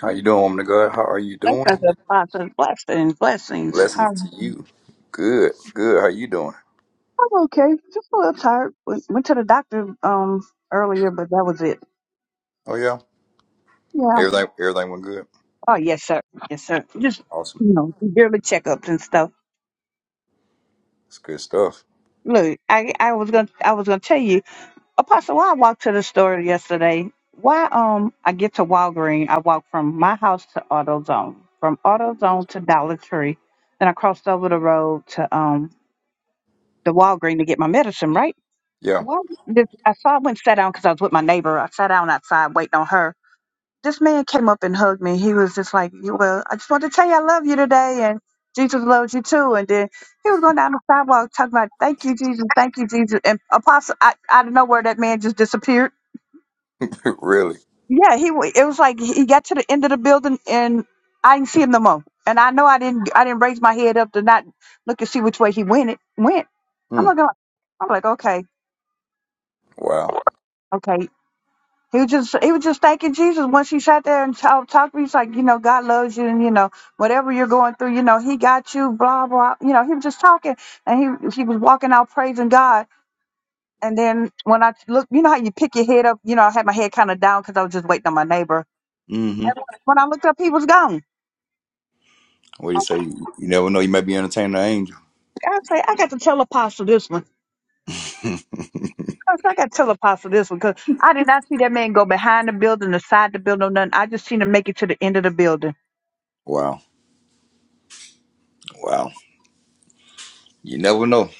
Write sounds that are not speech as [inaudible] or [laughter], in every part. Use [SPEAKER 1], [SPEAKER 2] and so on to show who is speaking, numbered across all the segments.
[SPEAKER 1] How you doing, woman of God? How are you doing?
[SPEAKER 2] Blessings upon us, blessings, blessings.
[SPEAKER 1] Blessings to
[SPEAKER 2] Um,
[SPEAKER 1] you. Good, good. How you doing?
[SPEAKER 2] I'm okay. Just a little tired. Went, went to the doctor um earlier, but that was it.
[SPEAKER 1] Oh yeah,
[SPEAKER 2] Yeah.
[SPEAKER 1] everything everything went good.
[SPEAKER 2] Oh yes, sir. Yes, sir. Just
[SPEAKER 1] Awesome.
[SPEAKER 2] you know, yearly checkups and stuff.
[SPEAKER 1] It's good stuff.
[SPEAKER 2] Look, I I was gonna I was gonna tell you, Apostle. Why I walked to the store yesterday. Why um I get to Walgreens. I walked from my house to AutoZone, from AutoZone to Dollar Tree, then I crossed over the road to um the Walgreens to get my medicine. Right.
[SPEAKER 1] Yeah,
[SPEAKER 2] Well, this, I saw I went and sat down because I was with my neighbor. I sat down outside waiting on her. This man came up and hugged me. He was just like, "You- "Well, I just wanted to tell you I love you today, and Jesus loves you too." And then he was going down the sidewalk talking about, "Thank you, Jesus. Thank you, Jesus." And apostle, I, out of nowhere, that man just disappeared.
[SPEAKER 1] [laughs] really.
[SPEAKER 2] Yeah, he. wa- It was like he got to the end of the building, and I didn't see him no more. And I know I didn't. I didn't raise my head up to not look and see which way he went. It went. I'm
[SPEAKER 1] Hmm.
[SPEAKER 2] like, "Oh," I'm like, okay,
[SPEAKER 1] Wow.
[SPEAKER 2] okay. He was just he was just thanking Jesus when she sat there and talked talked to me. He's like, you know, God loves you, and you know, whatever you're going through, you know, He got you. Blah blah. You know, he was just talking, and he he was walking out praising God. And then when I looked, you know how you pick your head up. You know, I had my head kind of down because I was just waiting on my neighbor.
[SPEAKER 1] Mm-hmm.
[SPEAKER 2] And when I looked up, he was gone.
[SPEAKER 1] What do you say? You never know. You might be entertaining an angel.
[SPEAKER 2] I say, I got to tell Apostle this one.
[SPEAKER 1] [laughs]
[SPEAKER 2] I said, I got to tell Apostle this one because I did not see that man go behind the building, the side the building, or nothing. I just seen him make it to the end of the building.
[SPEAKER 1] Wow. Wow. You never know.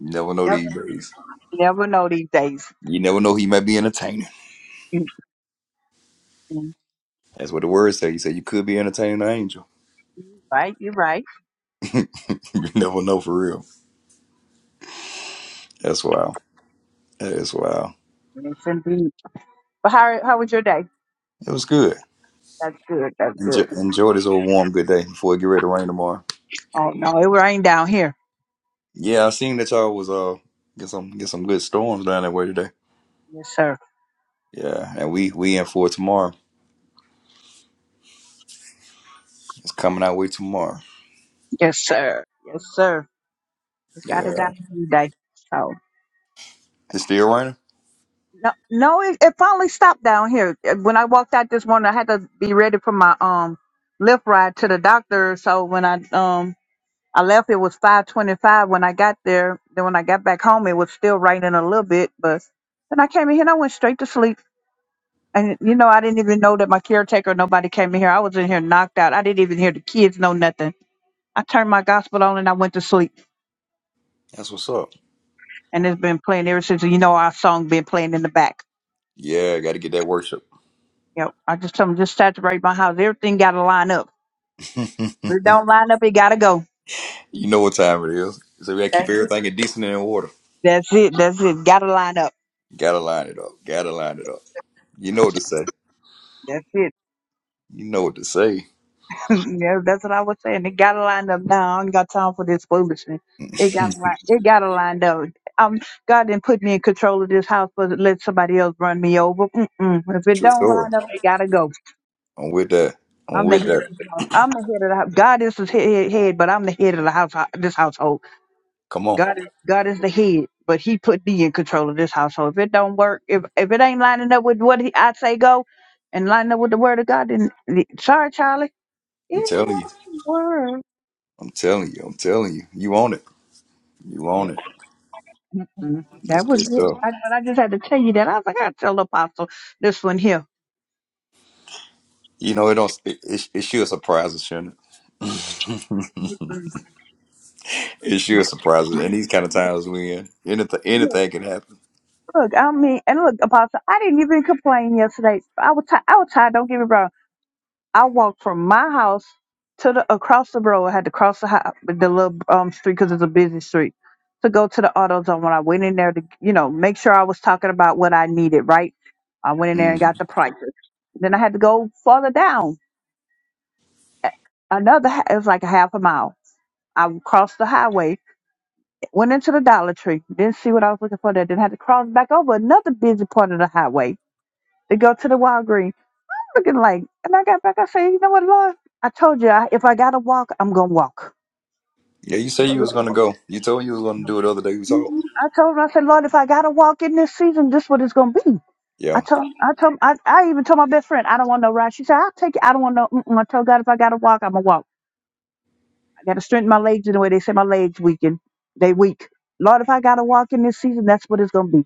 [SPEAKER 1] You never know
[SPEAKER 2] Never,
[SPEAKER 1] these days.
[SPEAKER 2] never know these days.
[SPEAKER 1] You never know who you might be entertaining.
[SPEAKER 2] Mm-hmm.
[SPEAKER 1] That's what the word say. You say you could be entertaining an angel.
[SPEAKER 2] Right? You're right.
[SPEAKER 1] [laughs] you never know for real. That's wild. That is wild.
[SPEAKER 2] Yes, indeed. But how how was your day?
[SPEAKER 1] It was good.
[SPEAKER 2] That's good. That's
[SPEAKER 1] Enjoy,
[SPEAKER 2] good.
[SPEAKER 1] enjoy this old warm good day before it get ready to rain tomorrow.
[SPEAKER 2] Oh no, it rained down here.
[SPEAKER 1] Yeah, I seen that y'all was uh get some get some good storms down that way today.
[SPEAKER 2] Yes, sir.
[SPEAKER 1] Yeah, and we we in for it tomorrow. It's coming our way tomorrow.
[SPEAKER 2] Yes, sir. Yes, sir. We got it down
[SPEAKER 1] Yeah,
[SPEAKER 2] here today. So
[SPEAKER 1] it's still raining.
[SPEAKER 2] no, no, it, it finally stopped down here. When I walked out this morning, I had to be ready for my um lift ride to the doctor. So when I um I left, it was five twenty five. When I got there, then when I got back home, it was still raining a little bit, but. Then I came in here and I went straight to sleep. And you know, I didn't even know that my caretaker, nobody came in here. I was in here knocked out. I didn't even hear the kids know nothing. I turned my gospel on and I went to sleep.
[SPEAKER 1] That's what's up.
[SPEAKER 2] And it's been playing ever since. You know, our song been playing in the back.
[SPEAKER 1] Yeah, got to get that worship.
[SPEAKER 2] You know, I just told 'em, just saturate my house. Everything got to line up.
[SPEAKER 1] [laughs]
[SPEAKER 2] If it don't line up, it got to go.
[SPEAKER 1] you know what time it is. So we got to keep
[SPEAKER 2] That's it.
[SPEAKER 1] everything in decent and in order.
[SPEAKER 2] That's it. That's it. Got to line up.
[SPEAKER 1] Gotta line it up. Gotta line it up. You know what to say.
[SPEAKER 2] That's it.
[SPEAKER 1] You know what to say.
[SPEAKER 2] yeah, that's what I was saying. It gotta line up now. I ain't got time for this foolishness. It gotta line. It gotta line up. Um, God didn't put me in control of this house, but let somebody else run me over. Mm-mm. If
[SPEAKER 1] [laughs]
[SPEAKER 2] it
[SPEAKER 1] True
[SPEAKER 2] don't
[SPEAKER 1] story.
[SPEAKER 2] line up, it gotta go.
[SPEAKER 1] I'm with that. I'm
[SPEAKER 2] I'm the
[SPEAKER 1] with
[SPEAKER 2] head
[SPEAKER 1] that.
[SPEAKER 2] of the house. I'm the head of the house. God is the head, head but I'm the head of the house. This household.
[SPEAKER 1] Come on.
[SPEAKER 2] God, is- God is the head, but He put me in control of this household. If it don't work, if if it ain't lining up with what he, I say go, and lining up with the Word of God, then sorry, Charlie,
[SPEAKER 1] I'm
[SPEAKER 2] it
[SPEAKER 1] telling you.
[SPEAKER 2] won't work.
[SPEAKER 1] I'm telling you. I'm telling you. You own it. You own it.
[SPEAKER 2] Mhm.
[SPEAKER 1] That's
[SPEAKER 2] That
[SPEAKER 1] good
[SPEAKER 2] was it.
[SPEAKER 1] stuff.
[SPEAKER 2] I, but I just had to tell you that. I was like, I gotta tell Apostle this one here.
[SPEAKER 1] You know, it don't. It, it, it should surprise us, shouldn't it? [laughs] it should surprise us. And these kind of times we in, anything anything can happen.
[SPEAKER 2] Look, I mean, and look, Apostle, I didn't even complain yesterday. I was tired. I was tired. Don't get me wrong. I walked from my house to the across the road. I had to cross the high, the little um street because it's a busy street to go to the auto zone. When I went in there to, you know, make sure I was talking about what I needed. Right. I went in there
[SPEAKER 1] hmm
[SPEAKER 2] and got the prices. Then I had to go further down. a- Another, ha- it was like a half a mile. I crossed the highway Went into the Dollar Tree. Didn't see what I was looking for there. Then had to cross back over another busy part of the highway to go to the Walgreens. Looking like, and I got back. I said, you know what, Lord? I told you, I- if I gotta walk, I'm gonna walk.
[SPEAKER 1] Yeah, you say you was gonna go. You told me you was gonna do it the other day. We talked.
[SPEAKER 2] I told him, I said, Lord, if I gotta walk in this season, this what it's gonna be. I
[SPEAKER 1] Yeah,
[SPEAKER 2] told, I told, I, I even told my best friend, I don't want no ride. She said, I'll take it. I don't want no. Mm-mm. I told God, if I gotta walk, I'm gonna walk. I gotta strengthen my legs in the way they say my legs weaken. They weak. Lord, if I gotta walk in this season, that's what it's gonna be.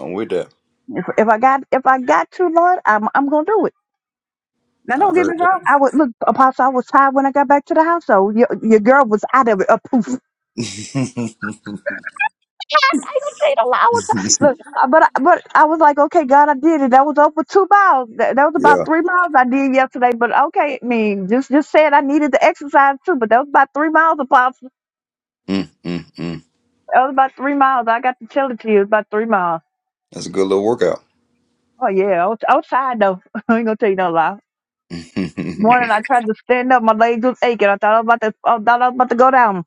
[SPEAKER 1] I'm with that.
[SPEAKER 2] If, if I got if I got to, Lord, I'm I'm gonna do it. Now
[SPEAKER 1] I
[SPEAKER 2] don't get
[SPEAKER 1] heard
[SPEAKER 2] me
[SPEAKER 1] that.
[SPEAKER 2] wrong. I would look, Apostle. I was tired when I got back to the household. Your, your girl was out of it. A poof. [laughs]
[SPEAKER 1] [laughs]
[SPEAKER 2] I ain't gonna say it a lot. I was tired. Look, uh, but I, but I was like, okay, God, I did it. That was over two miles. That, that was about
[SPEAKER 1] yeah.
[SPEAKER 2] three miles I did yesterday. But okay, I mean, just just said I needed the exercise too. But that was about three miles, Apostle.
[SPEAKER 1] mm mm mm.
[SPEAKER 2] That was about three miles. I got to tell it to you. It was about three miles.
[SPEAKER 1] That's a good little workout.
[SPEAKER 2] Oh yeah, I was, I was tired though. [laughs] I ain't gonna tell you no lie. Morning,
[SPEAKER 1] [laughs]
[SPEAKER 2] I tried to stand up. My legs was aching. I thought I was about to. I thought I was about to go down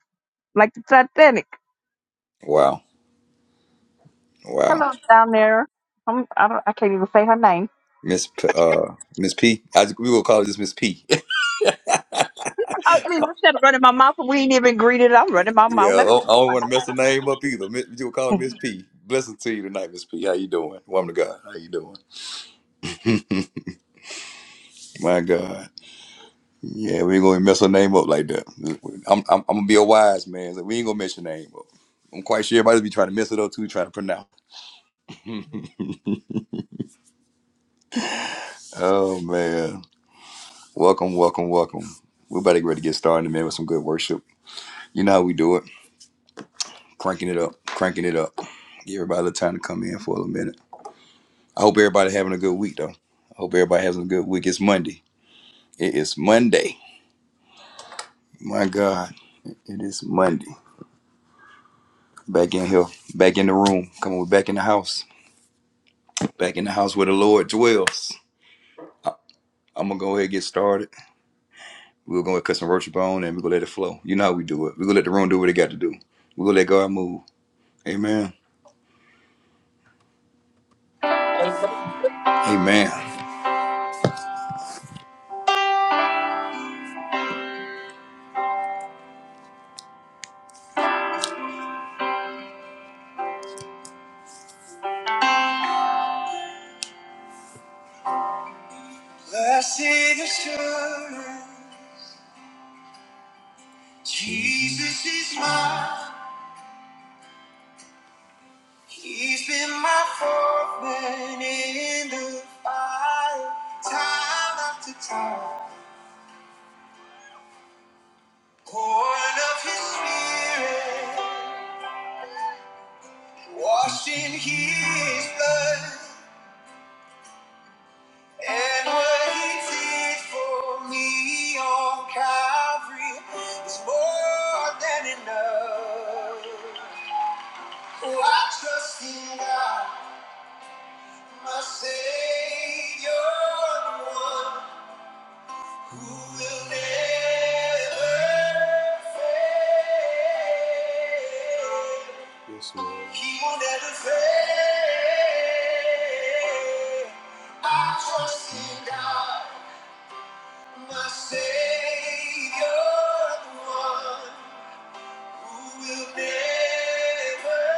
[SPEAKER 2] like the Titanic.
[SPEAKER 1] wow. Wow.
[SPEAKER 2] Hello, down there. I'm. I don't. I can't even say her name.
[SPEAKER 1] Miss P, uh Miss P. I, we will call this Miss P. [laughs]
[SPEAKER 2] I, I mean, I said running my mouth, and we ain't even greeted. I'm running my
[SPEAKER 1] Yeah,
[SPEAKER 2] mouth.
[SPEAKER 1] I don't, I don't want to mess the name up either. Miss- You call her Miss P. Blessings to you tonight, Miss P. How you doing, woman of God? How you doing? My God, yeah, we ain't gonna mess her name up like that. I'm, I'm, I'm gonna be a wise man. So we ain't gonna mess your name up. I'm quite sure everybody be trying to mess it up too, trying to pronounce. [laughs] Oh man, welcome, welcome, welcome. We're about to get ready to get started in a minute with some good worship. You know how we do it, cranking it up, cranking it up. Give everybody a little time to come in for a little minute. I hope everybody having a good week though. I hope everybody having a good week. It's Monday. It is Monday. My God, it is Monday. Back in here, back in the room. Come on, we're back in the house. Back in the house where the Lord dwells. I- I'm gonna go ahead and get started. We're gonna cut some worship on and we're gonna let it flow. You know how we do it. We're gonna let the room do what it got to do. We're gonna let God move. Amen. Amen. Blessed assurance, Jesus is mine. He's been my fourth man in the fire, time after time. Born of his spirit, washed in his blood, and what he did for me on Calvary is more than enough. Oh, I trust in God, my Savior, the one Yes, Lord. He will never fail. I trust in God, my Savior, the one who will never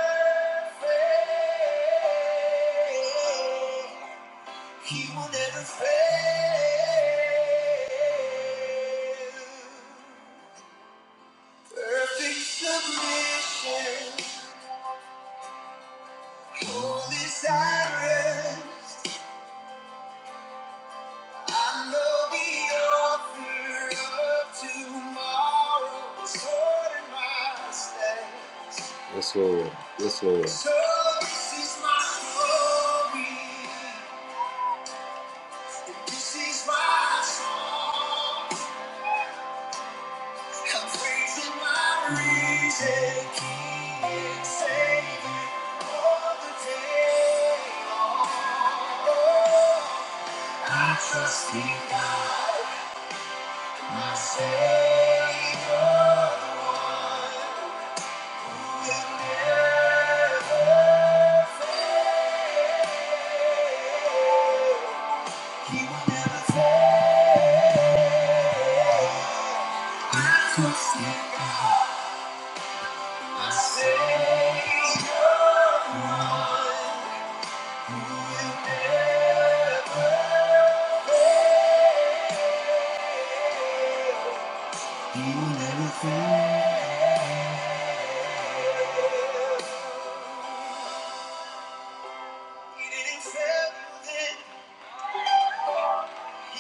[SPEAKER 1] fail. He will never fail. Perfect submission, holy silence. I know the author of tomorrow is holding my stand. Yes, Lord. Yes, Lord. So this is my story. This is my song. I'm praising my risen King and Savior all the day long. I trust in God, my Savior, the one who never fails. He will never fail. I trust in God. He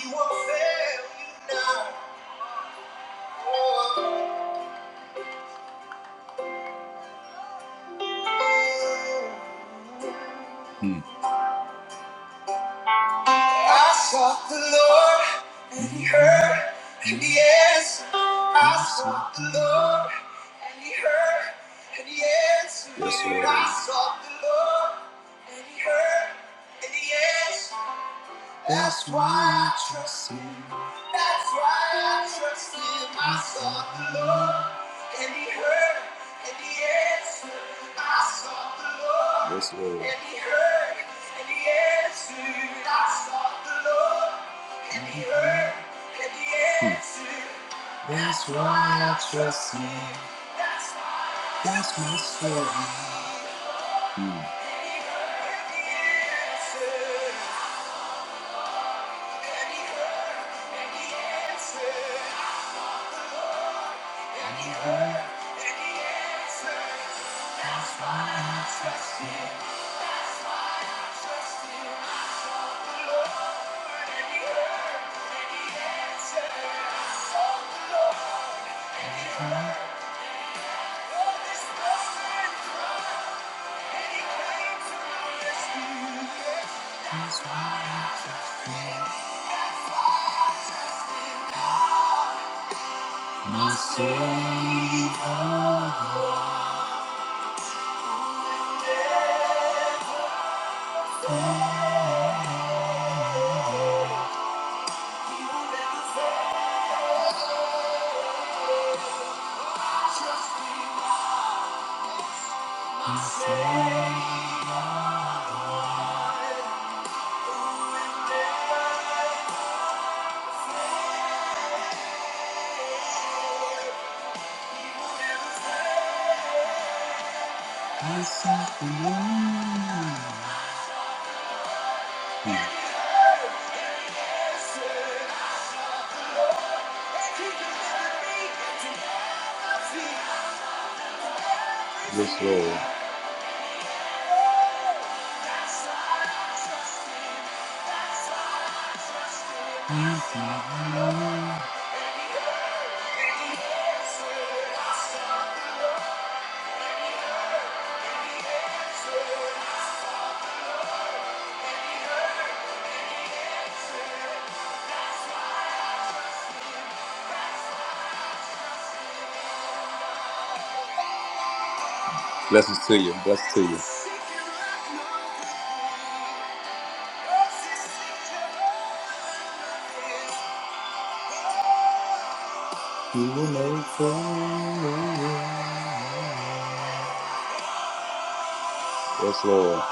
[SPEAKER 1] won't fail you now. I sought the Lord and he heard and he answered. I sought the Lord and he heard and he answered. Yes, Lord. I sought the Lord and he heard and he answered. That's why I trust him. That's why I trust him. I sought the Lord, and he heard, and he answered. I sought the Lord, yes, Lord. and he heard, and he answered. I sought the Lord, and he heard, and he Hmm. answered. That's why I trust him. That's why he heard, and he answered. And he heard, and he answered. Thank you. Yes, Lord. Blessings to you. Blessings to you. You will never fail. Yes, Lord.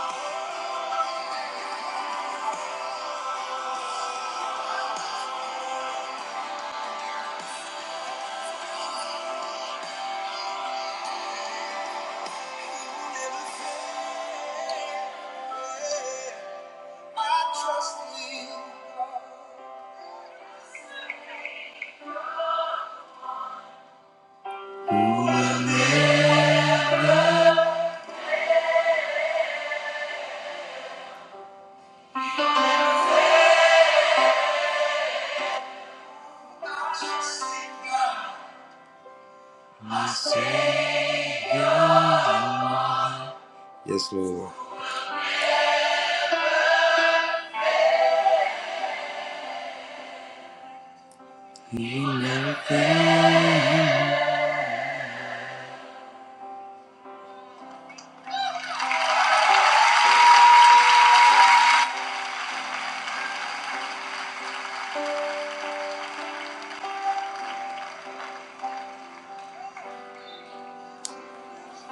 [SPEAKER 1] Yes, Lord. You will never fail.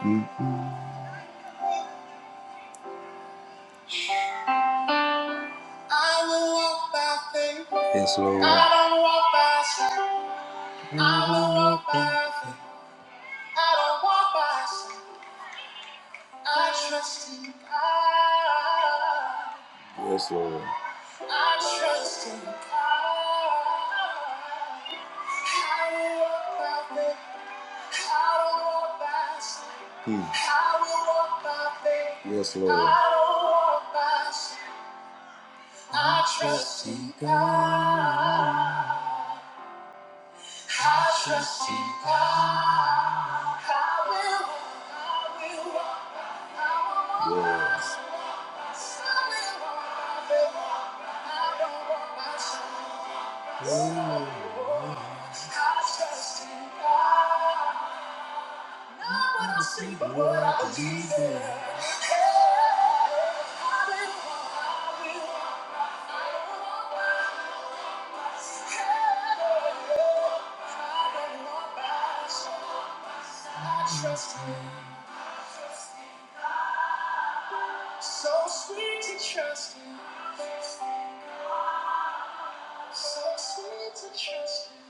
[SPEAKER 1] Mm. Yes, Lord. I don't walk by sight. I will walk by faith. I don't walk by sight. I trust in God. Yes, Lord. I trust in God. I will walk by faith. I don't walk by sight. Hmm. I will walk by faith. Yes, Lord. I don't walk by sight. I trust in God. I trust in God. I will, I will walk. I will walk by Yes. sight. I will walk. I will walk. I don't walk by sight. I trust in God. I see the world I believe in. I Trust me, so sweet to trust me, so sweet to trust me.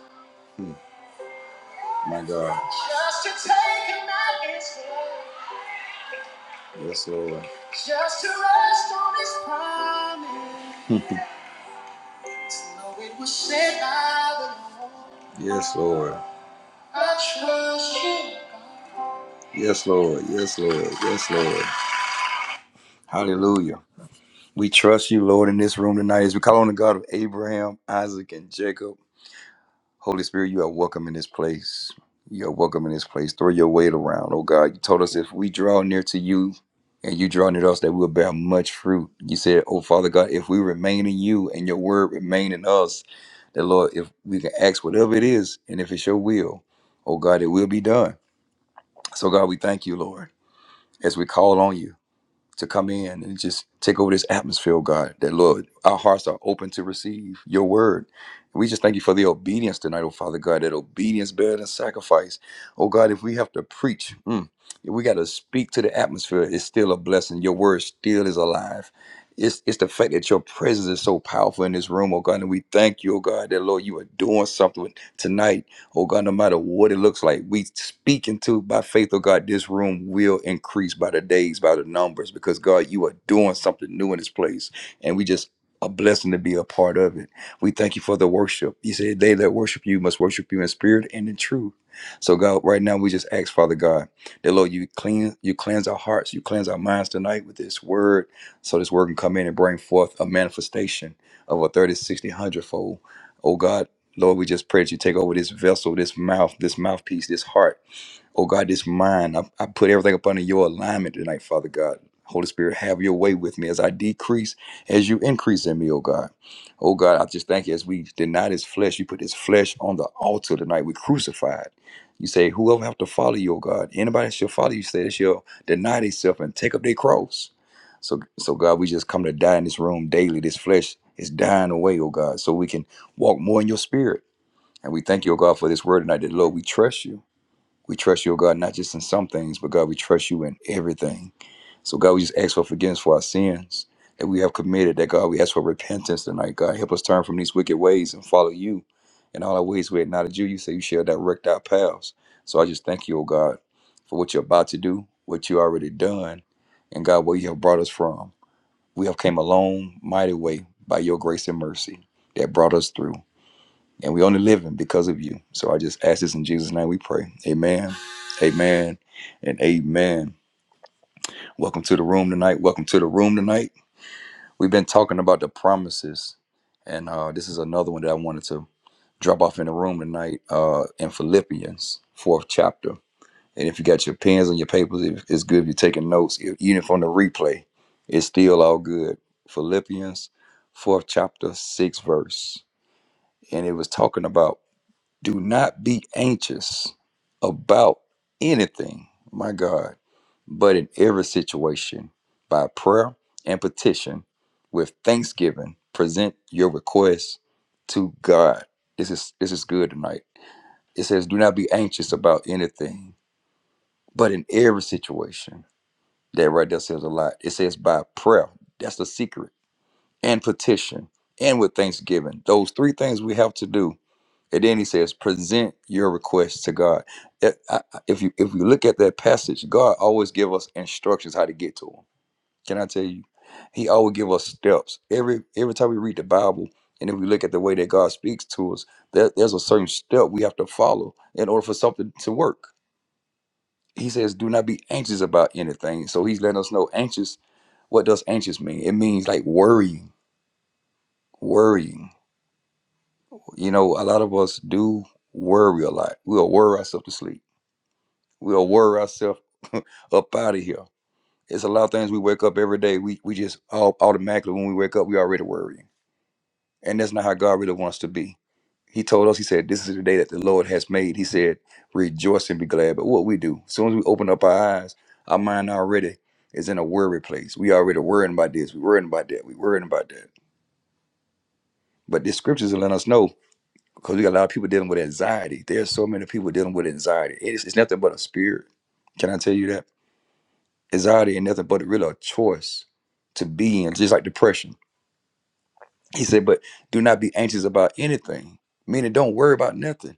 [SPEAKER 1] My God. Just to take him at his word. Yes, Lord. Just to rest on his promise. Know it was said by the Lord. Yes, Lord. I trust you. Yes, Lord. Yes, Lord. Yes, Lord. Hallelujah. We trust you, Lord, in this room tonight as we call on the God of Abraham, Isaac, and Jacob. Holy Spirit, you are welcome in this place. You are welcome in this place. Throw your weight around. Oh God, you told us if we draw near to you and you draw near to us, that we'll bear much fruit. You said, Oh Father God, if we remain in you and your word remain in us, that Lord, if we can ask whatever it is, and if it's your will, oh God, it will be done. So God, we thank you, Lord, as we call on you to come in and just take over this atmosphere, oh God, that Lord, our hearts are open to receive your word. We just thank you for the obedience tonight, oh Father God, that obedience better than sacrifice. Oh God, if we have to preach, mm, if we got to speak to the atmosphere, it's still a blessing. Your word still is alive. It's, it's the fact that your presence is so powerful in this room, oh God, and we thank you, oh God, that Lord, you are doing something tonight Oh God, no matter what it looks like, we speak into by faith, oh God, this room will increase by the days, by the numbers, because God, you are doing something new in this place. And we just a blessing to be a part of it. We thank you for the worship. You said they that worship you must worship you in spirit and in truth. So God, right now we just ask, Father God, that Lord, you clean, you cleanse our hearts, you cleanse our minds tonight with this word, so this word can come in and bring forth a manifestation of a 30, 60, one hundred fold. Oh God, Lord, we just pray that you take over this vessel, this mouth, this mouthpiece, this heart. Oh God, this mind. I, I put everything up under your alignment tonight, Father God. Holy Spirit, have your way with me as I decrease, as you increase in me, oh God. Oh God, I just thank you as we deny this flesh, you put this flesh on the altar tonight. We crucified. You say, whoever have to follow you, oh God, anybody that shall follow you, say that shall deny themselves and take up their cross. So, so God, we just come to die in this room daily. This flesh is dying away, oh God, so we can walk more in your spirit and we thank you, O God, for this word tonight. That Lord, we trust you. We trust you, O God, not just in some things, but God, we trust you in everything. So God, we just ask for forgiveness for our sins that we have committed. That God, we ask for repentance tonight. God, help us turn from these wicked ways and follow you. In all our ways we acknowledge you. You say you shall direct our paths. So I just thank you, O God, for what you're about to do, what you already done, and God, where you have brought us from. We have came a long, mighty way by your grace and mercy that brought us through and we only living because of you. So I just ask this in Jesus' name we pray. Amen. Amen. And amen. Welcome to the room tonight. Welcome to the room tonight. We've been talking about the promises. And uh, this is another one that I wanted to drop off in the room tonight uh, in Philippians, fourth chapter. And if you got your pens and your papers, it- it's good if you're taking notes, e- even from the replay. It's still all good. Philippians, fourth chapter, sixth verse. And it was talking about Do not be anxious about anything, my God, but in every situation, by prayer and petition, with thanksgiving, present your requests to God. This is this is good tonight. It says, Do not be anxious about anything, but in every situation. That right there says a lot. It says by prayer. That's the secret. And petition. And with thanksgiving. Those three things we have to do and then he says, present your requests to God. It- I- I- If you if you look at that passage, God always give us instructions how to get to him. Can I tell you? He always give us steps. Every every time we read the Bible, and if we look at the way that God speaks to us, there, there's a certain step we have to follow in order for something to work. He says, do not be anxious about anything. So he's letting us know anxious what does anxious mean? It means like worrying, worrying. You know, a lot of us do worry a lot. We'll worry ourselves to sleep. We'll worry ourselves up out of here. It's a lot of things we wake up every day. We we just all automatically when we wake up, we already worrying. And that's not how God really wants to be. He told us, He said, This is the day that the Lord has made. He said, Rejoice and be glad. But what we do, as soon as we open up our eyes, our mind already is in a worry place. We already worrying about this, we worrying about that, we worrying about that. But the scriptures are letting us know because we got a lot of people dealing with anxiety. There's so many people dealing with anxiety. It's, it's nothing but a spirit. Can I tell you that? anxiety ain't nothing but really a choice to be in, just like depression. He said, but do not be anxious about anything, meaning don't worry about nothing.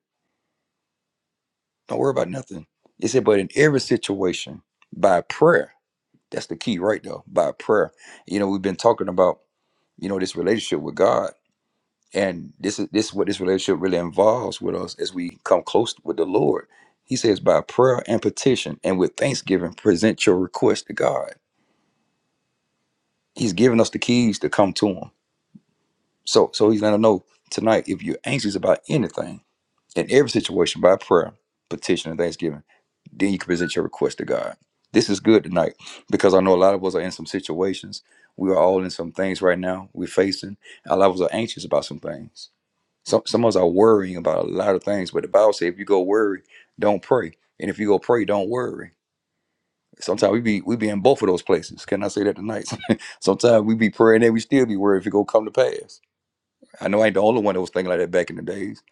[SPEAKER 1] Don't worry about nothing. He said, but in every situation, by prayer, that's the key right though, by prayer. You know, we've been talking about, you know, this relationship with God. And this is this is what this relationship really involves with us as we come close with the Lord. He says, by prayer and petition and with thanksgiving, present your request to God. He's given us the keys to come to him So so he's gonna know tonight if you're anxious about anything in every situation by prayer, petition, and thanksgiving, then you can present your request to God. This is good tonight because I know a lot of us are in some situations. We are all in some things right now we're facing. A lot of us are anxious about some things. Some some of us are worrying about a lot of things, but the Bible says if you go worry, don't pray. And if you go pray, don't worry. Sometimes we be we be in both of those places. Can I say that tonight? [laughs] Sometimes we be praying and we still be worried if it go come to pass. I know I ain't the only one that was thinking like that back in the days,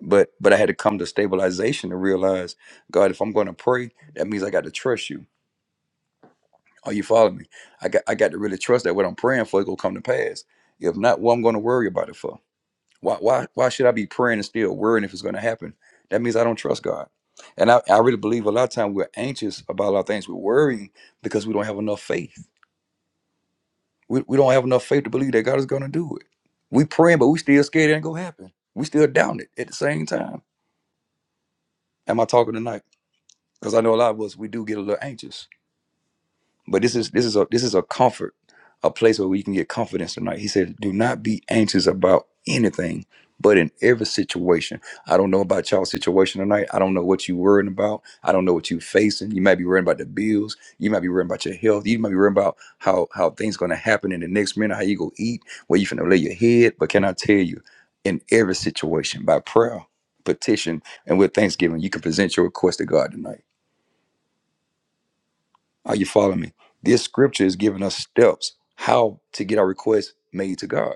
[SPEAKER 1] but but I had to come to stabilization to realize, God, if I'm going to pray, that means I got to trust you. Are you following me? I got I got to really trust that what I'm praying for is gonna come to pass. If not, what I'm going to worry about it for? Why why why should I be praying and still worrying if it's going to happen? That means I don't trust God. And I, I really believe a lot of times we're anxious about a lot of things. We're worrying because we don't have enough faith. We, we don't have enough faith to believe that God is going to do it. We praying, but we still scared it ain't going to happen. We still doubting it at the same time. Am I talking tonight? Because I know a lot of us we do get a little anxious. But this is this is a this is a comfort, a place where we can get confidence tonight. He said, "Do not be anxious about anything, but in every situation." I don't know about y'all's situation tonight. I don't know what you're worrying about. I don't know what you're facing. You might be worrying about the bills. You might be worrying about your health. You might be worrying about how how things going to happen in the next minute. How you go eat? Where you finna lay your head? But can I tell you, in every situation, by prayer, petition, and with thanksgiving, you can present your request to God tonight. Are you following me? This scripture is giving us steps how to get our requests made to God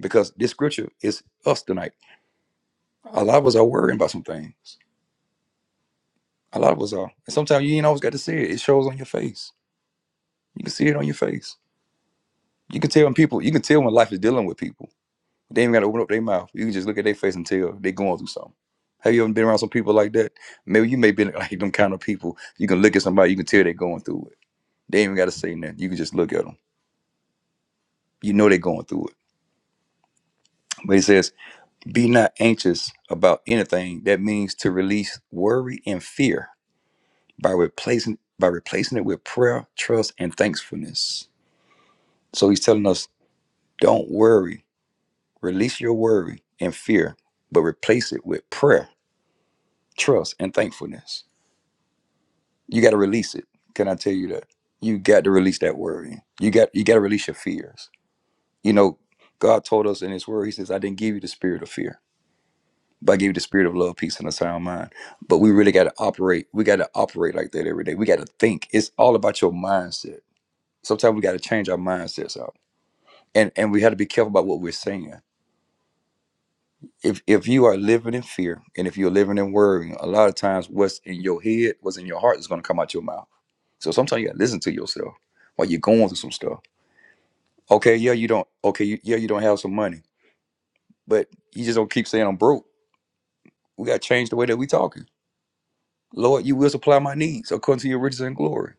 [SPEAKER 1] because this scripture is us tonight. A lot of us are worrying about some things. A lot of us are. And sometimes you ain't always got to see it. It shows on your face. You can see it on your face. You can tell when people, you can tell when life is dealing with people. They ain't got to open up their mouth. You can just look at their face and tell they going through something. Have you ever been around some people like that? Maybe you may be [laughs] like them kind of people. You can look at somebody, you can tell they're going through it. They ain't even got to say nothing. You can just look at them. You know they're going through it. But it says Be not anxious about anything. That means to release worry and fear by replacing by replacing it with prayer, trust, and thankfulness. So he's telling us, don't worry, release your worry and fear, but replace it with prayer, trust, and thankfulness. You got to release it. Can I tell you that? You got to release that worry. You got you got to release your fears. You know, God told us in His Word, He says, "I didn't give you the spirit of fear." But I gave you the spirit of love, peace, and a sound mind. But we really got to operate. We got to operate like that every day. We got to think. It's all about your mindset. Sometimes we got to change our mindsets out, and and we have to be careful about what we're saying. If if you are living in fear and if you're living in worrying, a lot of times what's in your head, what's in your heart, is going to come out your mouth. So sometimes you got to listen to yourself while you're going through some stuff. Okay, yeah, you don't. Okay, you, yeah, you don't have some money, but you just don't keep saying I'm broke. We got to change the way that we talking Lord, you will supply my needs according to your riches and glory.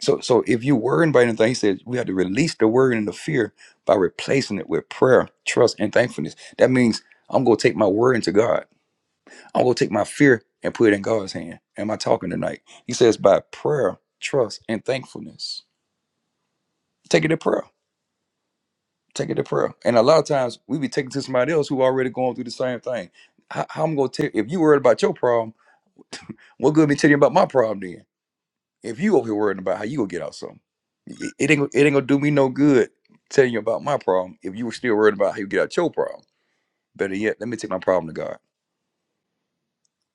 [SPEAKER 1] So, so if you're worrying about anything, he says we have to release the worry and the fear by replacing it with prayer, trust, and thankfulness. That means I'm gonna take my worry into God. I'm gonna take my fear and put it in God's hand. Am I talking tonight? He says by prayer, trust, and thankfulness. Take it to prayer. Take it to prayer. And a lot of times we be taking to somebody else who already going through the same thing. How, how I'm gonna tell if you worried about your problem, [laughs] what good me telling you about my problem then? If you over here worrying about how you gonna get out something, it, it ain't it ain't gonna do me no good telling you about my problem if you were still worried about how you get out your problem. Better yet, let me take my problem to God.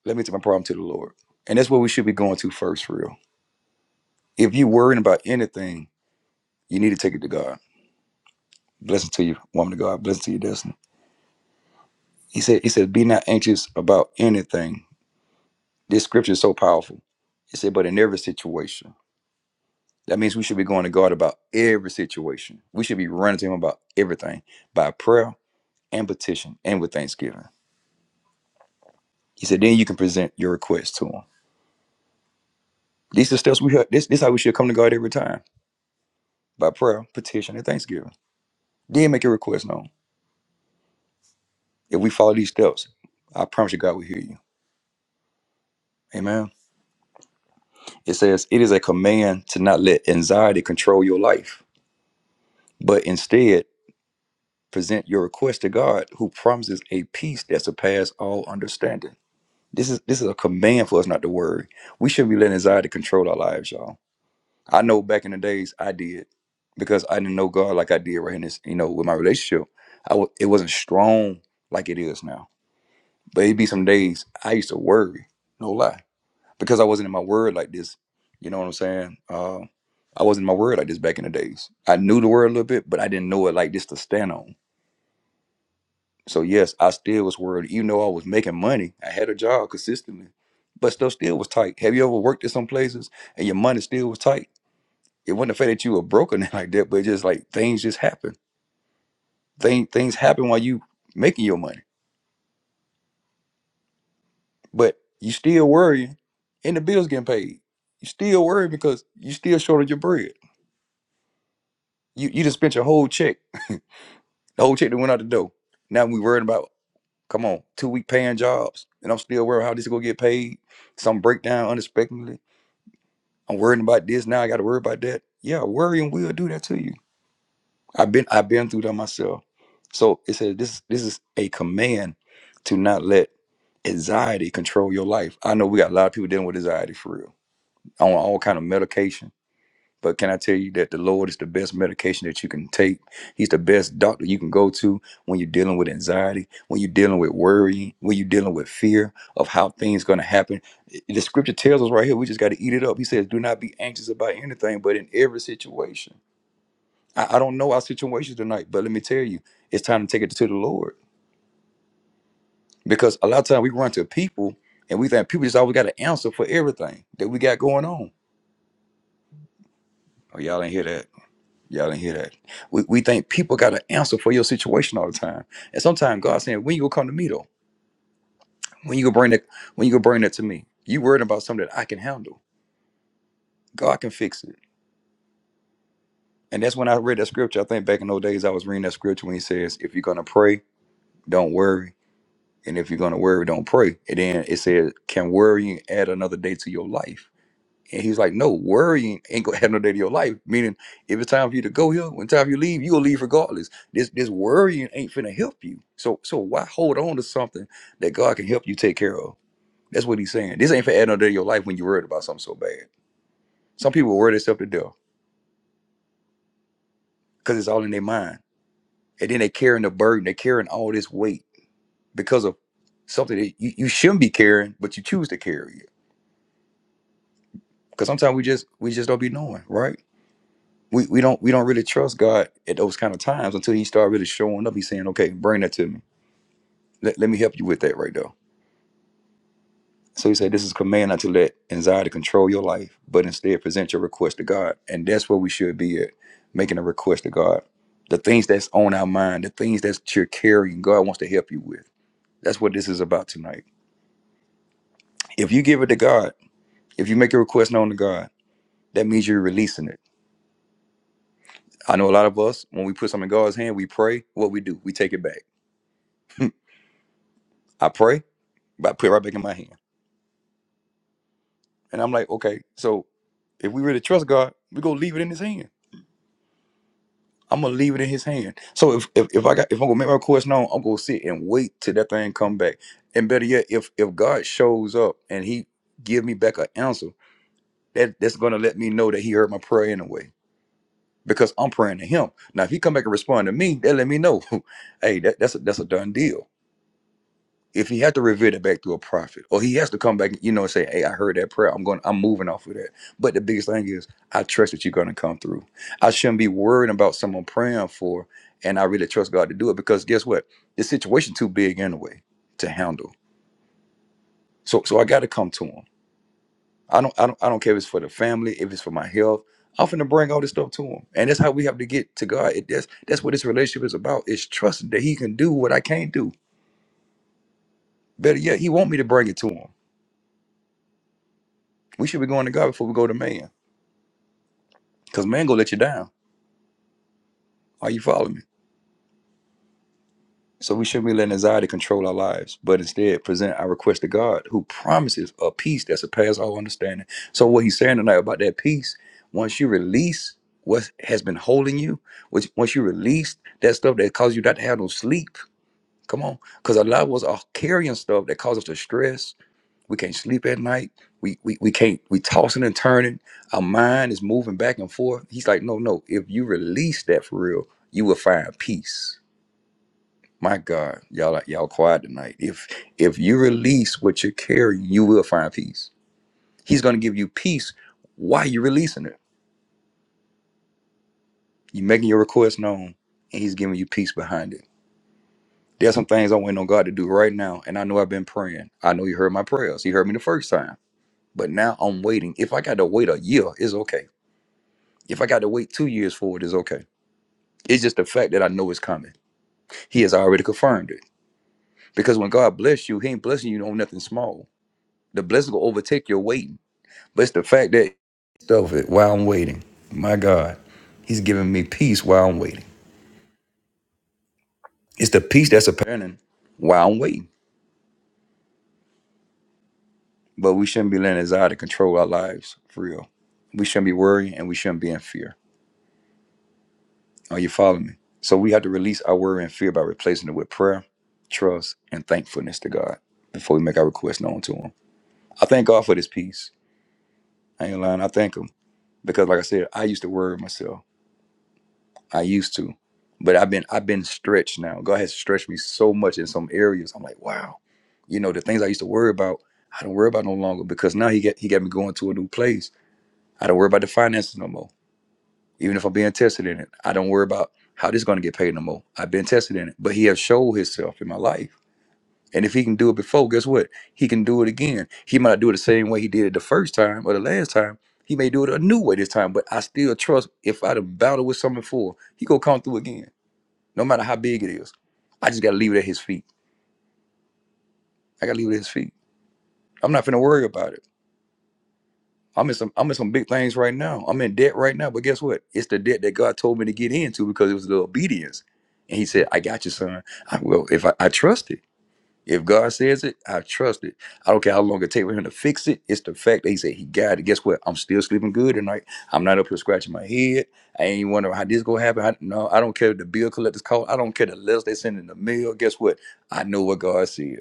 [SPEAKER 1] Let me take my problem to the Lord. And that's what we should be going to first, for real. If you worrying about anything, you need to take it to God. Blessing to you, woman of God. Blessing to you, destiny. He said, He said, be not anxious about anything. This scripture is so powerful. He said, but in every situation. That means we should be going to God about every situation. We should be running to Him about everything by prayer, and petition and with thanksgiving. He said, then you can present your request to him. These are steps we have, this this is how we should come to God every time by prayer, petition, and thanksgiving. Then make your request known. If we follow these steps, I promise you God will hear you. Amen. It says it is a command to not let anxiety control your life, but instead present your request to God who promises a peace that surpasses all understanding. This is this is a command for us not to worry. We shouldn't be letting anxiety control our lives, y'all I know back in the days I did because I didn't know God like I did right in this, you know, with my relationship. I w- it wasn't strong like it is now. But it'd be some days I used to worry, no lie, because I wasn't in my word like this. You know what I'm saying? Uh, I wasn't in my word like this back in the days. I knew the word a little bit, but I didn't know it like this to stand on. So yes, I still was worried, even though I was making money. I had a job consistently, but stuff still was tight. Have you ever worked at some places and your money still was tight? it wasn't the fact that you were broke or [laughs] nothing like that, but just like things just happen. Thing things happen while you making your money. But you still worrying and the bills getting paid. You still worrying because you still short of your bread. You you just spent your whole check. The whole check that went out the door. Now we worried about come on, two week paying jobs. And I'm still worried how this is gonna get paid. Some breakdown unexpectedly. I'm worrying about this, now I gotta worry about that. Yeah, worrying will do that to you I've been I've been through that myself. So it says this this is a command to not let anxiety control your life. I know we got a lot of people dealing with anxiety for real. On all kind of medication. But can I tell you that the Lord is the best medication that you can take? He's the best doctor you can go to when you're dealing with anxiety, when you're dealing with worrying, when you're dealing with fear of how things going to happen. The scripture tells us right here, we just got to eat it up. He says, "Do not be anxious about anything, but in every situation." I, I don't know our situation tonight, but let me tell you, it's time to take it to the Lord. Because a lot of times we run to people and we think people just always got an answer for everything that we got going on. Oh, y'all ain't hear that. Y'all didn't hear that. We, we think people got an answer for your situation all the time. And sometimes God's saying, when you gonna come to me though? When you gonna bring that, when you gonna bring that to me? You worried about something that I can handle. God can fix it. And that's when I read that scripture. I think back in those days I was reading that scripture when he says, if you're gonna pray, don't worry And if you're gonna worry, don't pray. And then it said, Can worrying add another day to your life? And he's like, No, worrying ain't gonna add another day to your life. Meaning, if it's time for you to go here, when time you leave, you'll leave regardless. This this worrying ain't finna help you. So so why hold on to something that God can help you take care of? That's what he's saying. This ain't for adding another day to your life when you're worried about something so bad. Some people worry themselves to death because it's all in their mind. And then they carrying the burden, they carrying all this weight because of something that you, you shouldn't be carrying, but you choose to carry it because sometimes we just we just don't be knowing right we, we don't we don't really trust god at those kind of times until he start really showing up he's saying okay bring that to me let, let me help you with that right there so he said this is a command not to let anxiety control your life but instead present your request to god and that's where we should be at making a request to god the things that's on our mind the things that you're carrying god wants to help you with that's what this is about tonight if you give it to god if you make a request known to god that means you're releasing it I know a lot of us, when we put something in God's hand, we pray. What we do, we take it back. I pray, but I put it right back in my hand. And I'm like, okay, so if we really trust God, we go leave it in His hand. I'm gonna leave it in His hand. So if if, if I got if I'm gonna make my request known, I'm gonna sit and wait till that thing come back. And better yet, if if God shows up and He give me back an answer, that that's gonna let me know that He heard my prayer in a way because I'm praying to Him. Now, if He come back and respond to me, that let me know, [laughs] hey, that, that's a that's a done deal. if he had to revert it back to a prophet, or he has to come back, you know, and say, "Hey, I heard that prayer. I'm going. I'm moving off of that." But the biggest thing is, I trust that you're going to come through. I shouldn't be worried about someone praying for, and I really trust God to do it because guess what? The situation too big anyway to handle. So, so I got to come to Him. I don't, I don't, I don't care if it's for the family, if it's for my health. I'm finna bring all this stuff to Him, and that's how we have to get to God. It, that's that's what this relationship is about. It's trusting that He can do what I can't do. Better yet, He want me to bring it to Him. We should be going to God before we go to man, because man gonna let you down. Are you following me? So we shouldn't be letting anxiety control our lives, but instead present our request to God, who promises a peace that surpasses all understanding. So what he's saying tonight about that peace, once you release what has been holding you, which once you release that stuff that caused you not to have no sleep, come on, because a lot of us are carrying stuff that causes us to stress, We can't sleep at night. We we we can't. We tossing and turning. Our mind is moving back and forth. He's like, no, no. If you release that for real, you will find peace. My God, y'all are- y'all quiet tonight. If if you release what you're carrying, you will find peace. He's gonna give you peace while you're releasing it. You're making your request known, and he's giving you peace behind it. There's some things I'm waiting on God to do right now, and I know I've been praying. I know He heard my prayers. He heard me the first time, but now I'm waiting. If I got to wait a year, it's okay If I got to wait two years for it, it's okay. It's just the fact that I know it's coming. He has already confirmed it. Because when God bless you, He ain't blessing you on nothing small. The blessing will overtake your waiting. But it's the fact that stuff it while I'm waiting. My God, He's giving me peace while I'm waiting. It's the peace that's apparent while I'm waiting. But we shouldn't be letting anxiety control our lives for real. We shouldn't be worrying and we shouldn't be in fear. Are you following me? So we have to release our worry and fear by replacing it with prayer, trust, and thankfulness to God before we make our request known to Him. I thank God for this peace. I ain't lying. I thank Him because, like I said, I used to worry myself. I used to, but I've been I've been stretched now. God has stretched me so much in some areas. I'm like, wow, you know, the things I used to worry about, I don't worry about no longer because now He got He got me going to a new place. I don't worry about the finances no more. even if I'm being tested in it. I don't worry about how this is going to get paid no more. I've been tested in it, but he has showed himself in my life. And if he can do it before, guess what? He can do it again. He might not do it the same way he did it the first time or the last time. He may do it a new way this time, but I still trust if I done battled with something before, he gonna come through again, no matter how big it is. I just gotta leave it at his feet. I gotta leave it at his feet. I'm not finna worry about it. I'm in some I'm in some big things right now. I'm in debt right now. But guess what? It's the debt that God told me to get into because it was the obedience. And he said, I got you, son. I will if I, I trust it. If God says it, I trust it. I don't care how long it takes for him to fix it. It's the fact that he said he got it. Guess what? I'm still sleeping good tonight. I'm not up here scratching my head. I ain't wondering how this gonna happen. I, no, I don't care if the bill collectors call. I don't care the letters they send in the mail. Guess what? I know what God said.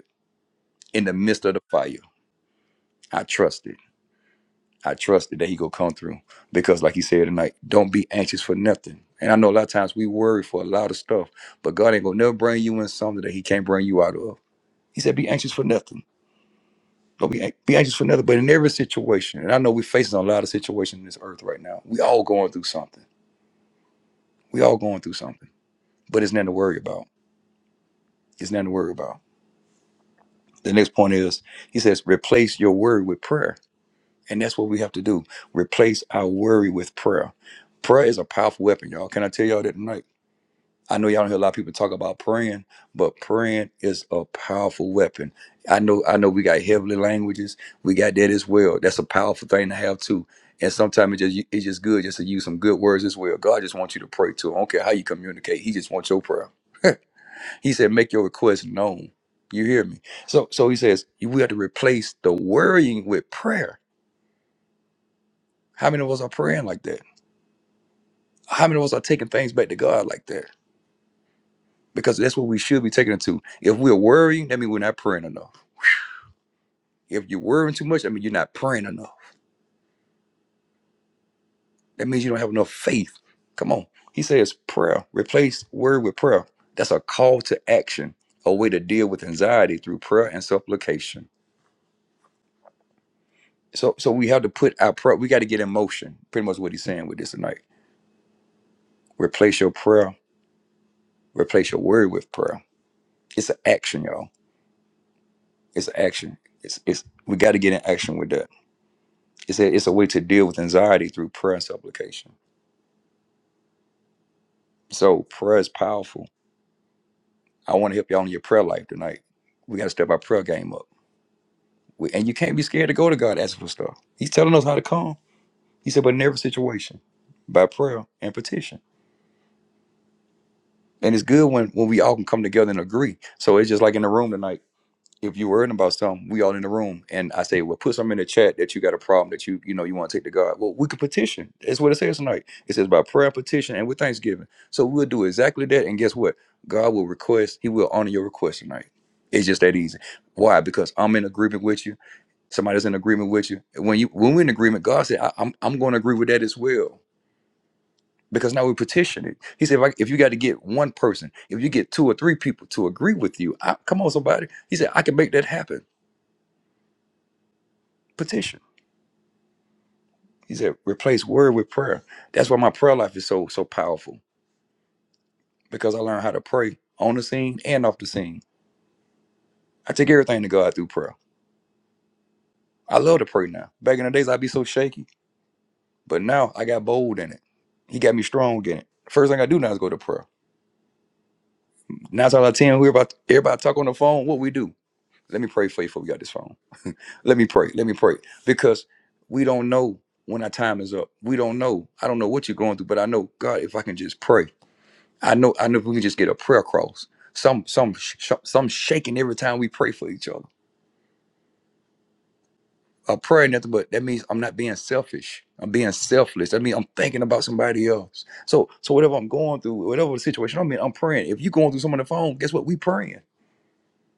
[SPEAKER 1] In the midst of the fire, I trust it. I trusted that he gonna come through. Because like he said tonight, don't be anxious for nothing. And I know a lot of times we worry for a lot of stuff, but God ain't gonna never bring you in something that he can't bring you out of. He said, be anxious for nothing. Don't be, an- be anxious for nothing. But in every situation, and I know we're facing a lot of situations in this earth right now. We all going through something. We all going through something. But it's nothing to worry about. It's nothing to worry about. The next point is he says, replace your worry with prayer. And that's what we have to do. Replace our worry with prayer. Prayer is a powerful weapon, y'all. Can I tell y'all that tonight? I know y'all don't hear a lot of people talk about praying, but praying is a powerful weapon. I know, I know we got heavenly languages. We got that as well. That's a powerful thing to have too. And sometimes it just it's just good just to use some good words as well. God just wants you to pray too. I don't care how you communicate. He just wants your prayer. He said, make your request known. You hear me? So so he says we have to replace the worrying with prayer. How many of us are praying like that? How many of us are taking things back to God like that? Because that's what we should be taking it to. If we're worrying, that means we're not praying enough. If you're worrying too much, I mean, you're not praying enough. That means you don't have enough faith. Come on. He says prayer. Replace word with prayer. That's a call to action, a way to deal with anxiety through prayer and supplication. So, so we have to put our prayer, we got to get in motion. Pretty much what he's saying with this tonight. Replace your prayer, replace your word with prayer. It's an action, y'all. It's an action. It's, it's, we got to get in action with that. It's a, it's a way to deal with anxiety through prayer and supplication. So prayer is powerful I want to help y'all in your prayer life tonight. We got to step our prayer game up. We, and you can't be scared to go to God asking for stuff. He's telling us how to come. He said, but in every situation, by prayer and petition. And it's good when when we all can come together and agree. So it's just like in the room tonight. if you're worrying about something, we all in the room. And I say, well, put something in the chat that you got a problem that you, you know, you want to take to God. Well, we could petition. That's what it says tonight. It says by prayer petition and with thanksgiving. So we'll do exactly that. And guess what? God will request, He will honor your request tonight. It's just that easy. Why? Because I'm in agreement with you. Somebody's in agreement with you. When you when we're in agreement, God said, I, I'm I'm going to agree with that as well. Because now we petition it. He said, if, I, if you got to get one person, if you get two or three people to agree with you, I, come on, somebody. He said, I can make that happen. petition. He said, replace word with prayer. That's why my prayer life is so so powerful because I learned how to pray on the scene and off the scene. I take everything to God through prayer. I love to pray now. Back in the days, I'd be so shaky, but now I got bold in it. He got me strong in it. First thing I do now is go to prayer. Nine times out of ten, we're about everybody talk on the phone. What we do? Let me pray for you before we got this phone. Let me pray. Let me pray because we don't know when our time is up. We don't know. I don't know what you're going through, but I know God. If I can just pray. I know. I know. If we can just get a prayer cross, some some sh- sh- some shaking every time we pray for each other. A prayer, ain't nothing but that means I'm not being selfish. I'm being selfless. That means I'm thinking about somebody else. So so whatever I'm going through, whatever the situation I'm in, I'm praying. If you're going through something on the phone, guess what? We praying.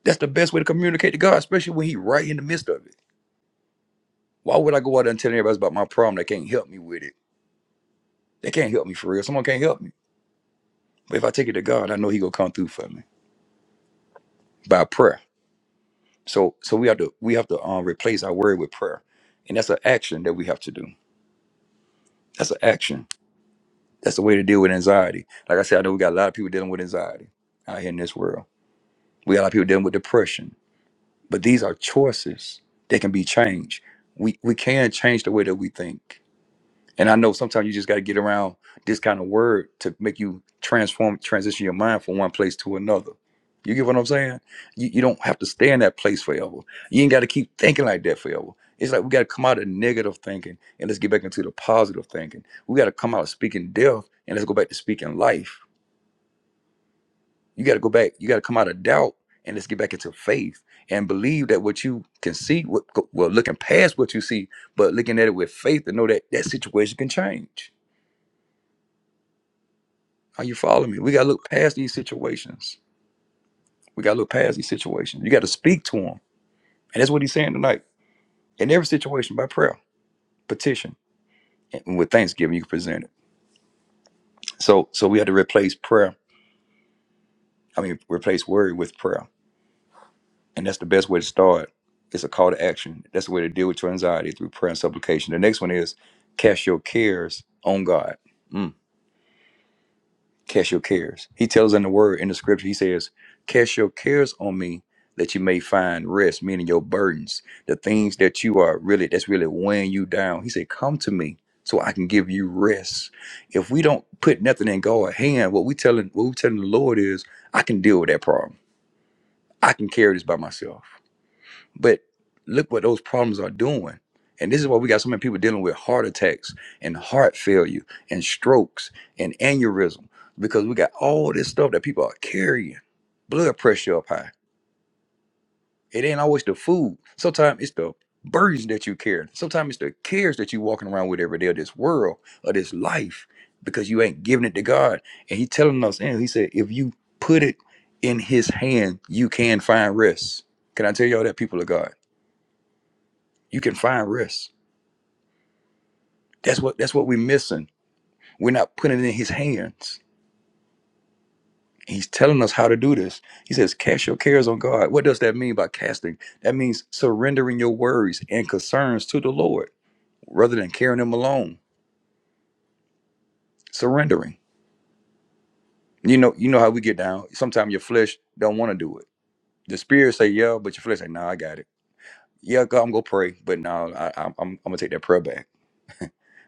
[SPEAKER 1] That's the best way to communicate to God, especially when He right in the midst of it. Why would I go out there and tell everybody about my problem? They can't help me with it. They can't help me for real. Someone can't help me. But if I take it to God, I know He gonna come through for me by prayer. So so we have to we have to um, replace our worry with prayer, and that's an action that we have to do. That's an action. That's the way to deal with anxiety. Like I said, I know we got a lot of people dealing with anxiety out here in this world. We got a lot of people dealing with depression, but these are choices that can be changed. We we can change the way that we think. And I know sometimes you just got to get around this kind of word to make you transform, transition your mind from one place to another. You get what I'm saying? You, you don't have to stay in that place forever. You ain't got to keep thinking like that forever. It's like we got to come out of negative thinking and let's get back into the positive thinking. We got to come out of speaking death and let's go back to speaking life. You got to go back. You got to come out of doubt and let's get back into faith and believe that what you can see, what, well, looking past what you see, but looking at it with faith to know that that situation can change. Are you following me? We got to look past these situations. We got to look past these situations. You got to speak to them. And that's what he's saying tonight. In every situation, by prayer, petition, and with thanksgiving, you can present it. So, so we had to replace prayer. I mean, replace worry with prayer. And that's the best way to start. It's a call to action. That's the way to deal with your anxiety through prayer and supplication. The next one is cast your cares on God. Mm. Cast your cares. He tells in the word in the scripture, he says, Cast your cares on me that you may find rest, meaning your burdens, the things that you are really that's really weighing you down. He said, Come to me so I can give you rest. If we don't put nothing in God's hand, what we telling what we telling the Lord is, I can deal with that problem. I can carry this by myself. But look what those problems are doing. And this is why we got so many people dealing with heart attacks and heart failure and strokes and aneurysm because we got all this stuff that people are carrying. Blood pressure up high. It ain't always the food. Sometimes it's the burdens that you carry. Sometimes it's the cares that you walking around with every day of this world or this life because you ain't giving it to God. And He telling us, and He said, if you put it in His hand, you can find rest. Can I tell y'all that people of God? You can find rest. That's what that's what we're missing. We're not putting it in his hands. He's telling us how to do this. He says, cast your cares on God. What does that mean by casting? That means surrendering your worries and concerns to the Lord rather than carrying them alone. Surrendering. You know, you know how we get down. Sometimes your flesh don't want to do it. The spirit say, yeah, but your flesh say, nah, I got it. Yeah, God, I'm gonna pray, but no, I, I, I'm, I'm gonna take that prayer back.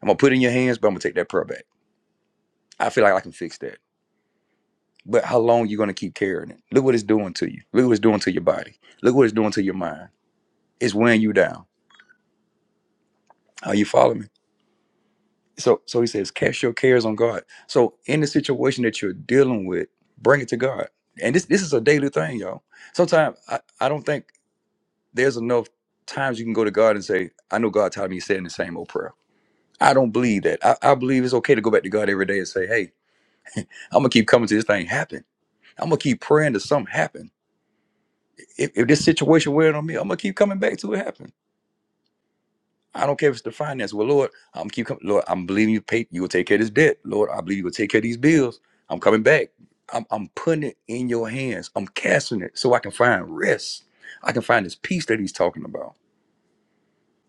[SPEAKER 1] I'm gonna put it in your hands, but I'm gonna take that prayer back. I feel like I can fix that. But how long you gonna keep carrying it? Look what it's doing to you. Look what it's doing to your body. Look what it's doing to your mind. It's weighing you down. Are you following me? So so he says, cast your cares on God. So in the situation that you're dealing with, bring it to God. And this this is a daily thing, y'all. Sometimes I, I don't think there's enough times you can go to God and say, I know God taught me saying the same old prayer. I don't believe that. I, I believe it's okay to go back to God every day and say, Hey, I'm gonna keep coming to this thing happen. I'm gonna keep praying to something happen. if, if this situation wearing on me, I'm gonna keep coming back to it happen. I don't care if it's the finance. Well, Lord, I'm gonna keep coming. Lord, I'm believing you pay. You will take care of this debt, Lord. I believe you will take care of these bills. I'm coming back. I'm, I'm putting it in your hands. I'm casting it so I can find rest. I can find this peace that he's talking about.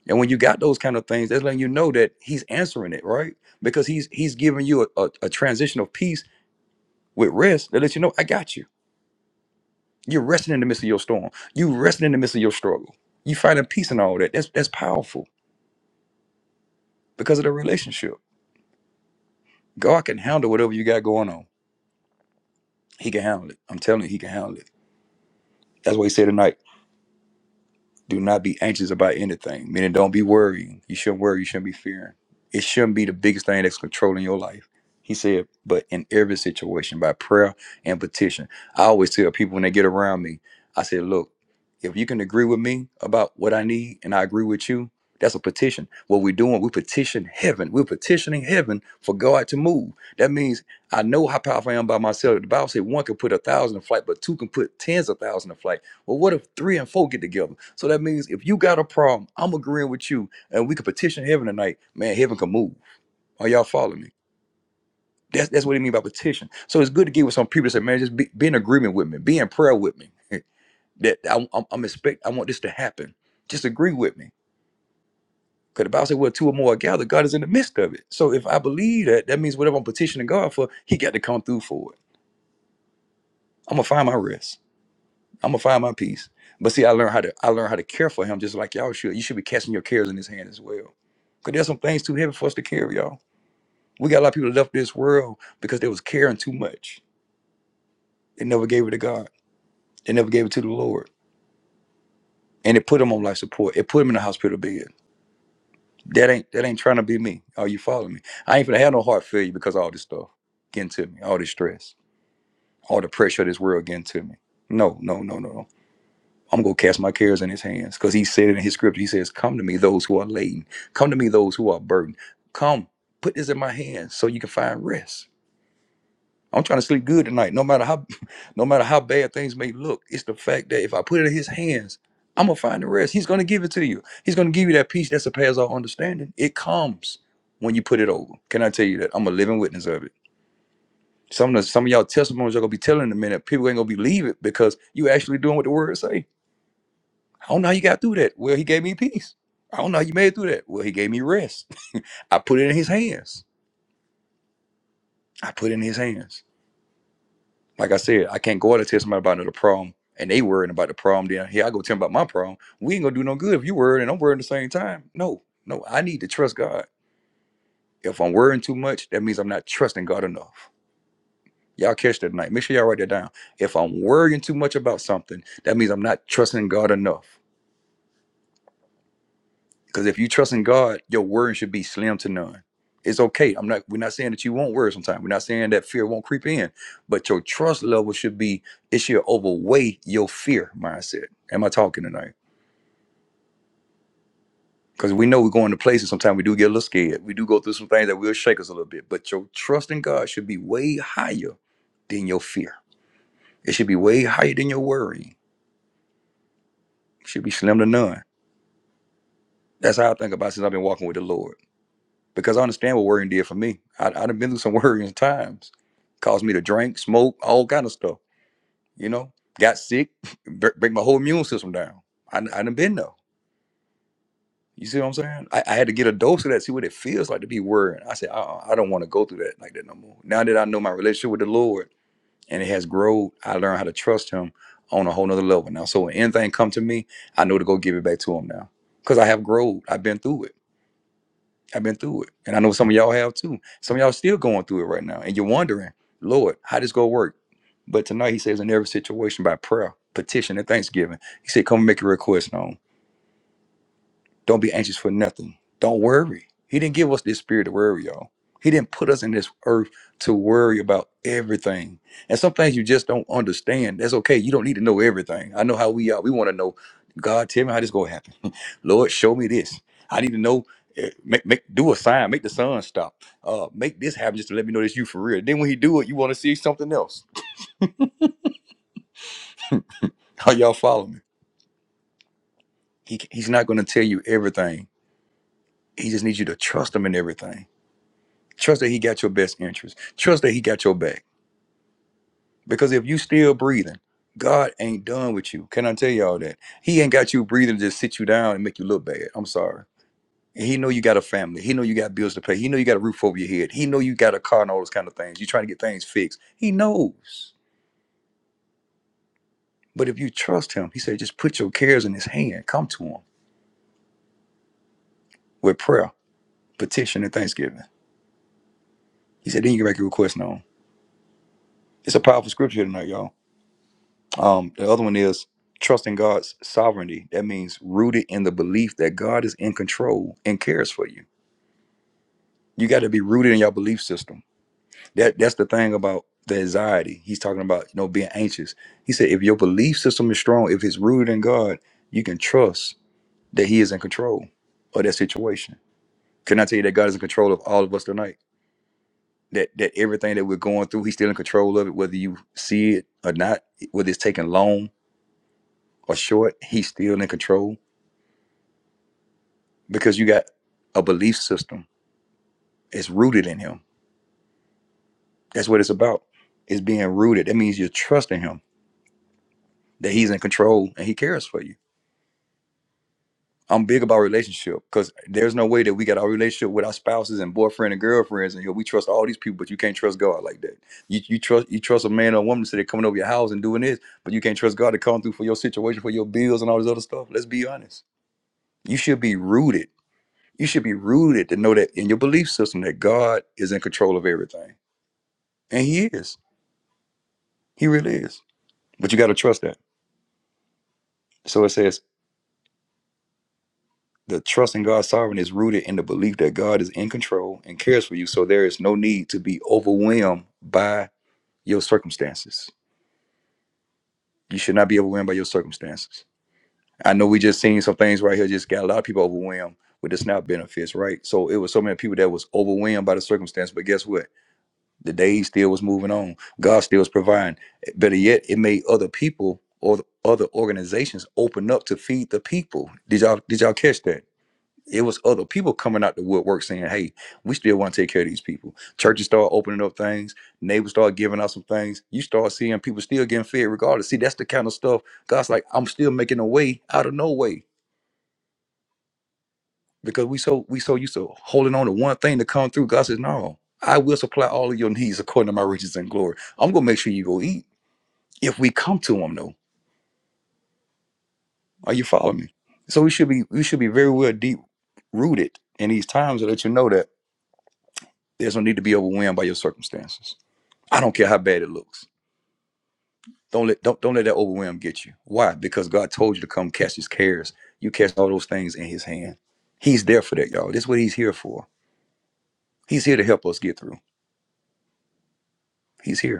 [SPEAKER 1] And when you got those kind of things, that's letting you know that he's answering it, right? Because he's he's giving you a, a, a transition of peace with rest that lets you know, I got you. You're resting in the midst of your storm. You resting in the midst of your struggle. You finding peace in all that. That's that's powerful. because of the relationship. God can handle whatever you got going on. He can handle it. I'm telling you, he can handle it. That's what he said tonight. Do not be anxious about anything. Meaning, don't be worrying. You shouldn't worry. You shouldn't be fearing. It shouldn't be the biggest thing that's controlling your life. He said, but in every situation, by prayer and petition. I always tell people when they get around me, I said, look, if you can agree with me about what I need and I agree with you, that's a petition. What we're doing, we petition heaven. We're petitioning heaven for God to move. That means I know how powerful I am by myself. The Bible said one can put a thousand to flight, but two can put tens of thousands to flight. Well, what if three and four get together? So that means if you got a problem, I'm agreeing with you, and we could petition heaven tonight. Man, heaven can move. Are y'all following me? That's that's what it mean by petition. So it's good to get with some people that say, man, just be, be in agreement with me, be in prayer with me. [laughs] that I, I'm, I'm expect, I want this to happen. Just agree with me. Because the Bible said, well, two or more are gathered, God is in the midst of it. So if I believe that, that means whatever I'm petitioning God for, He got to come through for it. I'm gonna find my rest. I'm gonna find my peace. But see, I learned how to I learned how to care for him just like y'all should. You should be casting your cares in his hand as well. Cause there's some things too heavy for us to carry, y'all. We got a lot of people that left this world because they was caring too much. They never gave it to God. They never gave it to the Lord. And it put them on life support. It put them in the hospital bed. That ain't that ain't trying to be me. Are you following me? I ain't gonna have no heart failure because of all this stuff getting to me, all this stress, all the pressure of this world getting to me. No, no, no, no, no. I'm going to cast my cares in his hands because he said it in his scripture. He says, Come to me, those who are laden. Come to me, those who are burdened. Come, put this in my hands so you can find rest. I'm trying to sleep good tonight, no matter how [laughs] no matter how bad things may look. It's the fact that if I put it in his hands, I'm gonna find the rest. He's gonna give it to you. He's gonna give you that peace that surpasses all understanding. It comes when you put it over. Can I tell you that? I'm a living witness of it. Some of the, some of y'all testimonies are gonna be telling in a minute. People ain't gonna believe it because you actually doing what the word say I don't know how you got through that. Well, he gave me peace. I don't know how you made it through that. Well, he gave me rest. [laughs] I put it in his hands. I put it in his hands. Like I said, I can't go out and tell somebody about another problem and they worrying about the problem. Then here I go tell them about my problem. We ain't gonna do no good if you worried and I'm worried at the same time. No, no, I need to trust God. If I'm worrying too much, that means I'm not trusting God enough. Y'all catch that tonight. Make sure y'all write that down. If I'm worrying too much about something, that means I'm not trusting God enough. Because if you trust in God, your worry should be slim to none. It's okay. I'm not. We're not saying that you won't worry sometimes. We're not saying that fear won't creep in, but your trust level should be. It should overweigh your fear mindset. Am I talking tonight? Because we know we're going to places. Sometimes we do get a little scared. We do go through some things that will shake us a little bit. But your trust in God should be way higher than your fear. It should be way higher than your worry. It should be slim to none. That's how I think about it since I've been walking with the Lord. because I understand what worrying did for me. I, I done been through some [laughs] worrying times. Caused me to drink, smoke, all kind of stuff. You know, got sick, [laughs] bre- break my whole immune system down. I, I done been though. You see what I'm saying? I, I had to get a dose of that, see what it feels like to be worried. I said, uh-uh, I don't want to go through that like that no more. Now that I know my relationship with the Lord and it has grown, I learned how to trust Him on a whole nother level now. So when anything come to me, I know to go give it back to Him now because I have grown. I've been through it. I've been through it. And I know some of y'all have too. Some of y'all still going through it right now. And you're wondering, Lord, how this gonna work? But tonight he says in every situation by prayer, petition, and thanksgiving. He said, Come and make your request known. Don't be anxious for nothing. Don't worry. He didn't give us this spirit to worry, y'all. He didn't put us in this earth to worry about everything. And some things you just don't understand. That's okay. You don't need to know everything. I know how we are. We want to know, God, tell me how this going to happen. [laughs] Lord, show me this. I need to know. eh, Make, make do a sign, make the sun stop. Uh, make this happen just to let me know that's you for real. Then when he do it, you want to see something else. [laughs] Are y'all follow me? He, he's not going to tell you everything. He just needs you to trust him in everything Trust that he got your best interest. Trust that he got your back. Because if you still breathing, God ain't done with you. Can I tell y'all that? He ain't got you breathing to just sit you down and make you look bad. I'm sorry. And He know you got a family. He know you got bills to pay. He know you got a roof over your head. He know you got a car and all those kind of things. You trying to get things fixed. He knows. But if you trust him, he said, just put your cares in his hand. Come to him with prayer, petition, and thanksgiving. He said, then you can make your request known. It's a powerful scripture tonight, y'all. Um, the other one is trusting God's sovereignty. That means rooted in the belief that God is in control and cares for you. You got to be rooted in your belief system. That that's the thing about the anxiety. He's talking about you know being anxious. He said if your belief system is strong, if it's rooted in God, you can trust that He is in control of that situation. Can I tell you that God is in control of all of us tonight? That that everything that we're going through, He's still in control of it, whether you see it or not, whether it's taking long or short, He's still in control because you got a belief system. It's rooted in him. That's what it's about. It's being rooted. That means you're trusting him that he's in control and he cares for you. I'm big about relationship because there's no way that we got our relationship with our spouses and boyfriend and girlfriends and you know, we trust all these people, but you can't trust God like that. You you trust you trust a man or a woman to say they're coming over your house and doing this, but you can't trust God to come through for your situation, for your bills and all this other stuff. Let's be honest. You should be rooted. You should be rooted to know that in your belief system that God is in control of everything. And he is. He really is. But you got to trust that. So it says the trust in God's sovereignty is rooted in the belief that God is in control and cares for you. So there is no need to be overwhelmed by your circumstances. You should not be overwhelmed by your circumstances. I know we just seen some things right here, just got a lot of people overwhelmed with the SNAP benefits, right? So it was so many people that was overwhelmed by the circumstance. But guess what? The day still was moving on. God still was providing. Better yet, it made other people or other organizations open up to feed the people. Did y'all did y'all catch that? It was other people coming out the woodwork saying, "Hey, we still want to take care of these people." Churches start opening up things. Neighbors start giving out some things. You start seeing people still getting fed regardless. See, that's the kind of stuff God's like, "I'm still making a way out of no way." because we so we so used to holding on to one thing to come through. God says, "No, I will supply all of your needs according to my riches and glory. I'm gonna make sure you go eat if we come to Him. Though, are you following me? So we should be we should be very well deep rooted in these times to let you know that there's no need to be overwhelmed by your circumstances. I don't care how bad it looks. Don't let don't don't let that overwhelm get you. Why? Because God told you to come cast His cares. You cast all those things in His hand. He's there for that, y'all. That's what He's here for. He's here to help us get through. He's here.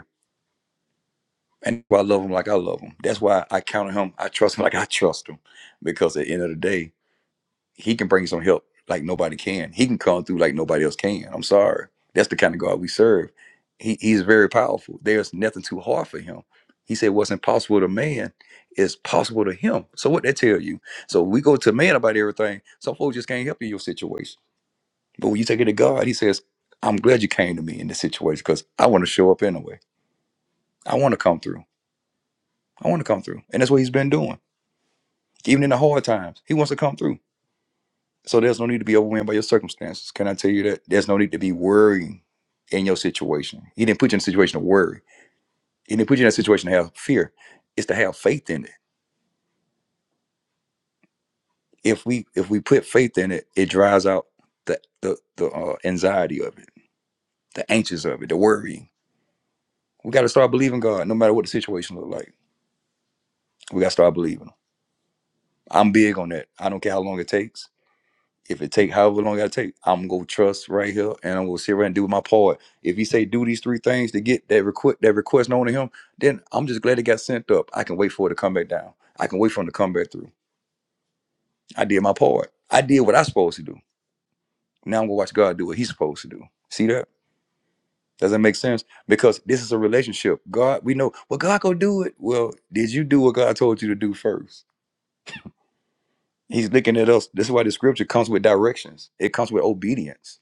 [SPEAKER 1] And I love him like I love him. That's why I count on him. I trust him like I trust him. Because at the end of the day, he can bring some help like nobody can. He can come through like nobody else can. I'm sorry. That's the kind of God we serve. He, he's very powerful. There's nothing too hard for him. He said what's impossible to man is possible to him. So what that tell you? So we go to man about everything. Some folks just can't help you in your situation. But when you take it to God, he says, I'm glad you came to me in this situation because I want to show up anyway. I want to come through. I want to come through. And that's what he's been doing. Even in the hard times, he wants to come through. So there's no need to be overwhelmed by your circumstances. Can I tell you that? There's no need to be worrying in your situation. He didn't put you in a situation to worry. He didn't put you in a situation to have fear. It's to have faith in it. If we if we put faith in it, it dries out the the, the uh, anxiety of it, the anxious of it, the worrying. We got to start believing God, no matter what the situation look like. We got to start believing. Him. I'm big on that. I don't care how long it takes. If it take however long it take, I'm gonna trust right here, and I'm gonna sit right and do my part. If he say do these three things to get that request that request known to him, then I'm just glad it got sent up. I can wait for it to come back down. I can wait for him to come back through. I did my part. I did what I supposed to do. Now I'm gonna watch God do what He's supposed to do. See that? Does that make sense? Because this is a relationship. God, we know. Well, God gonna do it. Well, did you do what God told you to do first? He's looking at us. This is why the scripture comes with directions. It comes with obedience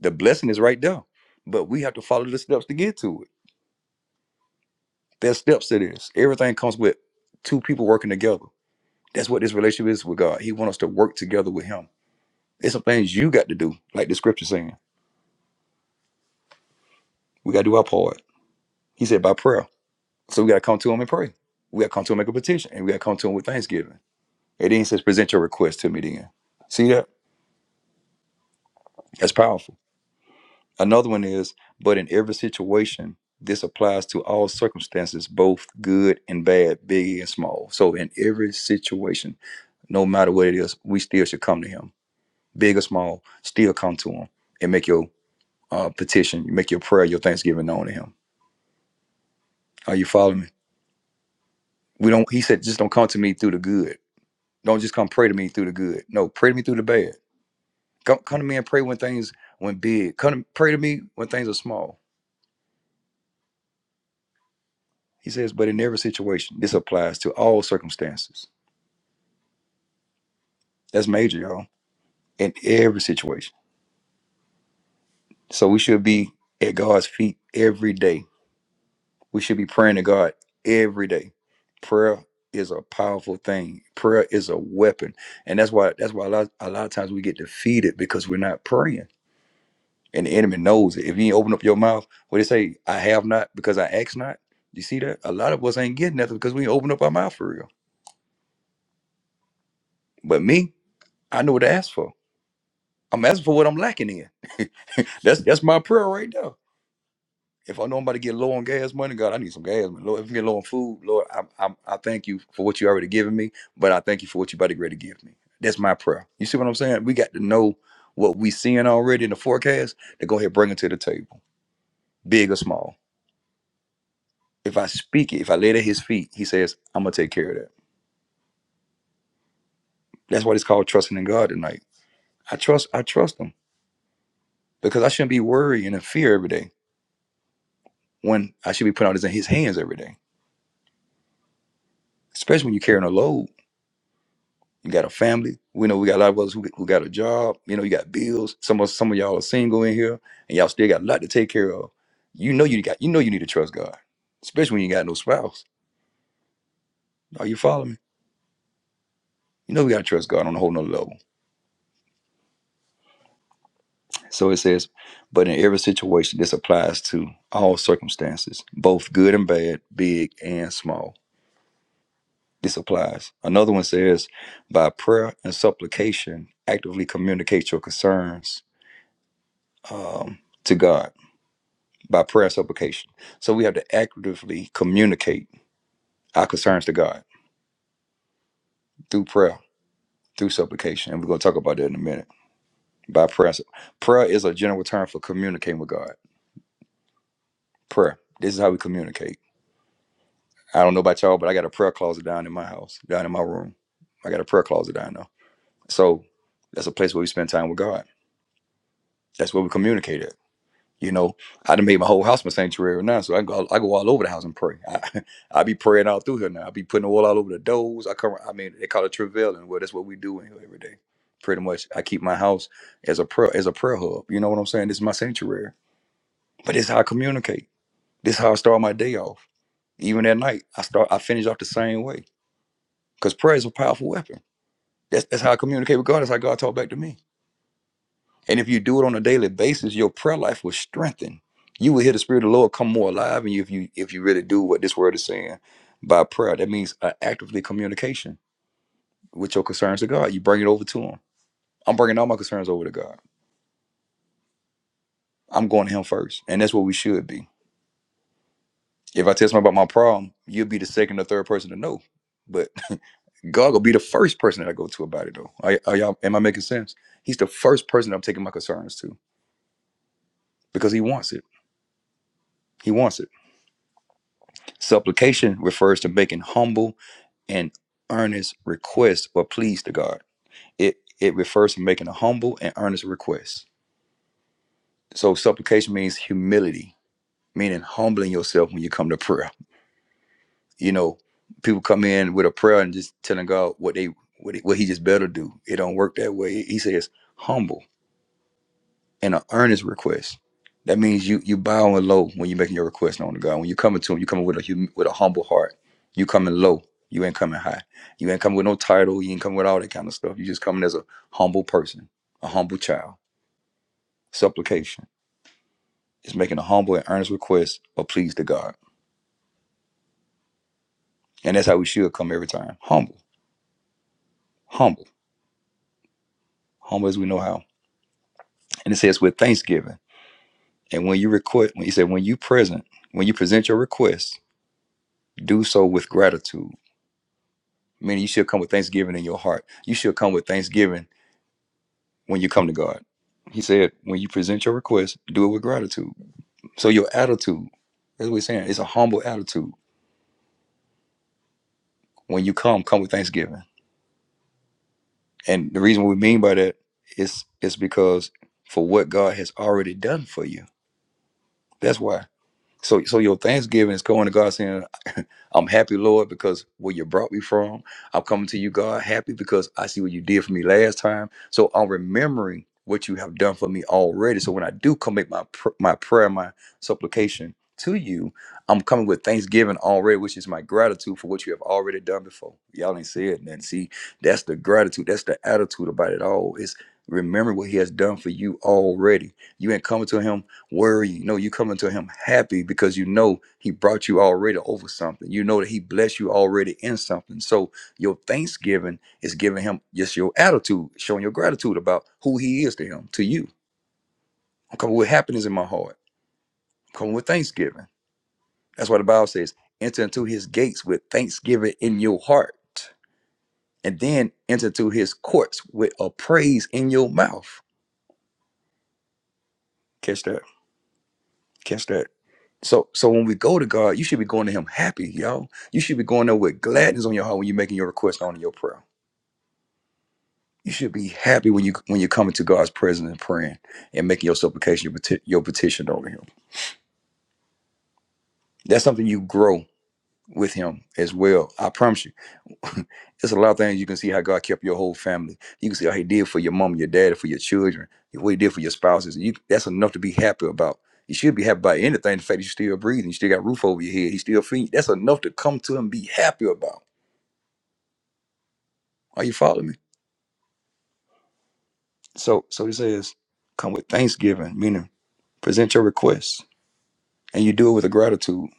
[SPEAKER 1] The blessing is right there. But we have to follow the steps to get to it. There's steps to this. Everything comes with two people working together. That's what this relationship is with God. He wants us to work together with Him. There's some things you got to do, like the scripture saying. We got to do our part. He said by prayer. So we got to come to Him and pray. We got to come to Him and make a petition. And we got to come to Him with thanksgiving. And then He says, present your request to me then. See that? That's powerful. Another one is, but in every situation, this applies to all circumstances, both good and bad, big and small. So in every situation, no matter what it is, we still should come to him, big or small, still come to him and make your uh, petition, make your prayer, your thanksgiving known to him. Are you following me? We don't. He said, just don't come to me through the good. Don't just come pray to me through the good. No, pray to me through the bad. Come, come to me and pray when things when big. Come to, pray to me when things are small He says, but in every situation, this applies to all circumstances. That's major, y'all. In every situation. So we should be at God's feet every day. We should be praying to God every day. Prayer is a powerful thing. Prayer is a weapon. And that's why that's why a lot, a lot of times we get defeated because we're not praying. And the enemy knows it. If you ain't open up your mouth, what they say, I have not because I ask not. You see that? A lot of us ain't getting nothing because we ain't open up our mouth for real. But me, I know what to ask for. I'm asking for what I'm lacking in. [laughs] that's that's my prayer right there. If I know I'm about to get low on gas money, God, I need some gas money. Lord, if I get low on food, Lord, I, I I thank you for what you already given me, but I thank you for what you about to ready to give me. That's my prayer. You see what I'm saying? We got to know what we seeing already in the forecast to go ahead and bring it to the table, big or small. If I speak it, if I lay it at his feet, he says, I'm gonna take care of that. That's what it's called trusting in God tonight. I trust I trust him because I shouldn't be worrying and in fear every day when I should be putting all this in his hands every day. especially when you're carrying a load. You got a family. We know we got a lot of us who, who got a job. You know, you got bills. Some of some of y'all are single in here, and y'all still got a lot to take care of. You know you got you know you need to trust God, especially when you got no spouse. Are you following me? You know we gotta trust God on a whole nother level. So it says, but in every situation, this applies to all circumstances, both good and bad, big and small. This applies. Another one says, by prayer and supplication, actively communicate your concerns um, to God by prayer and supplication. So we have to actively communicate our concerns to God through prayer, through supplication. And we're going to talk about that in a minute. By prayer. so- Prayer is a general term for communicating with God. Prayer. This is how we communicate. I don't know about y'all, but I got a prayer closet down in my house, down in my room. I got a prayer closet down there. So that's a place where we spend time with God. That's where we communicate at. You know, I done made my whole house my sanctuary now, so I go I go all over the house and pray. I, [laughs] I be praying all through here now. I be putting oil all over the doors. I come, I mean, they call it travailing. Well, that's what we do in here every day. Pretty much, I keep my house as a prayer as a prayer hub. You know what I'm saying? This is my sanctuary. But this is how I communicate. This is how I start my day off. Even at night, I start I finish off the same way because prayer is a powerful weapon. That's that's how I communicate with God. That's how God talk back to me. And if you do it on a daily basis, your prayer life will strengthen. You will hear the Spirit of the Lord come more alive in you if you if you really do what this word is saying by prayer. That means uh, actively communication with your concerns to God. You bring it over to Him. I'm bringing all my concerns over to God. I'm going to Him first, and that's what we should be. If I tell somebody about my problem, you'll be the second or third person to know, but [laughs] God will be the first person that I go to about it. Though, are, are y'all? Am I making sense? He's the first person I'm taking my concerns to because He wants it. He wants it. Supplication refers to making humble and earnest requests or pleas to God. It it refers to making a humble and earnest request. So supplication means humility, meaning humbling yourself when you come to prayer. You know, people come in with a prayer and just telling God what they what, he- what he just better do. It don't work that way. He says humble. and an earnest request. That means you you bowing low when you're making your request known to God. When you coming to Him, you coming with a hum, with a humble heart. You coming low. You ain't coming high. You ain't coming with no title. You ain't coming with all that kind of stuff. You just coming as a humble person, a humble child. Supplication is making a humble and earnest request of please to God, and that's how we should come every time. Humble, humble, humble as we know how. And it says with thanksgiving. And when you request, when he said when you present, when you present your request, do so with gratitude Meaning you should come with thanksgiving in your heart. You should come with thanksgiving when you come to God. He said, when you present your request, do it with gratitude. So your attitude, that's what we're saying, it's a humble attitude. When you come, come with thanksgiving. And the reason we mean by that is it's because for what God has already done for you. That's why. So so your thanksgiving is going to God saying, I'm happy, Lord, because where you brought me from. I'm coming to you, God, happy because I see what you did for me last time. So I'm remembering what you have done for me already. So when I do commit my pr- my prayer, my supplication to you, I'm coming with thanksgiving already, which is my gratitude for what you have already done before. Y'all ain't said nothing. See, that's the gratitude. That's the attitude about it all. It's remembering what He has done for you already. You ain't coming to Him worry. No, you coming to him happy because you know he brought you already over something. You know that he blessed you already in something. So your thanksgiving is giving him just your attitude, showing your gratitude about who he is to him, to you. I'm coming with happiness in my heart. I'm coming with thanksgiving. That's why the Bible says, enter into his gates with thanksgiving in your heart. And then enter into his courts with a praise in your mouth. Catch that. Catch that. So so when we go to God, you should be going to Him happy, y'all. You should be going there with gladness on your heart when you're making your request on your prayer. You should be happy when you when you're coming to God's presence and praying and making your supplication, your, peti- your petition over Him. That's something you grow with Him as well. I promise you. [laughs] It's a lot of things you can see how God kept your whole family. You can see how He did for your mom, your dad, for your children, what He did for your spouses. You, that's enough to be happy about. You should be happy about anything. The fact that you're still breathing, you still got a roof over your head, He still feeding. you. That's enough to come to Him and be happy about. Are you following me? So, so He says, come with thanksgiving, meaning present your requests, and you do it with a gratitude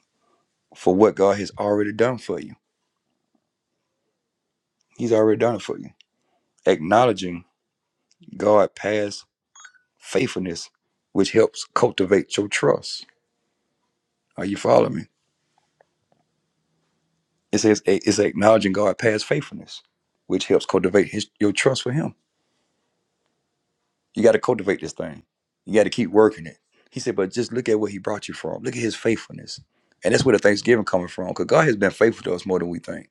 [SPEAKER 1] for what God has already done for you. He's already done it for you. Acknowledging God past faithfulness, which helps cultivate your trust Are you following me? It says a- it's acknowledging God past faithfulness, which helps cultivate his, your trust for him. You got to cultivate this thing. You got to keep working it. He said, but just look at where he brought you from. Look at his faithfulness. And that's where the Thanksgiving coming from, because God has been faithful to us more than we think.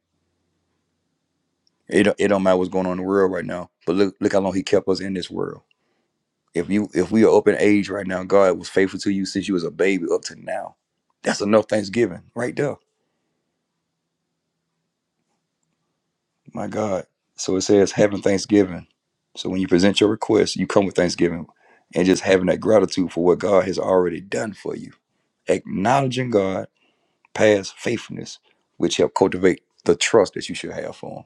[SPEAKER 1] It don't, it don't matter what's going on in the world right now, but look look how long he kept us in this world. If you if we are up in age right now, God was faithful to you since you was a baby up to now. That's enough Thanksgiving right there. My God. So it says having thanksgiving. So when you present your request, you come with thanksgiving and just having that gratitude for what God has already done for you. Acknowledging God, past faithfulness, which help cultivate the trust that you should have for him.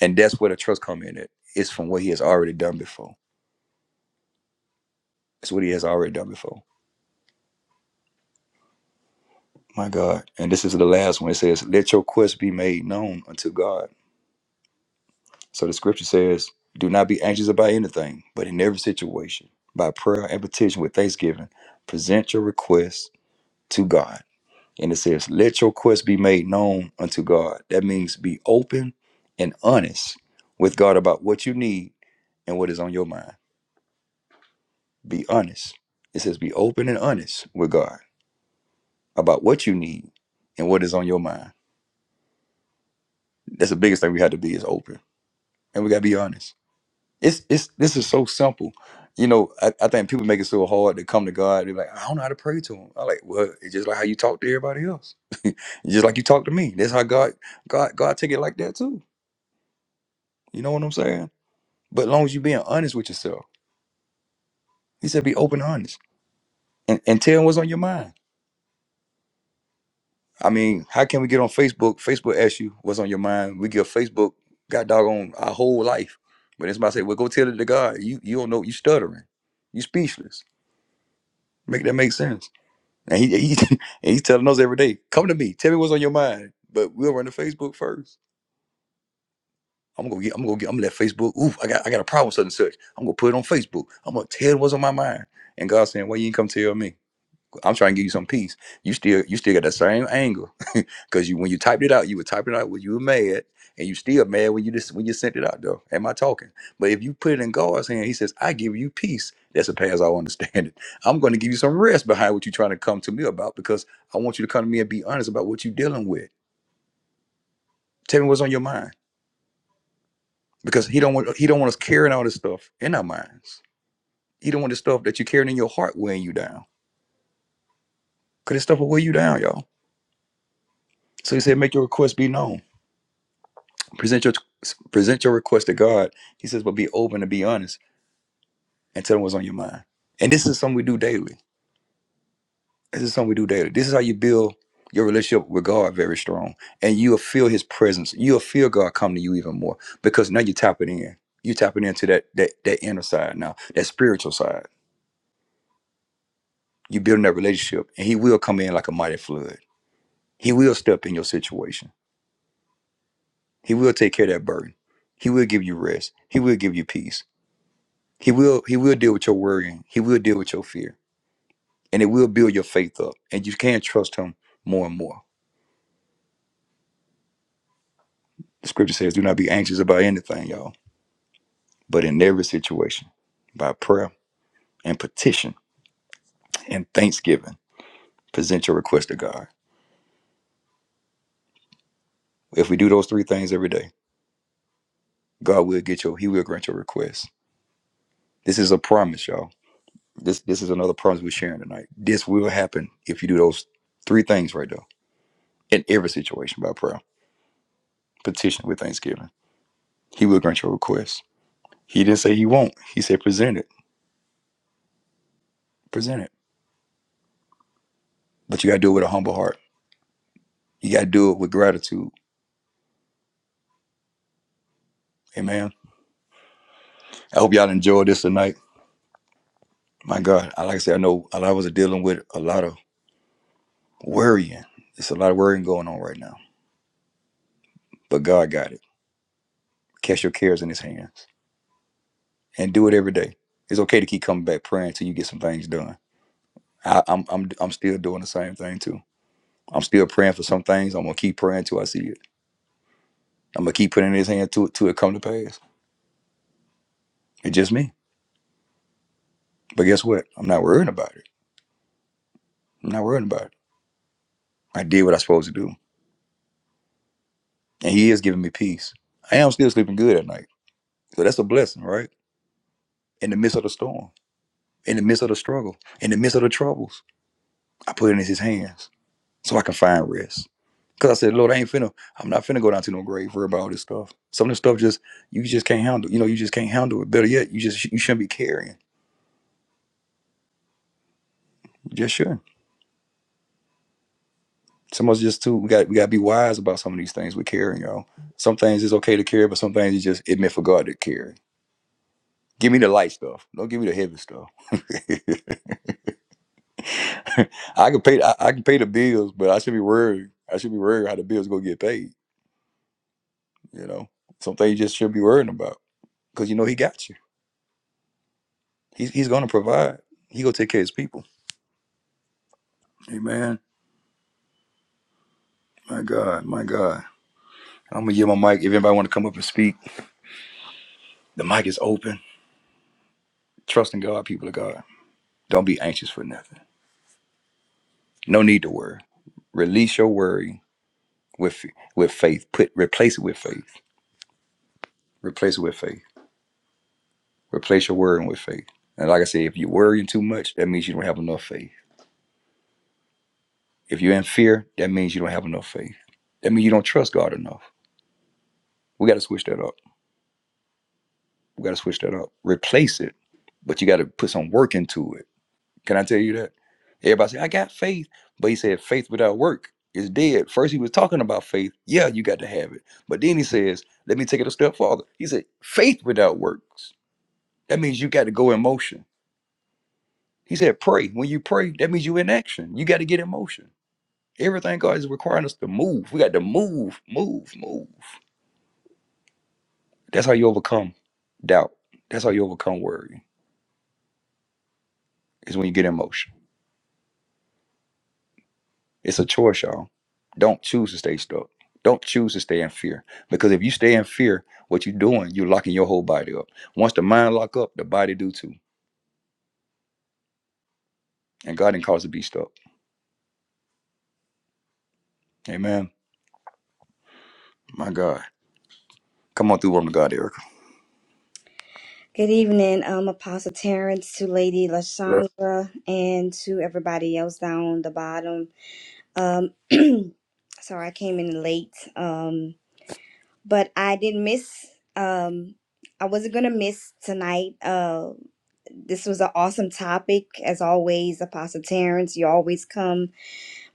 [SPEAKER 1] And that's where the trust come in at. It's from what he has already done before. It's what he has already done before. My God. And this is the last one. It says, Let your quest be made known unto God. So the scripture says, Do not be anxious about anything, but in every situation, by prayer and petition with thanksgiving, present your requests to God. And it says, Let your requests be made known unto God. That means be open and honest with God about what you need and what is on your mind. Be honest. It says, Be open and honest with God about what you need and what is on your mind. That's the biggest thing we have to be is open. And we got to be honest it's it's this is so simple. You know, I, I think people make it so hard to come to God. They're like, I don't know how to pray to him. I like, well, it's just like how you talk to everybody else. It's just like you talk to me. That's how God God God take it like that too. You know what I'm saying? But as long as you being honest with yourself, he said be open and honest and, and tell him what's on your mind. I mean, how can we get on Facebook? Facebook asks you what's on your mind. We give Facebook God doggone our whole life. But it's about to say, well, go tell it to God. You you don't know you stuttering. You speechless. Make that make sense. And he, he [laughs] and he's telling us every day, come to me, tell me what's on your mind. But we'll run to Facebook first. I'm gonna get, I'm gonna get, I'm gonna let Facebook. Ooh, I got, I got a problem with such and such. I'm gonna put it on Facebook. I'm gonna tell what's on my mind. And God's saying, Why you ain't come tell me. I'm trying to give you some peace. You still you still got that same anger [laughs] because you when you typed it out, you were typing it out when you were mad, and you still mad when you just when you sent it out though. Am I talking? But if you put it in God's hand, He says, "I give you peace." That's a pass I understand it. [laughs] I'm going to give you some rest behind what you're trying to come to me about because I want you to come to me and be honest about what you're dealing with. Tell me what's on your mind because He don't want He don't want us carrying all this stuff in our minds. He don't want the stuff that you're carrying in your heart weighing you down because this stuff will weigh you down, y'all. So He said, "Make your request be known." Present your present your request to God. He says, but be open and be honest and tell him what's on your mind. And this is something we do daily. This is something we do daily. This is how you build your relationship with God very strong. And you'll feel his presence. You'll feel God come to you even more because now you're tapping in. You're tapping into that that that inner side now, that spiritual side. You're building that relationship and he will come in like a mighty flood. He will step in your situation. He will take care of that burden. He will give you rest. He will give you peace. He will he will deal with your worrying. He will deal with your fear. And it will build your faith up. And you can trust him more and more. The scripture says, do not be anxious about anything, y'all. But in every situation, by prayer and petition and thanksgiving, present your request to God. If we do those three things every day, God will get your he will grant your request. This is a promise, y'all. This this is another promise we're sharing tonight. This will happen if you do those three things right though. In every situation by prayer, petition with thanksgiving. He will grant your request. He didn't say he won't. He said present it. Present it. But you gotta do it with a humble heart. You gotta do it with gratitude. Amen. I hope y'all enjoyed this tonight. My God, I like I said, I know a lot of us are dealing with a lot of worrying. There's a lot of worrying going on right now. But God got it. Catch your cares in his hands. And do it every day. It's okay to keep coming back praying until you get some things done. I, I'm I'm I'm still doing the same thing too. I'm still praying for some things. I'm gonna keep praying till I see it. I'm gonna keep putting his hand to it till it come to pass. It's just me. But guess what? I'm not worrying about it. I'm not worrying about it. I did what I was supposed to do. And he is giving me peace. I am still sleeping good at night. So that's a blessing, right? In the midst of the storm, in the midst of the struggle, in the midst of the troubles, I put it in his hands so I can find rest. Cause I said, Lord, I ain't finna, I'm not finna go down to no grave worry about all this stuff. Some of this stuff just you just can't handle. You know, you just can't handle it. Better yet, you just you shouldn't be carrying. You just shouldn't. Some of us just too, we got we gotta be wise about some of these things we're carrying, y'all. Some things it's okay to carry, but some things it's just it meant for God to carry. Give me the light stuff. Don't give me the heavy stuff. [laughs] I can pay. I, I can pay the bills, but I should be worried. I should be worried how the bills gonna get paid. You know, something you just should be worrying about because you know he got you. He's he's gonna provide. He gonna take care of his people. Amen. My God. My God. I'm gonna give my mic. If anybody want to come up and speak, the mic is open. Trust in God, people of God. Don't be anxious for nothing. No need to worry. Release your worry with with faith. Put replace it with faith. Replace it with faith. Replace your worrying with faith. And like I said, if you're worrying too much, that means you don't have enough faith. If you're in fear, that means you don't have enough faith. That means you don't trust God enough. We got to switch that up. We got to switch that up. Replace it, but you got to put some work into it. Can I tell you that? Everybody say, I got faith. But he said, faith without work is dead. First, he was talking about faith. Yeah, you got to have it. But then he says, let me take it a step farther. He said, faith without works. That means you got to go in motion. He said, pray. When you pray, that means you in action. You got to get in motion. Everything God is requiring us to move. We got to move, move, move. That's how you overcome doubt. That's how you overcome worry. Is when you get in motion. It's a choice, y'all. Don't choose to stay stuck. Don't choose to stay in fear. Because if you stay in fear, what you're doing, you're locking your whole body up. Once the mind lock up, the body do too. And God didn't cause us to be stuck. Amen. My God. Come on through, woman of God, Erica.
[SPEAKER 3] Good evening, um, Apostle Terrence, to Lady
[SPEAKER 1] Bless-
[SPEAKER 3] Lashandra, and to everybody else down the bottom. Um, [clears throat] sorry, I came in late, um, but I didn't miss. Um, I wasn't gonna miss tonight. Uh, this was an awesome topic, as always, Apostle Terrence. You always come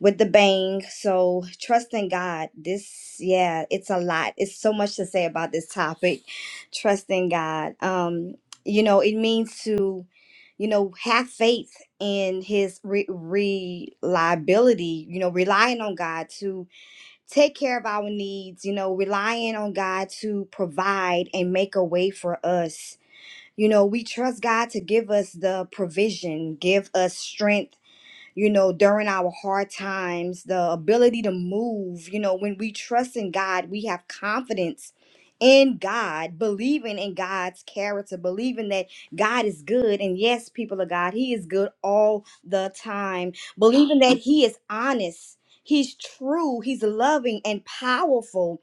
[SPEAKER 3] with the bang. So trust in God. This, yeah, it's a lot. It's so much to say about this topic. Trust in God. Um, you know, it means to, you know, have faith in His re- reliability. You know, relying on God to take care of our needs. You know, relying on God to provide and make a way for us. You know, we trust God to give us the provision, give us strength you know, during our hard times, the ability to move, you know, when we trust in God, we have confidence in God, believing in God's character, believing that God is good. And yes, people of God, He is good all the time, believing that He is honest. He's true, he's loving and powerful,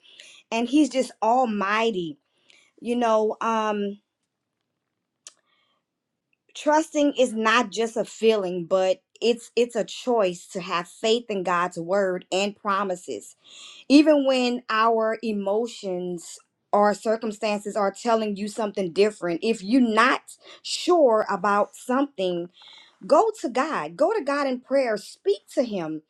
[SPEAKER 3] and he's just almighty. You know, um, trusting is not just a feeling but it's it's a choice to have faith in god's word and promises even when our emotions or circumstances are telling you something different if you're not sure about something go to god go to god in prayer speak to him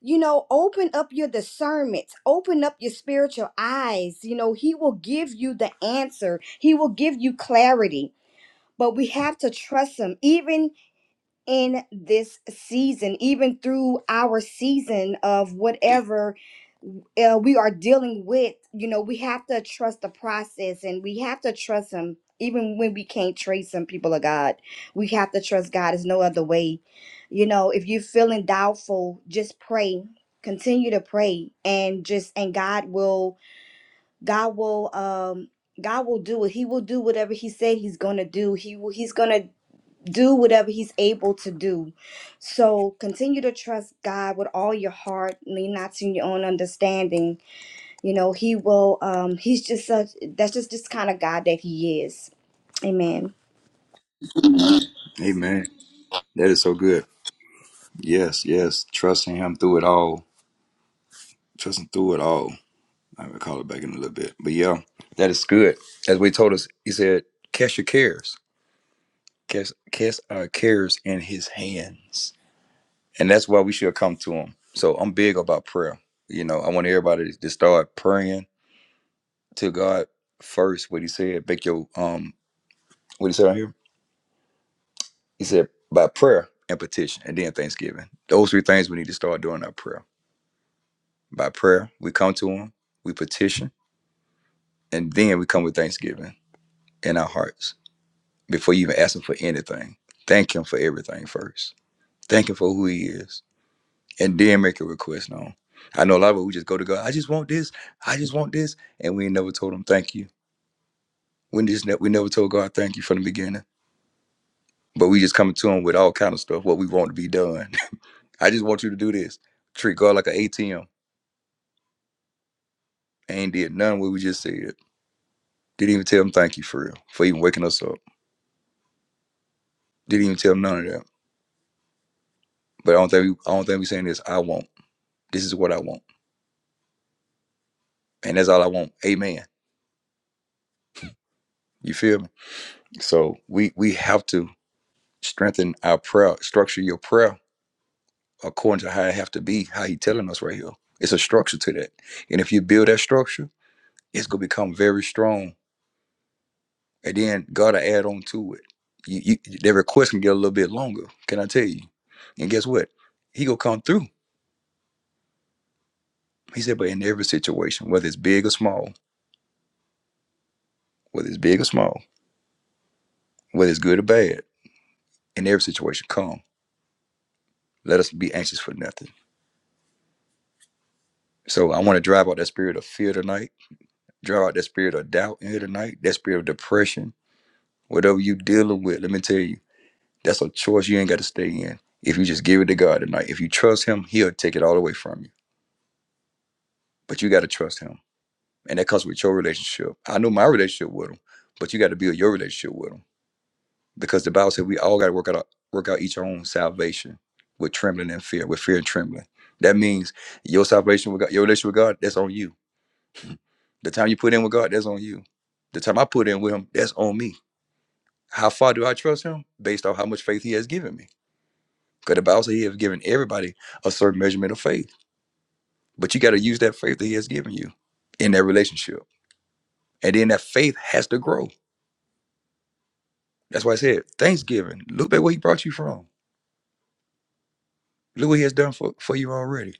[SPEAKER 3] you know open up your discernment open up your spiritual eyes you know he will give you the answer he will give you clarity but we have to trust him even in this season, even through our season of whatever uh, we are dealing with, you know, we have to trust the process and we have to trust Him. Even when we can't trace some people of God, we have to trust God. There's no other way. You know, if you're feeling doubtful, just pray. Continue to pray and just, and God will, God will, um, God will do it. He will do whatever He said He's gonna do. He will. He's gonna do whatever he's able to do. So continue to trust God with all your heart, lean not to your own understanding. You know, he will um he's just such that's just this kind of God that he is. Amen.
[SPEAKER 1] Amen. That is so good. Yes, yes. Trusting him through it all. Trusting through it all. I will call it back in a little bit. But yeah, that is good. As we told us, he said, cast your cares. Cast, cast our cares in his hands. And that's why we should come to him. So I'm big about prayer. You know, I want everybody to start praying to God first. What he said, make your um what he said on here? He said by prayer and petition and then thanksgiving. Those three things we need to start doing our prayer. By prayer, we come to him, we petition, and then we come with thanksgiving in our hearts before you even ask him for anything. Thank him for everything first. Thank him for who he is. And then make a request known. I know a lot of people just go to God, I just want this, I just want this. And we ain't never told him thank you. We just ne- we never told God thank you from the beginning. But we just coming to him with all kind of stuff, what we want to be done. [laughs] I just want you to do this. Treat God like an ATM. Ain't did none of what we just said. Didn't even tell him thank you for real, for even waking us up. Didn't even tell him none of that. But I don't think we, I don't think we saying this, I want. This is what I want. And that's all I want. Amen You feel me? So we we have to strengthen our prayer, structure your prayer according to how it have to be, how he telling us right here. It's a structure to that. And if you build that structure, it's gonna become very strong. And then God will add on to it. You, you that request can get a little bit longer, can I tell you? And guess what? He gonna come through. He said, but in every situation, whether it's big or small, whether it's big or small, whether it's good or bad, in every situation, come. Let us be anxious for nothing. So I want to drive out that spirit of fear tonight Draw out that spirit of doubt in here tonight, that spirit of depression, whatever you dealing with. Let me tell you, that's a choice you ain't got to stay in. If you just give it to God tonight, if you trust Him, He'll take it all away from you. But you got to trust Him, and that comes with your relationship. I know my relationship with Him, but you got to build your relationship with Him because the Bible said we all got to work out our- work out each our own salvation with trembling and fear, with fear and trembling. That means your salvation with God, your relationship with God, that's on you. The time you put in with God, that's on you. The time I put in with Him, that's on me How far do I trust him? Based on how much faith he has given me. Because the Bible says he has given everybody a certain measurement of faith. But you got to use that faith that he has given you in that relationship. And then that faith has to grow. That's why I said thanksgiving. Look at where he brought you from. Look what he has done for, for you already.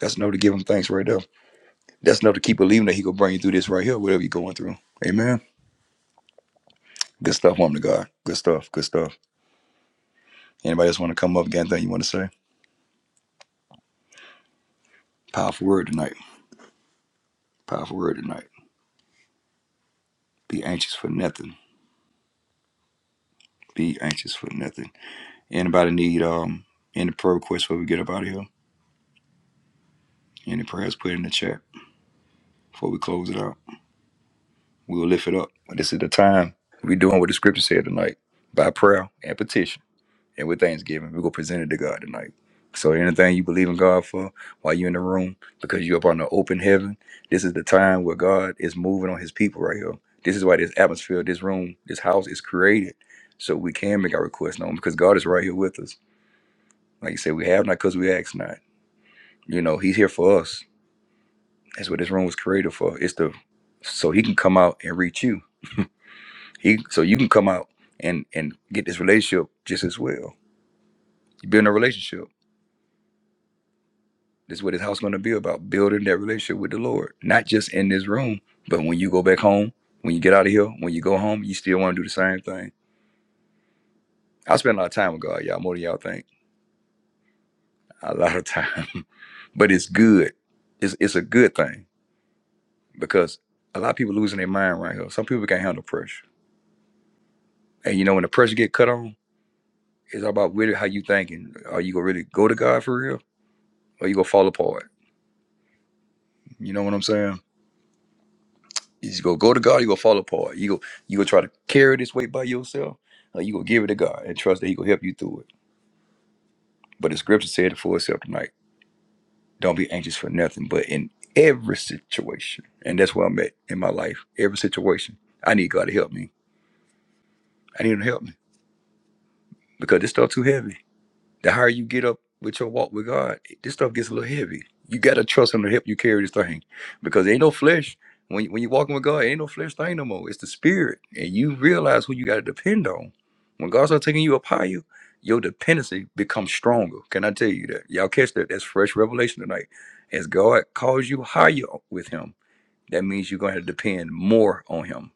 [SPEAKER 1] That's enough to give him thanks right there. That's enough to keep believing that he gonna bring you through this right here, whatever you're going through. Amen. Good stuff, woman of God. Good stuff. Good stuff. Anybody else want to come up? Got anything you want to say? Powerful word tonight. Powerful word tonight. Be anxious for nothing. Be anxious for nothing. Anybody need um any prayer requests before we get up out of here? Any prayers put it in the chat before we close it out? We'll lift it up. But this is the time we doing what the scripture said tonight by prayer and petition and with thanksgiving. We're gonna present it to God tonight. So anything you believe in God for while you're in the room, because you're up on the open heaven, this is the time where God is moving on his people right here. This is why this atmosphere, this room, this house is created. So we can make our requests known because God is right here with us. Like you said, we have not because we ask not. You know, He's here for us. That's what this room was created for. It's the so he can come out and reach you. He so you can come out and and get this relationship just as well. You build a relationship. That's what his house going to be about: building that relationship with the Lord, not just in this room, but when you go back home, when you get out of here, when you go home, you still want to do the same thing. I spend a lot of time with God, y'all, more than y'all think. A lot of time, [laughs] but it's good. It's it's a good thing because a lot of people losing their mind right here. Some people can't handle pressure, and you know when the pressure get cut on. It's about really how you thinking. Are you gonna really go to God for real, or you gonna fall apart? You know what I'm saying? You just gonna go to God, you gonna fall apart. You go, you gonna try to carry this weight by yourself, or you gonna give it to God and trust that He gonna help you through it. But the Scripture said it for itself tonight. Don't be anxious for nothing, but in every situation, and that's where I'm at in my life. Every situation, I need God to help me. I need Him to help me because this stuff too heavy. The higher you get up with your walk with God, this stuff gets a little heavy. You gotta trust Him to help you carry this thing, because ain't no flesh. When you, when you're walking with God, ain't no flesh thing no more. It's the Spirit, and you realize who you gotta depend on. When God starts taking you up higher, your dependency becomes stronger. Can I tell you that? Y'all catch that? That's fresh revelation tonight. As God calls you higher with Him, that means you're gonna have to depend more on Him.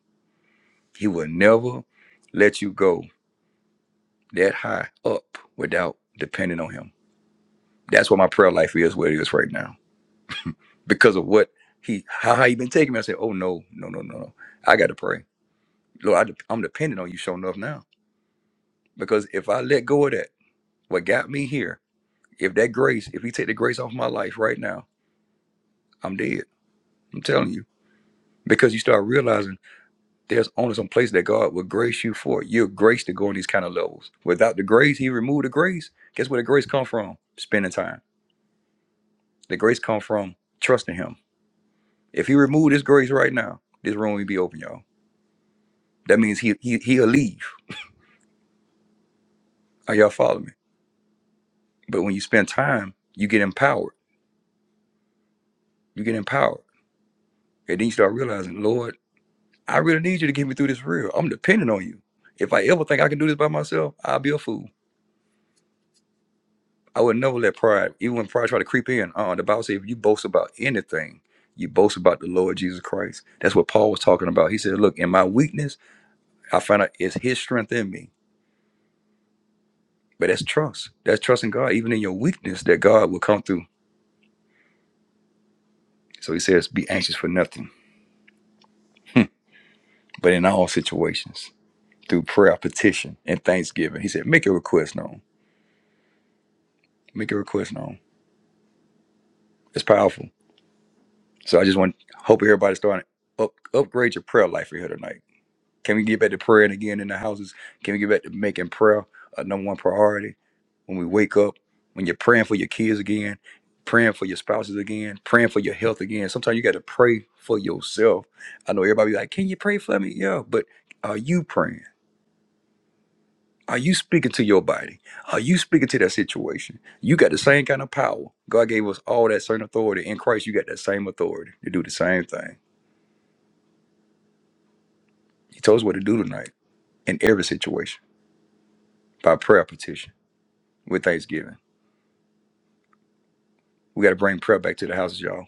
[SPEAKER 1] He will never let you go that high up without depending on Him that's what my prayer life is where it is right now. Because of what he how how he been taking me. I said, Oh no, no, no, no, no. I gotta pray. Lord, I, I'm dependent on you showing up now. Because if I let go of that, what got me here, if that grace, if he take the grace off my life right now, I'm dead. I'm telling you. Because you start realizing there's only some place that God will grace you for. You're graced to go on these kind of levels. Without the grace, he removed the grace. Guess where the grace come from? Spending time. The grace come from trusting him. If he removed this grace right now, this room would be open, y'all That means he, he he'll leave. Are y'all following me? But when you spend time, you get empowered. You get empowered. And then you start realizing, Lord, I really need you to get me through this real. I'm dependent on you. If I ever think I can do this by myself, I'll be a fool. I would never let pride, even when pride try to creep in. Uh, the Bible says if you boast about anything, you boast about the Lord Jesus Christ. That's what Paul was talking about. He said, Look, in my weakness, I find out it's his strength in me. But that's trust. That's trusting God, even in your weakness, that God will come through. So he says, Be anxious for nothing but in all situations through prayer, petition, and thanksgiving. He said, make your request known. Make your request known. It's powerful. So I just want hope everybody starting to up, upgrade your prayer life here tonight. Can we get back to praying again in the houses? Can we get back to making prayer a number one priority when we wake up? When you're praying for your kids again, praying for your spouses again, praying for your health again. Sometimes you got to pray for yourself. I know everybody be like, "Can you pray for me?" Yeah, but are you praying? Are you speaking to your body? Are you speaking to that situation? You got the same kind of power. God gave us all that certain authority. In Christ, you got that same authority to do the same thing. He told us what to do tonight in every situation by prayer petition with thanksgiving. We got to bring prayer back to the houses, y'all.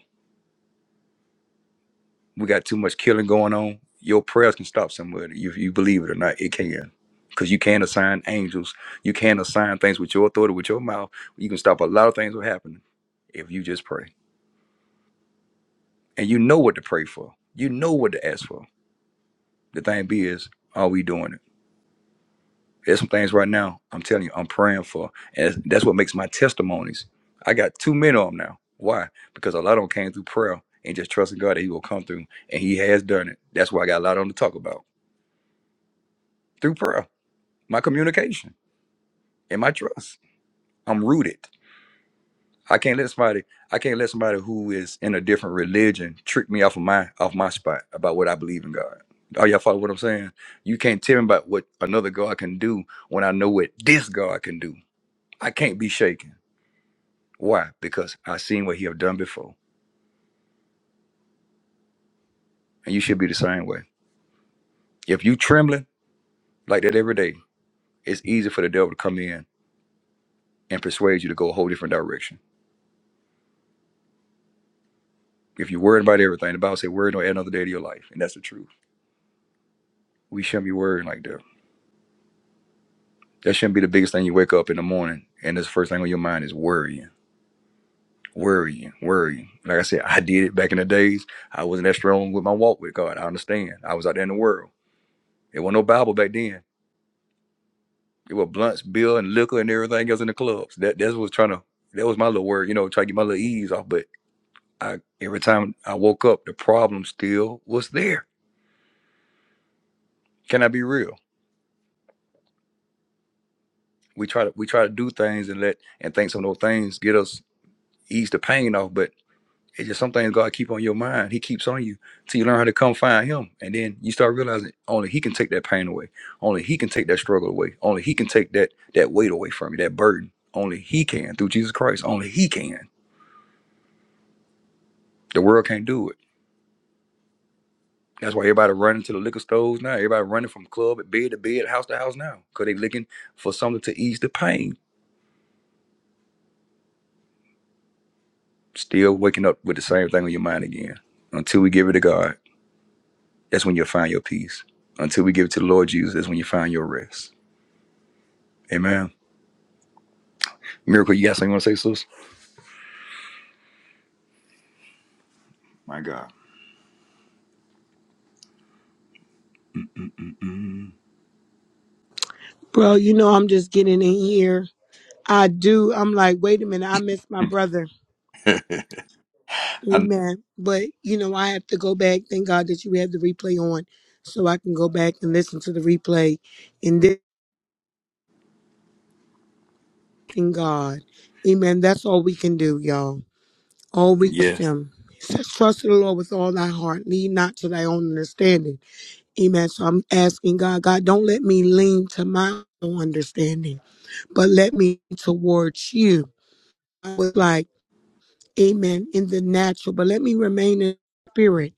[SPEAKER 1] We got too much killing going on. Your prayers can stop somebody. If you believe it or not, it can. Because you can assign angels. You can assign things with your authority, with your mouth. You can stop a lot of things from happening if you just pray. and you know what to pray for. You know what to ask for. The thing be is, are we doing it? There's some things right now I'm telling you I'm praying for, and that's what makes my testimonies. I got too many of them now. Why? Because a lot of them came through prayer and just trusting God that He will come through, and He has done it. That's why I got a lot on to talk about through prayer, my communication, and my trust. I'm rooted. I can't let somebody I can't let somebody who is in a different religion trick me off of my off my spot about what I believe in God. Are y'all follow what I'm saying? You can't tell me about what another God can do when I know what this God can do. I can't be shaken. Why? Because I seen what he have done before. And you should be the same way. If you trembling like that every day, it's easy for the devil to come in and persuade you to go a whole different direction. If you're worried about everything, the Bible say worry don't add another day to your life. And that's the truth. We shouldn't be worrying like that. That shouldn't be the biggest thing you wake up in the morning and this first thing on your mind is worrying, worrying, worrying. Like I said, I did it back in the days. I wasn't that strong with my walk with God. I understand. I was out there in the world. It wasn't no Bible back then. It was blunts, beer, and liquor and everything else in the clubs. That that was trying to that was my little word, you know, try to get my little ease off. But I every time I woke up, the problem still was there. Can I be real? We try to we try to do things and let and think some of those things get us ease the pain off. But It's just some things God keep on your mind. He keeps on you till you learn how to come find Him, and then you start realizing only He can take that pain away. Only He can take that struggle away. Only He can take that that weight away from you, that burden. Only He can through Jesus Christ. Only He can. The world can't do it. That's why everybody running to the liquor stores now. Everybody running from club at bed to bed, house to house now, cause they looking for something to ease the pain. Still waking up with the same thing on your mind again. Until we give it to God, that's when you'll find your peace. Until we give it to the Lord Jesus, that's when you find your rest. Amen. Miracle, you got something you want to say, sis? My God. Mm,
[SPEAKER 4] Bro, you know I'm just getting in here. I do. I'm like, wait a minute, I miss my brother.
[SPEAKER 1] I,
[SPEAKER 4] Amen. But you know, I have to go back. Thank God that you have the replay on so I can go back and listen to the replay and then thank God. Amen. That's all we can do, y'all. All we trust
[SPEAKER 1] yes,
[SPEAKER 4] him. It says, Trust in the Lord with all thy heart. Lean not to thy own understanding. Amen. So I'm asking God, God, don't let me lean to my own understanding, but let me towards you. I was like Amen. In the natural, but let me remain in the spirit.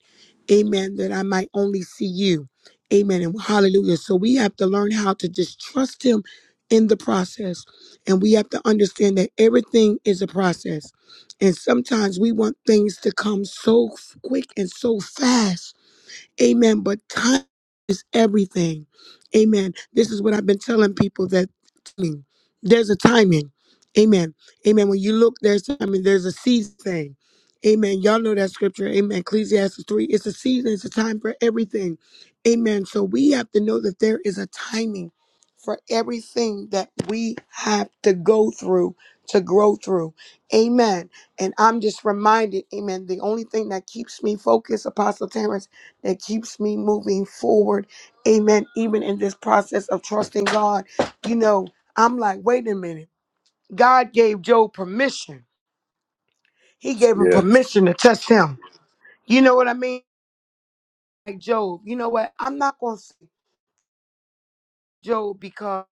[SPEAKER 4] Amen. That I might only see you. Amen. And hallelujah. So we have to learn how to just trust him in the process. And we have to understand that everything is a process. And sometimes we want things to come so quick and so fast Amen. But time is everything. Amen. This is what I've been telling people that timing. there's a timing. Amen. Amen. When you look, there's timing. there's a season thing. Amen. Y'all know that scripture. Amen. Ecclesiastes 3. It's a season, it's a time for everything. Amen. So we have to know that there is a timing for everything that we have to go through to grow through. Amen. And I'm just reminded, amen, the only thing that keeps me focused, Apostle Tamara that keeps me moving forward. Amen. Even in this process of trusting God, you know, I'm like, wait a minute. God gave Job permission. He gave him
[SPEAKER 1] yes.
[SPEAKER 4] permission to test him. You know what I mean? Like Job, you know what? I'm not gonna say Job because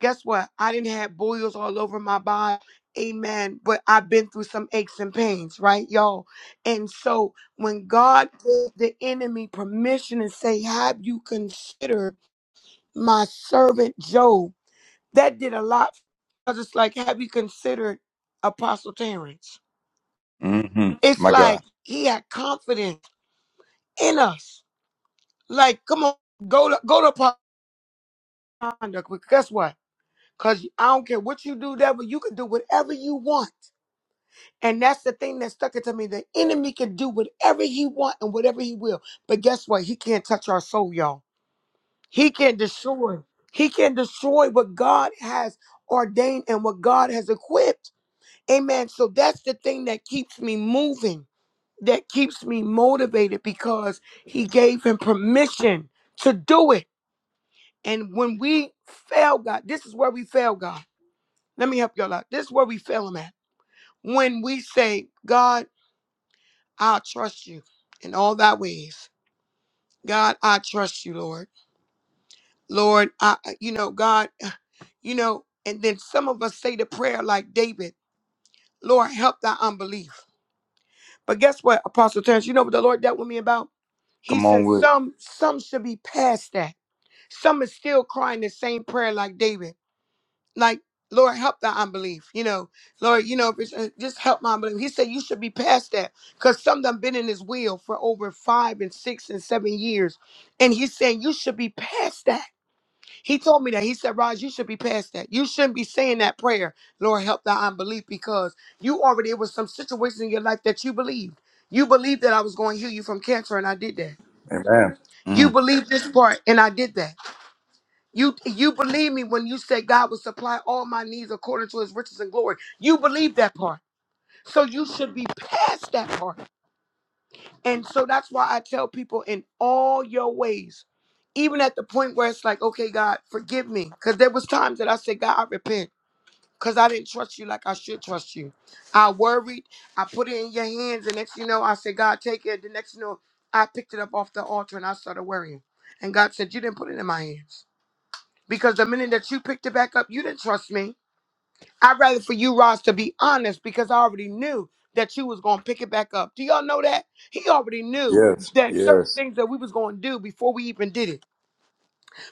[SPEAKER 4] guess what? I didn't have boils all over my body. Amen. But I've been through some aches and pains, right, y'all? And so when God gave the enemy permission and say, Have you considered? my servant Job. That did a lot. Because it's like, have you considered Apostle Terrence?
[SPEAKER 1] hmm
[SPEAKER 4] It's
[SPEAKER 1] My God.
[SPEAKER 4] like he had confidence in us. Like, come on, go to go to Apostle Conduct. But guess what? Because I don't care what you do, devil, you can do whatever you want. And that's the thing that stuck it to me. The enemy can do whatever he want and whatever he will. But guess what? He can't touch our soul, y'all. He can destroy. He can destroy what God has ordained and what God has equipped. Amen. So that's the thing that keeps me moving, that keeps me motivated because he gave him permission to do it. And when we fail God, this is where we fail God. Let me help y'all out. This is where we fail him at. When we say, God, I trust you in all thy ways. God, I trust you, Lord. Lord, I, you know, God, [sighs] you know, and then some of us say the prayer like David, Lord, help thy unbelief. But guess what, Apostle Terrence? You know what the Lord dealt with me about? He
[SPEAKER 1] Come on
[SPEAKER 4] said
[SPEAKER 1] with it.
[SPEAKER 4] some some should be past that. Some is still crying the same prayer like David. Like, Lord, help the unbelief. You know, Lord, you know, if it's, uh, just help my unbelief. He said you should be past that because some done been in his will for over five and six and seven years. And he's saying you should be past that. He told me that. He said, Raj, you should be past that. You shouldn't be saying that prayer, Lord, help thy unbelief, because you already, it was some situations in your life that you believed. You believed that I was going to heal you from cancer, and I did that.
[SPEAKER 1] Amen.
[SPEAKER 4] You
[SPEAKER 1] Mm,
[SPEAKER 4] believed this part, and I did that. You you believe me when you said God will supply all my needs according to his riches and glory. You believe that part. So you should be past that part. And so that's why I tell people in all your ways, even at the point where it's like, okay, God, forgive me. Because there was times that I said, God, I repent. because I didn't trust you like I should trust you. I worried. I put it in your hands, and next you know, I said, God, take it. The next you know, I picked it up off the altar and I started worrying. And God said, You didn't put it in my hands. Because the minute that you picked it back up, you didn't trust me. I'd rather for you, Ross, to be honest, because I already knew that you was gonna pick it back up. Do y'all know that? He already knew
[SPEAKER 1] yes,
[SPEAKER 4] that certain
[SPEAKER 1] yes.
[SPEAKER 4] things that we was gonna do before we even did it.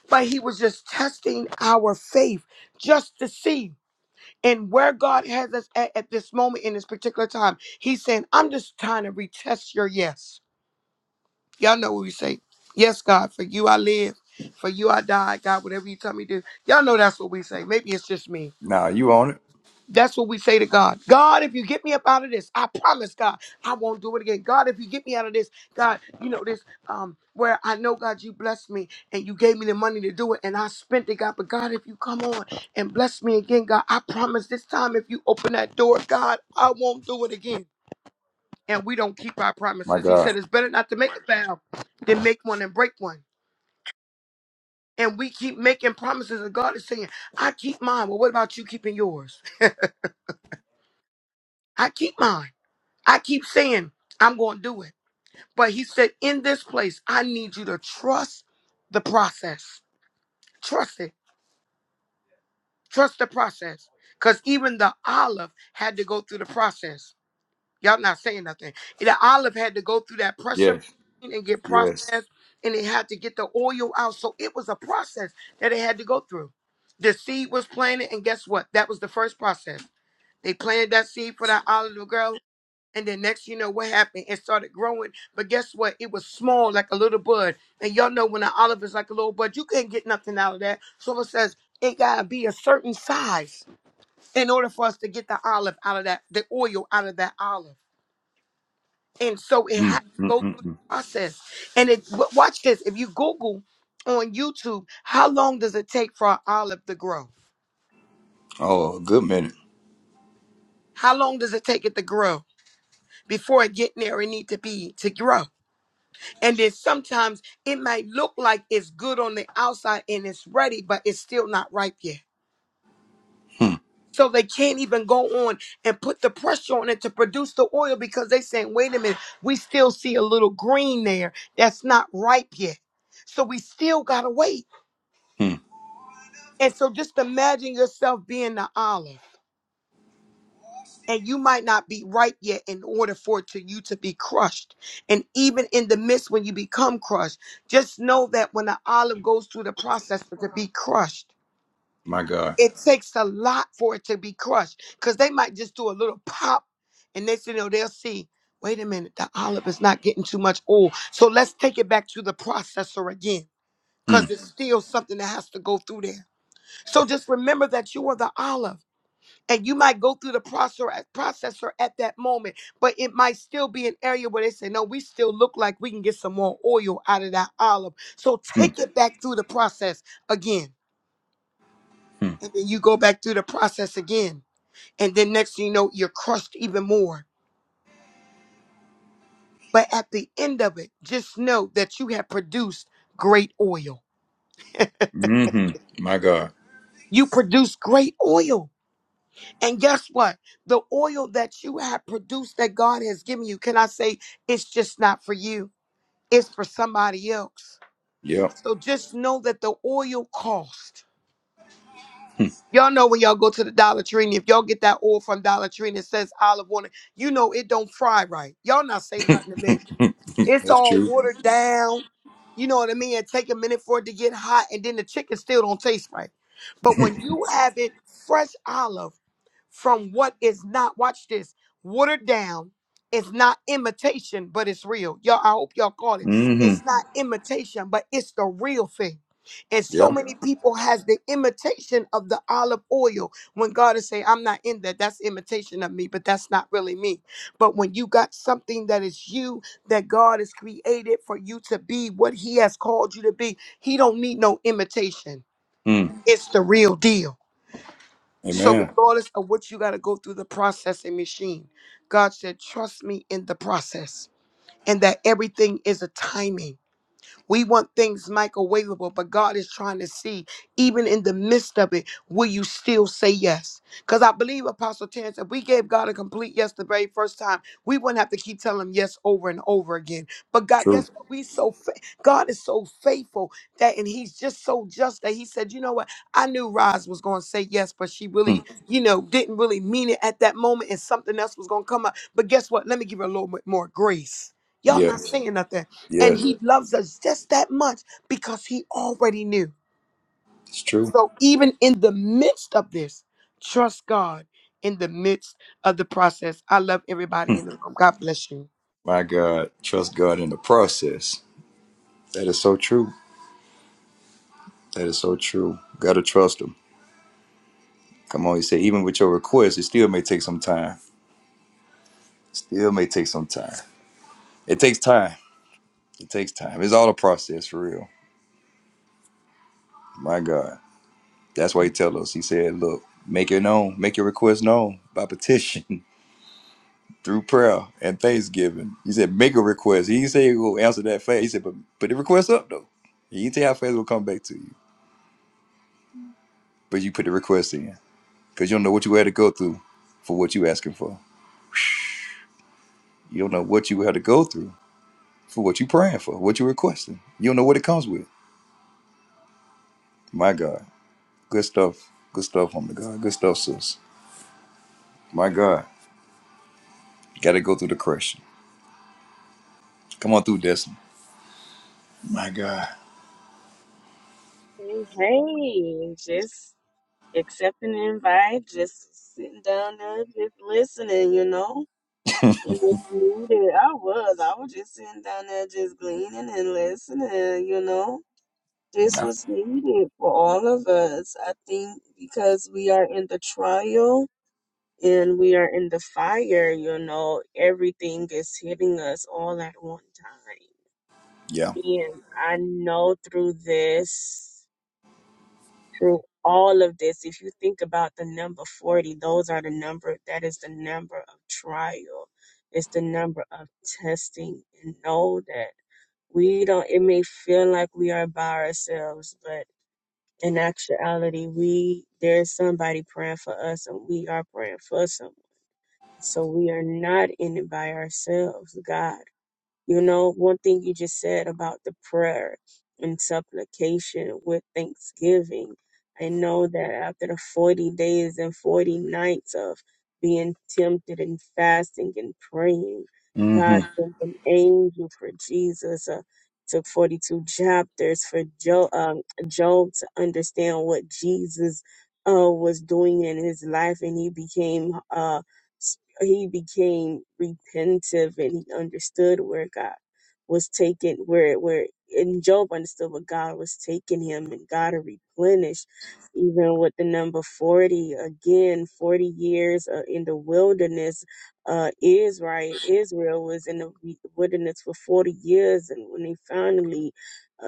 [SPEAKER 4] But he was just testing our faith just to see and where God has us at, at this moment in this particular time. He's saying, I'm just trying to retest your yes. Y'all know what we say. Yes, God, for you I live, for you I die, God, whatever you tell me to do. Y'all know that's what we say. Maybe it's just me.
[SPEAKER 1] Nah, you on it.
[SPEAKER 4] That's what we say to God. God, if you get me up out of this, I promise God, I won't do it again. God, if you get me out of this, God, you know this, um, where I know God, you blessed me and you gave me the money to do it, and I spent it, God. But God, if you come on and bless me again, God, I promise this time if you open that door, God, I won't do it again. And we don't keep our
[SPEAKER 1] My
[SPEAKER 4] promises. He
[SPEAKER 1] God.
[SPEAKER 4] said it's better not to make a vow than make one and break one. And we keep making promises, and God is saying, I keep mine. Well, what about you keeping yours? I keep mine. I keep saying I'm going to do it. But he said, in this place, I need you to trust the process. Trust it. Trust the process. Because even the olive had to go through the process. Y'all not saying nothing. The olive had to go through that pressure
[SPEAKER 1] Yes,
[SPEAKER 4] machine and get
[SPEAKER 1] yes.
[SPEAKER 4] processed, and it had to get the oil out. So it was a process that it had to go through. The seed was planted, and guess what? That was the first process. They planted that seed for that olive to grow. And then next, you know what happened? It started growing, but guess what? It was small, like a little bud. And y'all know when an olive is like a little bud, you can't get nothing out of that. So it says it gotta be a certain size in order for us to get the olive out of that, the oil out of that olive. And so it had
[SPEAKER 1] Mm,
[SPEAKER 4] to
[SPEAKER 1] mm,
[SPEAKER 4] go through
[SPEAKER 1] mm,
[SPEAKER 4] the
[SPEAKER 1] mm.
[SPEAKER 4] process. And it w- watch this. If you Google on YouTube, how long does it take for an olive to grow?
[SPEAKER 1] Oh, a good minute.
[SPEAKER 4] How long does it take it to grow before it get there and need to be to grow? And then sometimes it might look like it's good on the outside and it's ready, but it's still not ripe yet.
[SPEAKER 1] Hmm,
[SPEAKER 4] So they can't even go on and put the pressure on it to produce the oil because they saying, wait a minute, we still see a little green there that's not ripe yet. So we still gotta wait.
[SPEAKER 1] hmm.
[SPEAKER 4] And so just imagine yourself being the olive. and you might not be ripe yet in order for it to you to be crushed and even in the midst when you become crushed just know that when the olive goes through the process to be crushed
[SPEAKER 1] My God.
[SPEAKER 4] it takes a lot for it to be crushed because they might just do a little pop and next thing you know they'll see wait a minute the olive is not getting too much oil so let's take it back to the processor again
[SPEAKER 1] Hmm,
[SPEAKER 4] because it's still something that has to go through there so just remember that you are the olive and you might go through the process processor at that moment, but it might still be an area where they say, "No, we still look like we can get some more oil out of that olive." So
[SPEAKER 1] hmm,
[SPEAKER 4] take it back through the process again,
[SPEAKER 1] hmm.
[SPEAKER 4] and then you go back through the process again, and then next thing you know, you're crushed even more. But at the end of it, just know that you have produced great oil.
[SPEAKER 1] hmm My God.
[SPEAKER 4] You produce great oil. And guess what? The oil that you have produced that God has given you, can I say it's just not for you? It's for somebody else.
[SPEAKER 1] Yep.
[SPEAKER 4] So just know that the oil cost.
[SPEAKER 1] [laughs] That's
[SPEAKER 4] Y'all know when y'all go to the Dollar Tree, and if y'all get that oil from Dollar Tree and it says olive oil, you know it don't fry right. Y'all not saying nothing to me. It's all
[SPEAKER 1] true.
[SPEAKER 4] watered down. You know what I mean? It take a minute for it to get hot, and then the chicken still don't taste right. But when you have it fresh olive, from what is not, watch this, watered down. It's not imitation, but it's real. Y'all, I hope y'all caught it.
[SPEAKER 1] Mm-hmm.
[SPEAKER 4] It's not imitation, but it's the real thing. And so
[SPEAKER 1] Yep.
[SPEAKER 4] many people has the imitation of the olive oil when God is saying, I'm not in that. That's imitation of me, but that's not really me. But when you got something that is you, that God has created for you to be what he has called you to be, he don't need no imitation.
[SPEAKER 1] hmm Yeah. Mm.
[SPEAKER 4] It's the real deal. So,
[SPEAKER 1] Amen.
[SPEAKER 4] regardless of what you got to go through the processing machine, God said, Trust me in the process, and that everything is a timing. We want things microwavable, but God is trying to see, even in the midst of it, will you still say yes? Because I believe, Apostle Terrence, if we gave God a complete yes the very first time, we wouldn't have to keep telling him yes over and over again. But God,
[SPEAKER 1] True.
[SPEAKER 4] guess what? We so fa- God is so faithful that, and He's just so just that He said, you know what? I knew Roz was going to say yes, but she
[SPEAKER 1] Mm.
[SPEAKER 4] really, you know, didn't really mean it at that moment, and something else was going to come up. But guess what? Let me give her a little bit more grace. Y'all not
[SPEAKER 1] Yes.
[SPEAKER 4] saying nothing. And
[SPEAKER 1] Yes.
[SPEAKER 4] he loves us just that much because he already knew.
[SPEAKER 1] It's true.
[SPEAKER 4] So even in the midst of this, trust God in the midst of the process. I love
[SPEAKER 1] Hmm.
[SPEAKER 4] everybody in the room. God bless you.
[SPEAKER 1] My God, trust God in the process. That is so true. That is so true. Gotta trust Him. Come on, He said, even with your request, it still may take some time. Still may take some time. It takes time. It takes time. It's all a process for real. My God. That's why He tell us. He said, look, make it known, make your request known by petition. [laughs] Through prayer and thanksgiving, he said, "Make a request." He didn't say he will answer that fast. He said, "But put the request up though." He didn't tell you how fast it will come back to you, but you put the request in. because you don't know what you had to go through for what you asking for. You don't know what you had to go through for what you praying for, what you requesting. You don't know what it comes with. My God, good stuff, good stuff, homie to God, good stuff, sis. My God, got to go through the crush. Come on through, Destiny. My God,
[SPEAKER 5] Hey, hey, just accepting the invite, just sitting down there, just listening, you know. And if needed, I was, I was just sitting down there, just gleaning and listening, you know. This was needed for all of us, I think, because we are in the trial and we are in the fire, you know. Everything is hitting us all at one time.
[SPEAKER 1] yeah.
[SPEAKER 5] And I know through this. through all of this, if you think about the number 40, those are the number that is the number of trial, it's the number of testing. And know that we don't, it may feel like we are by ourselves, but in actuality, we there's somebody praying for us, and we are praying for someone. So we are not in it by ourselves. God you know, one thing you just said about the prayer and supplication with thanksgiving. I know that after the 40 days and 40 nights of being tempted and fasting and praying,
[SPEAKER 1] Mm-hmm.
[SPEAKER 5] God sent an angel for Jesus. Uh, took 42 chapters for Job, um, Job to understand what Jesus uh, was doing in his life, and he became uh, he became repentive and he understood where God was taking where where and Job understood what God was taking him and God replenished even with the number 40 again 40 years uh, in the wilderness uh Israel Israel was in the wi- wilderness for 40 years and when they finally uh,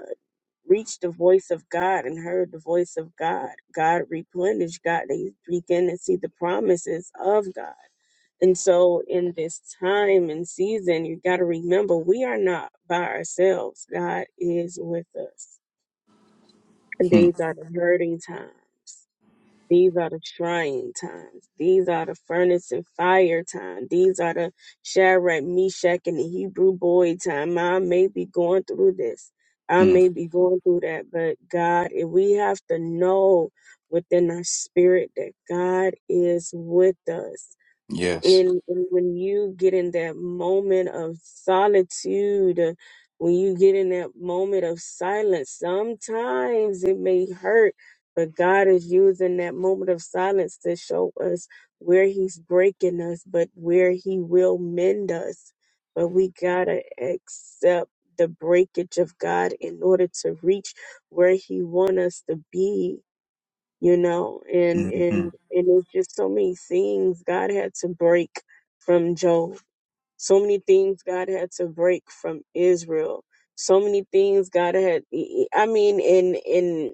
[SPEAKER 5] reached the voice of God and heard the voice of God God replenished God they began to see the promises of God and so, in this time and season, you got to remember we are not by ourselves. God is with us. And
[SPEAKER 1] Mm
[SPEAKER 5] these are the hurting times. These are the trying times. These are the furnace and fire time. These are the Shadrach, Meshach, and the Hebrew boy time. I may be going through this. I
[SPEAKER 1] Hmm.
[SPEAKER 5] may be going through that. But God, if we have to know within our spirit that God is with us
[SPEAKER 1] Yes.
[SPEAKER 5] and, and when you get in that moment of solitude uh, when you get in that moment of silence sometimes it may hurt but god is using that moment of silence to show us where he's breaking us but where he will mend us but we gotta accept the breakage of god in order to reach where he want us to be you know and
[SPEAKER 1] Mm-hmm.
[SPEAKER 5] and and it's just so many things god had to break from job so many things god had to break from israel so many things god had e, e, i mean in in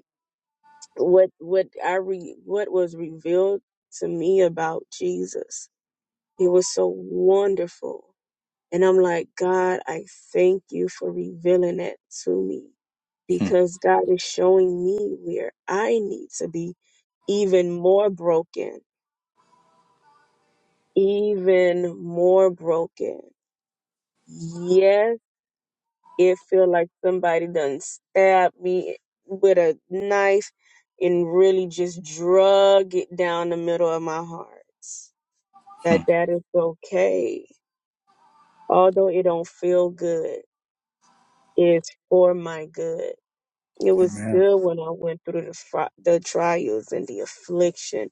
[SPEAKER 5] what what i re, what was revealed to me about jesus it was so wonderful and I'm like, God, I thank you for revealing it to me
[SPEAKER 1] Mm
[SPEAKER 5] because God is showing me where I need to be even more broken, even more broken. Yes, it feel like somebody done stabbed me with a knife and really just drug it down the middle of my heart.
[SPEAKER 1] Hmm.
[SPEAKER 5] But that is okay. Although it don't feel good, it's for my good It was
[SPEAKER 1] Amen.
[SPEAKER 5] good when I went through the, fri- the trials and the affliction.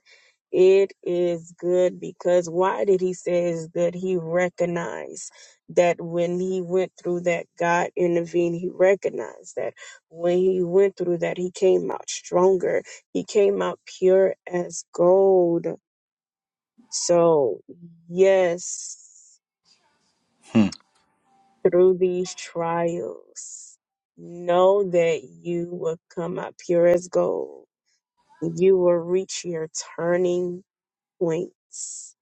[SPEAKER 5] It is good because why did he say it's good? He recognized that when he went through that, God intervened. He recognized that when he went through that, he came out stronger. He came out pure as gold. So, yes,
[SPEAKER 1] Hmm.
[SPEAKER 5] through these trials, know that you will come out pure as gold You will reach your turning points.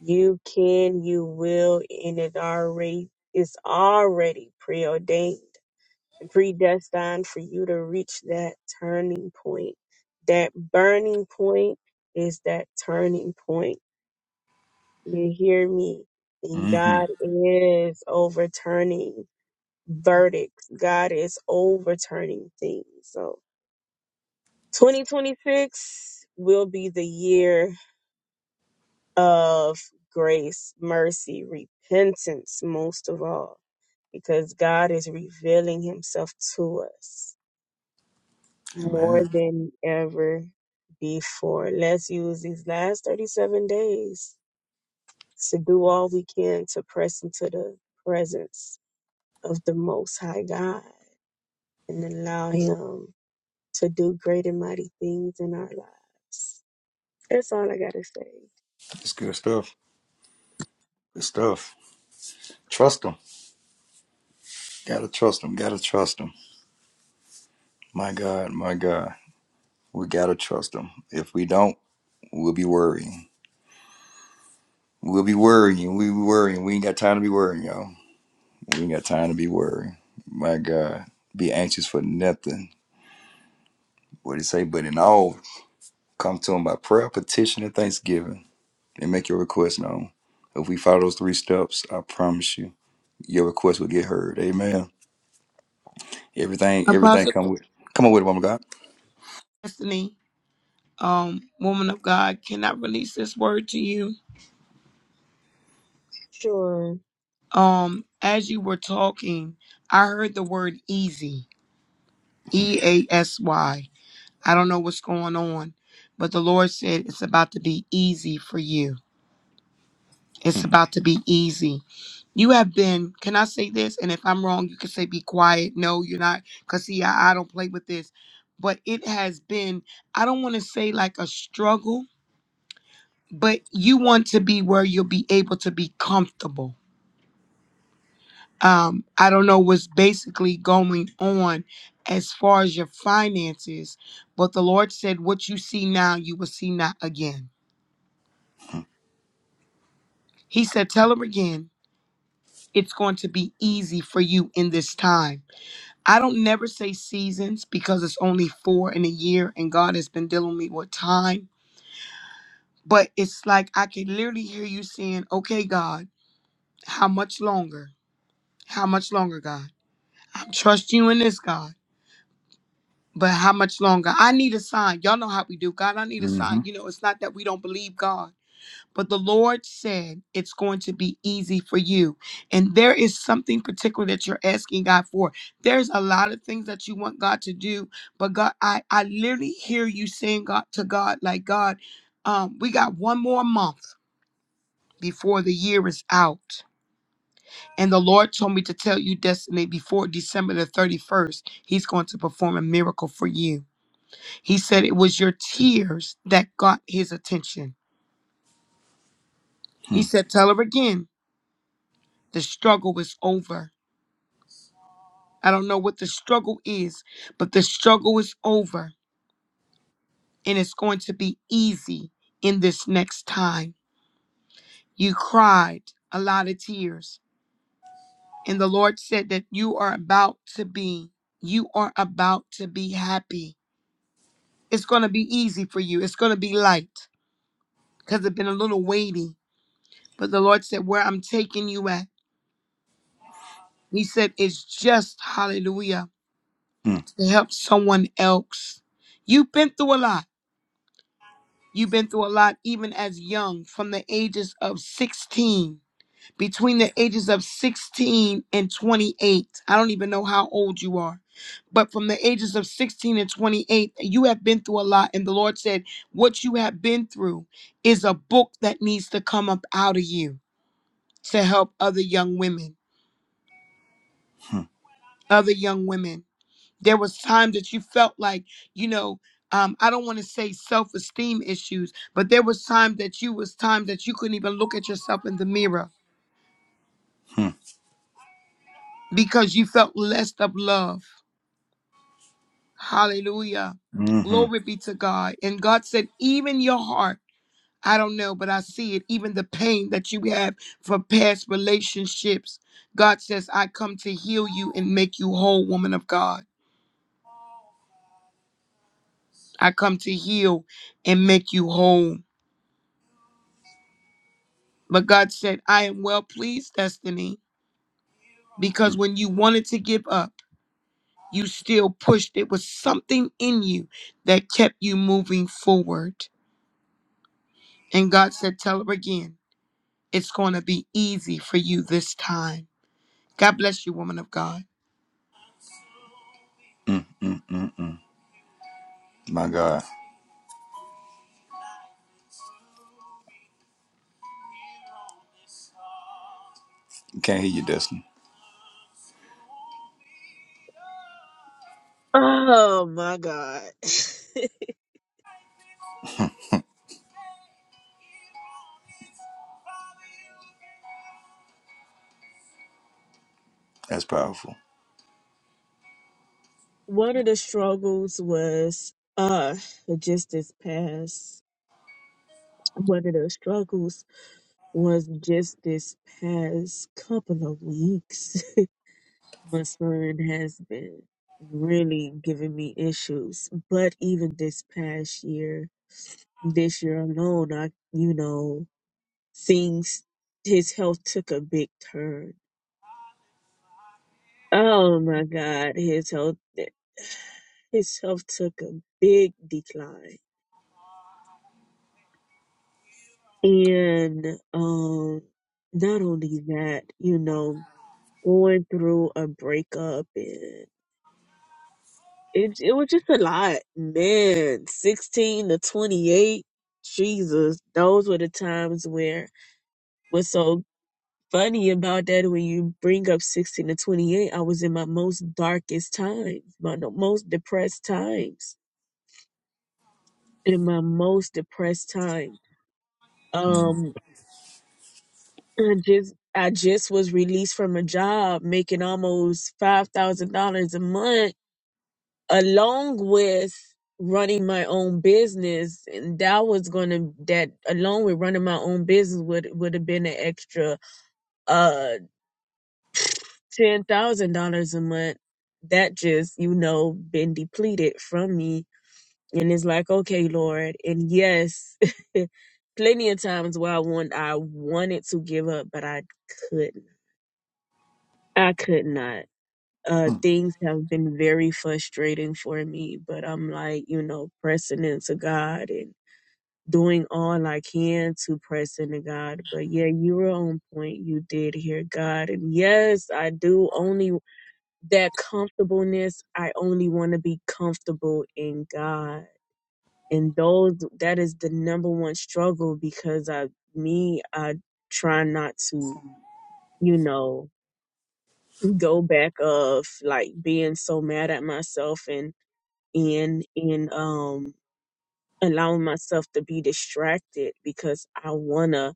[SPEAKER 5] You can, you will, and it already is already preordained and predestined for you to reach that turning point. That burning point is that turning point. You hear me? And
[SPEAKER 1] Mm-hmm.
[SPEAKER 5] God is overturning verdicts. God is overturning things. So 2026 will be the year of grace, mercy, repentance, most of all, because God is revealing himself to us more
[SPEAKER 1] Amen.
[SPEAKER 5] than ever before. Let's use these last 37 days to do all we can to press into the presence of the Most High God and allow Him to do great and mighty things in our lives. That's all I got to say.
[SPEAKER 1] It's good stuff. Good stuff. Trust them. Gotta trust them. Gotta trust them. My God. My God. We gotta trust him. If we don't, we'll be worrying. We'll be worrying. We be worrying. We ain't got time to be worrying, y'all. We ain't got time to be worrying. My God, be anxious for nothing. What did he say? But in all, come to him by prayer, petition, and thanksgiving, and make your request known. If we follow those three steps, I promise you, your request will get heard. Amen. Everything, everything
[SPEAKER 4] Apostle
[SPEAKER 1] come with. Come on with it, woman of God.
[SPEAKER 4] Destiny, um, woman of God, can I release this word to you?
[SPEAKER 5] Sure.
[SPEAKER 4] Um, as you were talking, I heard the word easy, E A S Y. I don't know what's going on, but the Lord said it's about to be easy for you. It's about to be easy. You have been, can I say this? And if I'm wrong, you can say be quiet. No, you're not. Because, see, I, I don't play with this. But it has been, I don't want to say like a struggle, but you want to be where you'll be able to be comfortable. Um, I don't know what's basically going on as far as your finances, but the Lord said, What you see now, you will see not again. He said, Tell her again, it's going to be easy for you in this time I don't never say seasons because it's only four in a year and God has been dealing with me with time. But it's like I can literally hear you saying, Okay, God, how much longer? How much longer, God? I trust you in this, God. But how much longer? I need a sign. Y'all know how we do. God, I need a
[SPEAKER 1] Mm-hmm.
[SPEAKER 4] sign. You know, it's not that we don't believe God. But the Lord said it's going to be easy for you. And there is something particular that you're asking God for. There's a lot of things that you want God to do, but God, I, I literally hear you saying God to God, like God, um, we got one more month before the year is out. And the Lord told me to tell you, Destiny, before December the 31st, He's going to perform a miracle for you. He said it was your tears that got His attention. He said, Tell her again, the struggle is over I don't know what the struggle is, but the struggle is over and it's going to be easy in this next time. You cried a lot of tears, and the Lord said that you are about to be, you are about to be happy. It's going to be easy for you. It's going to be light because it's been a little weighty. But the Lord said, Where I'm taking you at, He said, It's just hallelujah
[SPEAKER 1] Mm-hmm.
[SPEAKER 4] to help someone else. You've been through a lot. You've been through a lot even as young, from the ages of 16, between the ages of 16 and 28. I don't even know how old you are, but from the ages of 16 and 28, you have been through a lot. And the Lord said, What you have been through is a book that needs to come up out of you to help other young women,
[SPEAKER 1] Mm-hmm.
[SPEAKER 4] other young women. there was time that you felt like you know um, i don't want to say self-esteem issues but there was time that you was time that you couldn't even look at yourself in the mirror because you felt less of love hallelujah
[SPEAKER 1] Mm-hmm.
[SPEAKER 4] glory be to god and god said even your heart i don't know but i see it even the pain that you have for past relationships god says i come to heal you and make you whole woman of god i come to heal and make you whole But God said, I am well pleased, Destiny, because when you wanted to give up, you still pushed. It was something in you that kept you moving forward. And God said, Tell her again, it's going to be easy for you this time. God bless you, woman of God.
[SPEAKER 1] Mm-hmm. Mm-hmm. My God. Can't hear you, Destiny.
[SPEAKER 5] Oh my God. [laughs]
[SPEAKER 1] That's powerful.
[SPEAKER 5] one of the struggles was uh just this past one of the struggles was just this past couple of weeks [laughs] my son has been really giving me issues but even this past year this year alone i you know things his health took a big turn oh my god his health [sighs] his health took a big decline And um, not only that, you know, going through a breakup and it it was just a lot, man. Sixteen to twenty eight, Jesus, those were the times where what's so funny about that when you bring up sixteen to twenty eight, I was in my most darkest times, my the most depressed times, in my most depressed time.
[SPEAKER 1] Mm.
[SPEAKER 5] Um, I just I just was released from a job making almost five thousand dollars a month, along with running my own business, and that was gonna that along with running my own business would would have been an extra uh ten thousand dollars a month. That just you know been depleted from me, and it's like okay, Lord, and yes. [laughs] plenty of times where I want I wanted to give up, but I couldn't. I could not uh
[SPEAKER 1] mm,
[SPEAKER 5] things have been very frustrating for me but i'm like you know pressing into god and doing all i can to press into god but yeah you were on point you did hear god and yes i do only that comfortableness i only want to be comfortable in god and those that is the number one struggle because i me i try not to you know go back of like being so mad at myself and And and um allowing myself to be distracted because I wanna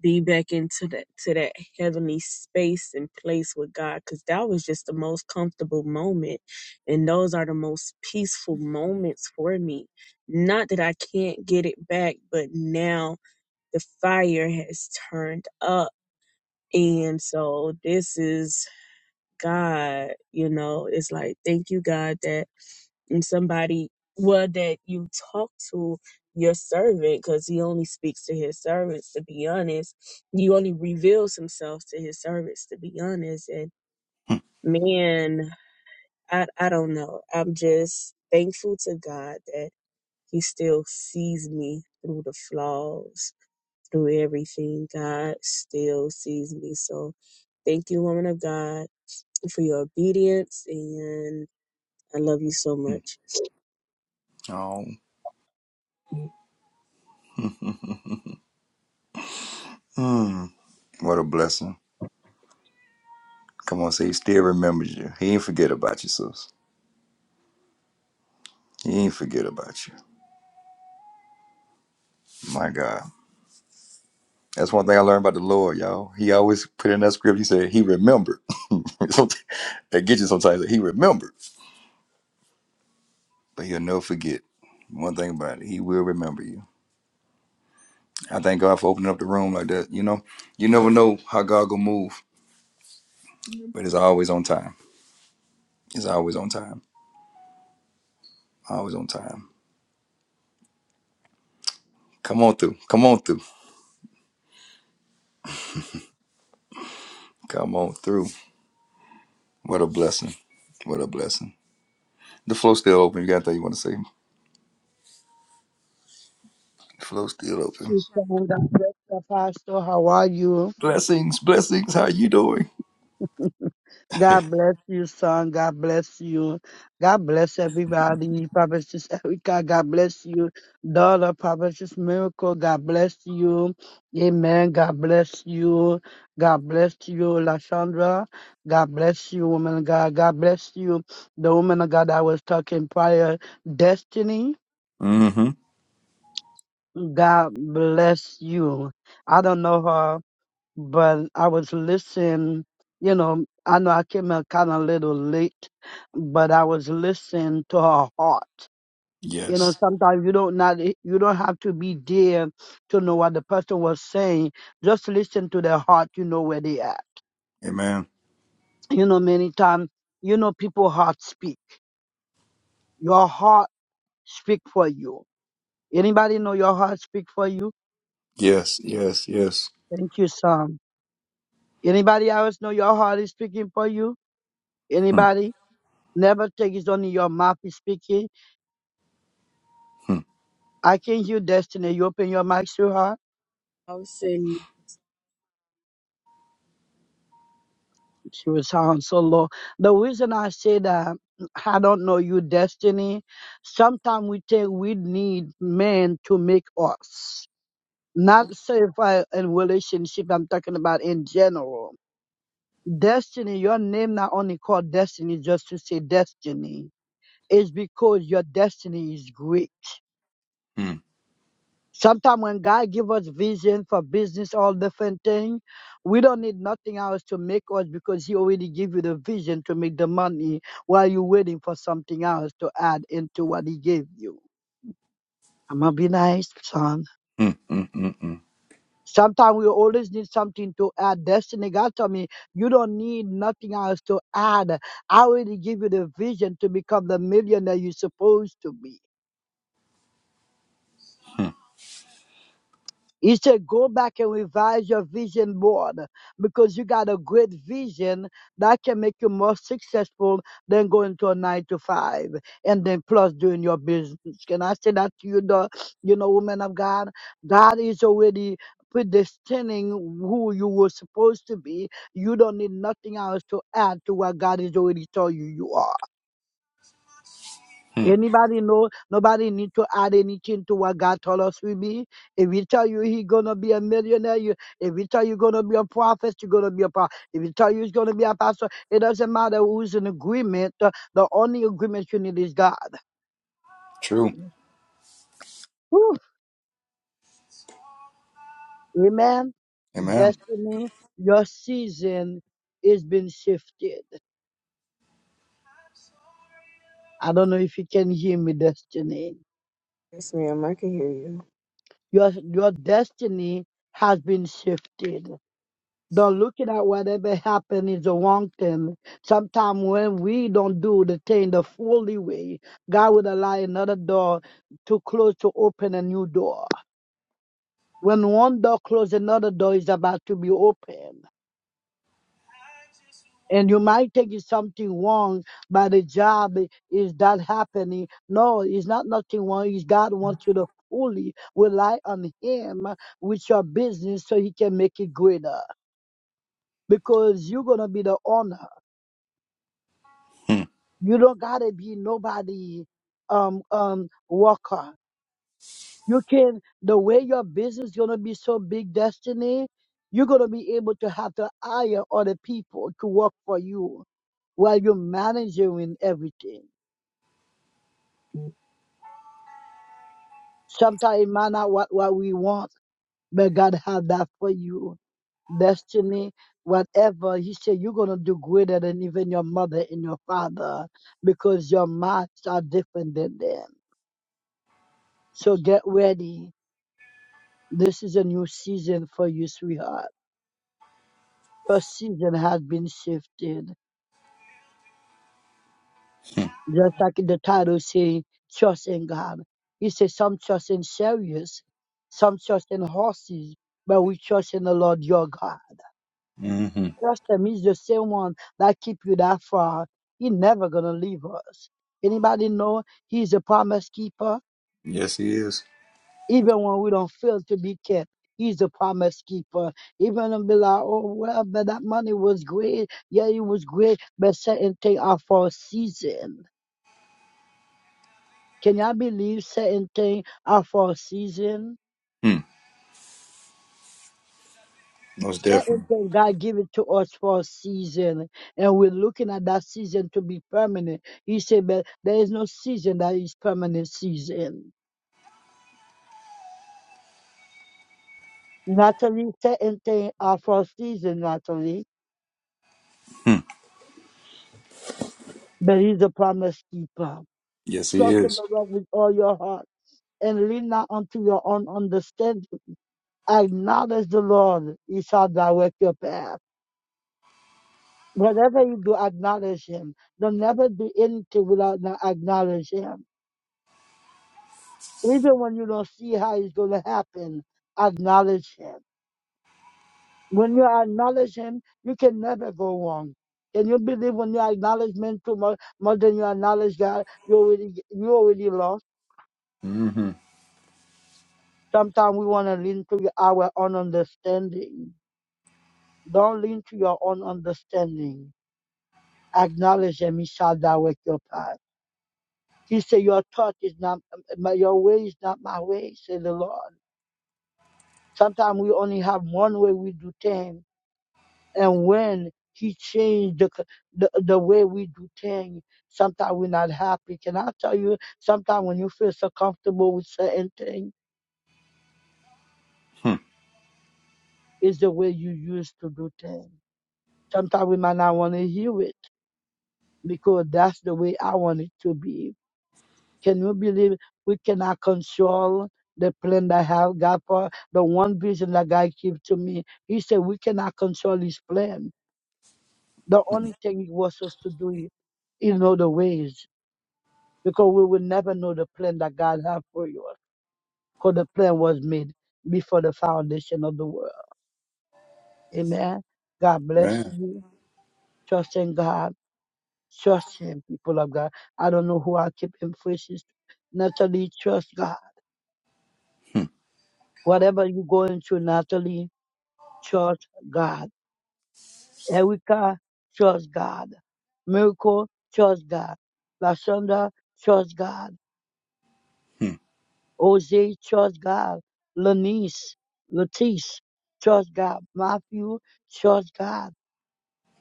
[SPEAKER 5] be back into that to that heavenly space and place with God because that was just the most comfortable moment and those are the most peaceful moments for me. Not that I can't get it back, but now the fire has turned up and so this is God, you know, it's like, thank you, God, that and somebody well that you talk to your servant because he only speaks to his servants to be honest he only reveals himself to his servants to be honest and
[SPEAKER 1] mm,
[SPEAKER 5] man i i don't know i'm just thankful to god that he still sees me through the flaws through everything god still sees me so thank you woman of god you for your obedience, and I love you so
[SPEAKER 1] mm.
[SPEAKER 5] much.
[SPEAKER 1] Oh, mm. what a blessing. Come on, say he still remembers you. He ain't forget about you, sis. He ain't forget about you. My God. That's one thing I learned about the Lord, y'all. He always put in that script, he said, he remembered. [laughs] So, that gets you sometimes. that He remembered, but he'll never forget. One thing about it, he will remember you. I thank God for opening up the room like that. You know, you never know how God gonna move, but it's always on time. It's always on time. Always on time. Come on through. Come on through. Come on through. What a blessing. What a blessing. The floor's still open. You got anything you want to say? The floor's still open.
[SPEAKER 6] Son, God bless the pastor. How are you?
[SPEAKER 1] Blessings. Blessings. How you doing?
[SPEAKER 6] God bless you, son. God bless you. God bless everybody. Papa Sis Erica, God bless you. Daughter, Papa Sis Miracle, God bless you. Amen. God bless you. God bless you, Lashandra. God bless you, woman of God. God bless you, the woman of God I was talking prior. Destiny,
[SPEAKER 1] Mm-hmm.
[SPEAKER 6] God bless you. I don't know her. but I was listening. You know, I know I came in kind of a little late, but I was listening to her heart. You know,
[SPEAKER 1] Yes.
[SPEAKER 6] sometimes you don't not you don't have to be there to know what the person was saying. Just listen to their heart. You know where they at.
[SPEAKER 1] Amen.
[SPEAKER 6] You know, many times you know people heart speak. Your heart speak for you. Anybody know your heart speak for you?
[SPEAKER 1] Yes. Yes. Yes.
[SPEAKER 6] Thank you, Sam. Anybody else know your heart is speaking for you? Anybody? Never take it only your mouth is speaking.
[SPEAKER 1] Hmm,
[SPEAKER 6] I can hear destiny. You open your mouth, to her.
[SPEAKER 5] I was saying,
[SPEAKER 6] She will sound so low. The reason I say that I don't know you destiny. Sometimes we think we need men to make us. Not say if I in relationship I'm talking about in general. Destiny, your name not only called destiny just to say destiny. It's because your destiny is great
[SPEAKER 1] hmm, hmm,
[SPEAKER 6] Sometimes when God give us vision for business or different thing, we don't need nothing else to make us because He already give you the vision to make the money while you're waiting for something else to add into what He gave you. I'm gonna be nice, son.
[SPEAKER 1] hmm, hmm, hmm, hmm,
[SPEAKER 6] Sometimes we always need something to add. Destiny God told me, you don't need nothing else to add. I already give you the vision to become the millionaire you're supposed to be.
[SPEAKER 1] hmm,
[SPEAKER 6] He said, go back and revise your vision board because you got a great vision that can make you more successful than going to a nine to five and then plus doing your business. Can I say that to you, the, you know, woman of God? God is already predestining who you were supposed to be. You don't need nothing else to add to what God has already told you you are.
[SPEAKER 1] hmm.
[SPEAKER 6] Anybody know? Nobody need to add anything to what God told us we be. If He tell you He gonna be a millionaire, you, if He tell you gonna be a prophet, you're gonna be a prophet. If He tell you it's gonna be a pastor, it doesn't matter who's in agreement. The, the only agreement you need is God.
[SPEAKER 1] True.
[SPEAKER 6] Whew. Amen.
[SPEAKER 1] Amen.
[SPEAKER 6] Destiny, your season is being shifted. I don't know if you can hear me, Destiny.
[SPEAKER 5] yes, ma'am, I can hear you.
[SPEAKER 6] Your your destiny has been shifted. Don't look at whatever happened is a wrong thing. Sometimes when we don't do the thing the fully way, God will allow another door to close to open a new door. When one door closes, another door is about to be open. And you might think it's something wrong, but the job is that happening. No, it's not nothing wrong. It's God wants you to fully rely on Him with your business so He can make it greater. Because you're gonna be the owner.
[SPEAKER 1] Hmm,
[SPEAKER 6] You don't gotta be nobody um um worker. You can the way your business gonna be so big destiny, you're gonna be able to have to hire other people to work for you while you're managing everything. Sometimes it might not what, what we want, but God have that for you. Destiny, whatever. He said you're gonna do greater than even your mother and your father because your minds are different than them. So get ready This is a new season for you, sweetheart. Your season has been shifted. Just like the title say, trust in God. He says some trust in chariots, some trust in horses, but we trust in the Lord your God.
[SPEAKER 1] hmm, hmm.
[SPEAKER 6] Trust him. He's the same one that keep you that far. He never gonna leave us. Anybody know he's a promise keeper?
[SPEAKER 1] Yes, he is.
[SPEAKER 6] even when we don't feel to be kept. He's a promise keeper. Even and be like, oh well, but that money was great. Yeah, it was great, but certain things are for a season. Can y'all believe certain things are for a season?
[SPEAKER 1] Hmm. Most
[SPEAKER 6] Certain
[SPEAKER 1] definitely.
[SPEAKER 6] things God give it to us for a season, and we're looking at that season to be permanent. He said, but there is no season that is permanent season. Natalie, certain things are for a season, Natalie,
[SPEAKER 1] Hmm.
[SPEAKER 6] but he's a promise keeper.
[SPEAKER 1] Yes, he
[SPEAKER 6] Trust in
[SPEAKER 1] is.
[SPEAKER 6] the Lord with all your heart and lean not unto your own understanding. Acknowledge the Lord, He shall direct your path. Whatever you do, acknowledge Him. Don't never do anything without not acknowledge Him. Even when you don't see how it's going to happen, acknowledge Him. When you acknowledge Him, you can never go wrong. Can you believe when you acknowledge men too much, more than you acknowledge God, you already you already lost.
[SPEAKER 1] Mm-hmm.
[SPEAKER 6] Sometimes we want to lean to our own understanding Don't lean to your own understanding. Acknowledge him. He shall direct your path. He said, Your thought is not, my- your way is not my way, said the Lord. Sometimes we only have one way we do things. And when he changed the, c- the, the way we do things, sometimes we're not happy. Can I tell you, sometimes when you feel so comfortable with certain things,
[SPEAKER 1] Hmm.
[SPEAKER 6] it's the way you used to do things. Sometimes we might not want to hear it because that's the way I want it to be Can you believe we cannot control the plan that have God for the one vision that God gave to me? He said we cannot control His plan. The only thing He wants us to do is in other ways because we will never know the plan that God have for you. Because the plan was made before the foundation of the world. Amen. God bless
[SPEAKER 1] Man.
[SPEAKER 6] you. Trust in God. Trust Him, people of God. I don't know who I keep in praises. Natalie, trust God.
[SPEAKER 1] Hmm,
[SPEAKER 6] Whatever you go into, Natalie. Church God. Erica Church God. Miracle Church God. Lashonda Church God.
[SPEAKER 1] hmm,
[SPEAKER 6] Jose Church God. Lanice Latice Church God. Matthew Church God.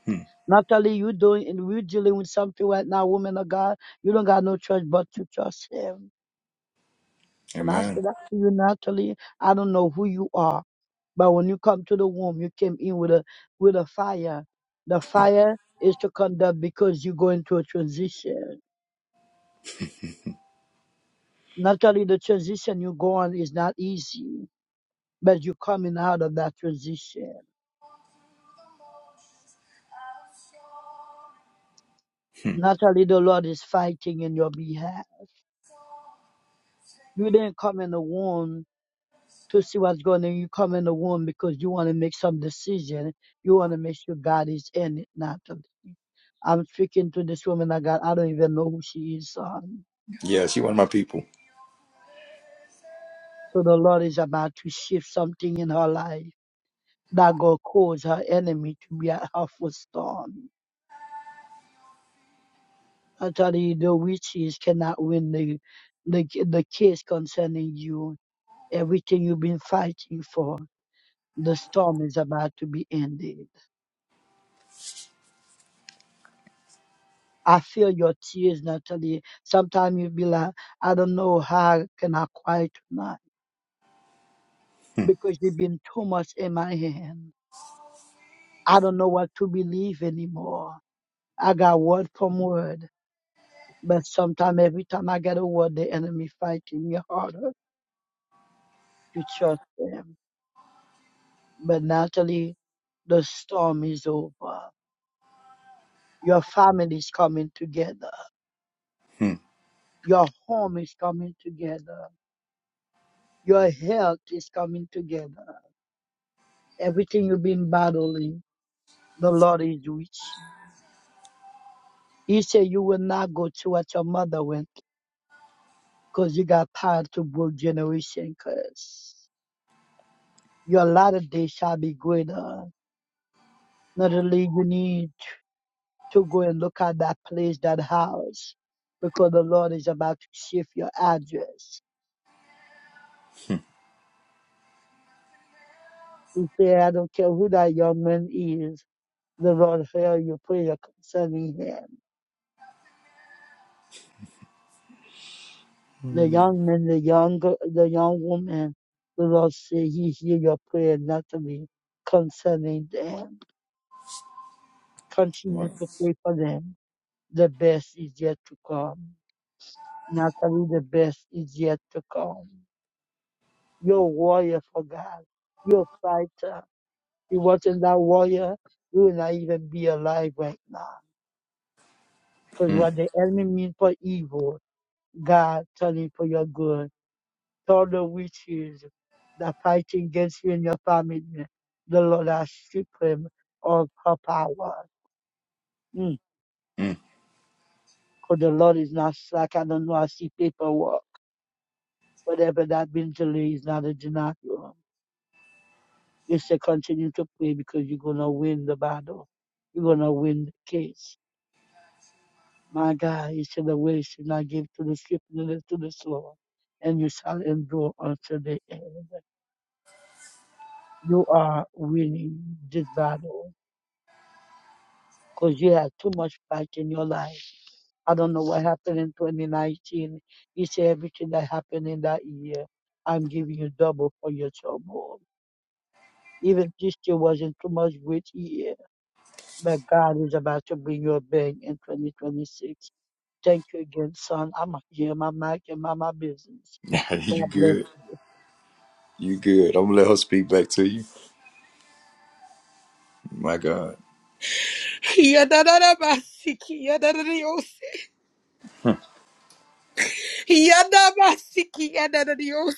[SPEAKER 1] hmm.
[SPEAKER 6] Natalie, you doing and we're dealing with something right now, woman of God. You don't got no church but you trust him. Can I say
[SPEAKER 1] Amen.
[SPEAKER 6] that to you, Natalie? I don't know who you are. But when you come to the womb, you came in with a with a fire. The fire is to come down because you go into a transition. Naturally, the transition you go on is not easy, but you're coming out of that transition.
[SPEAKER 1] Hmm.
[SPEAKER 6] Naturally, the Lord is fighting in your behalf. You didn't come in the womb to see what's going on. You come in the womb because you want to make some decision. You want to make sure God is in it, not to I'm speaking to this woman of God. I don't even know who she is. son.
[SPEAKER 1] Yeah, she one of my people.
[SPEAKER 6] So the Lord is about to shift something in her life that will cause her enemy to be at her footstool. Actually, the witches cannot win the, the, the case concerning you. Everything you've been fighting for, the storm is about to be ended. I feel your tears, Natalie. Sometimes you'll be like, I don't know how can I quiet tonight
[SPEAKER 1] Hmm.
[SPEAKER 6] because there's been too much in my hand. I don't know what to believe anymore. I got word from word. But sometimes, every time I get a word, the enemy fighting me harder to trust them. But Natalie, the storm is over. Your family is coming together.
[SPEAKER 1] Hmm.
[SPEAKER 6] Your home is coming together. Your health is coming together. Everything you've been battling, the Lord is with you. He said you will not go to what your mother went because you got tired to both generation curse. Your latter day shall be greater. Natalie, you need to go and look at that place, that house, because the Lord is about to shift your address. You say, I don't care who that young man is. The Lord hear your prayer concerning him. The young man, the young, gir- the young woman, the Lord say He hear your prayer naturally concerning them. Continue
[SPEAKER 1] Right.
[SPEAKER 6] to pray for them. The best is yet to come. Natalie, the best is yet to come. You're a warrior for God. You're a fighter You wasn't that warrior, you would not even be alive right now. Because
[SPEAKER 1] Hmm.
[SPEAKER 6] what the enemy means for evil, God turned it for your good. To all the witches that fighting against you and your family, the Lord has stripped him of her power. Mm.
[SPEAKER 1] Hmm.
[SPEAKER 6] Because the Lord is not slack. I don't know. I see paperwork. Whatever that been delay is not a denial. You say continue to pray because you're going to win the battle. You're going to win the case My God, you said the way should not give to the swift neither to the slow, and you shall endure unto the end. You are winning this battle because you had too much fight in your life. I don't know what happened in 2019. You said everything that happened in that year, I'm giving you double for your trouble. Even this year wasn't too much great year, but God is about to bring you a bang in 2026. Thank you again, son. I'm here, my mic and my, my business.
[SPEAKER 1] [laughs] you
[SPEAKER 6] God bless.
[SPEAKER 1] good? You good? I'm gonna let her speak back to you. My God.
[SPEAKER 7] Yadadadabasiki, yadadadios. Yadabasiki, yadadadios.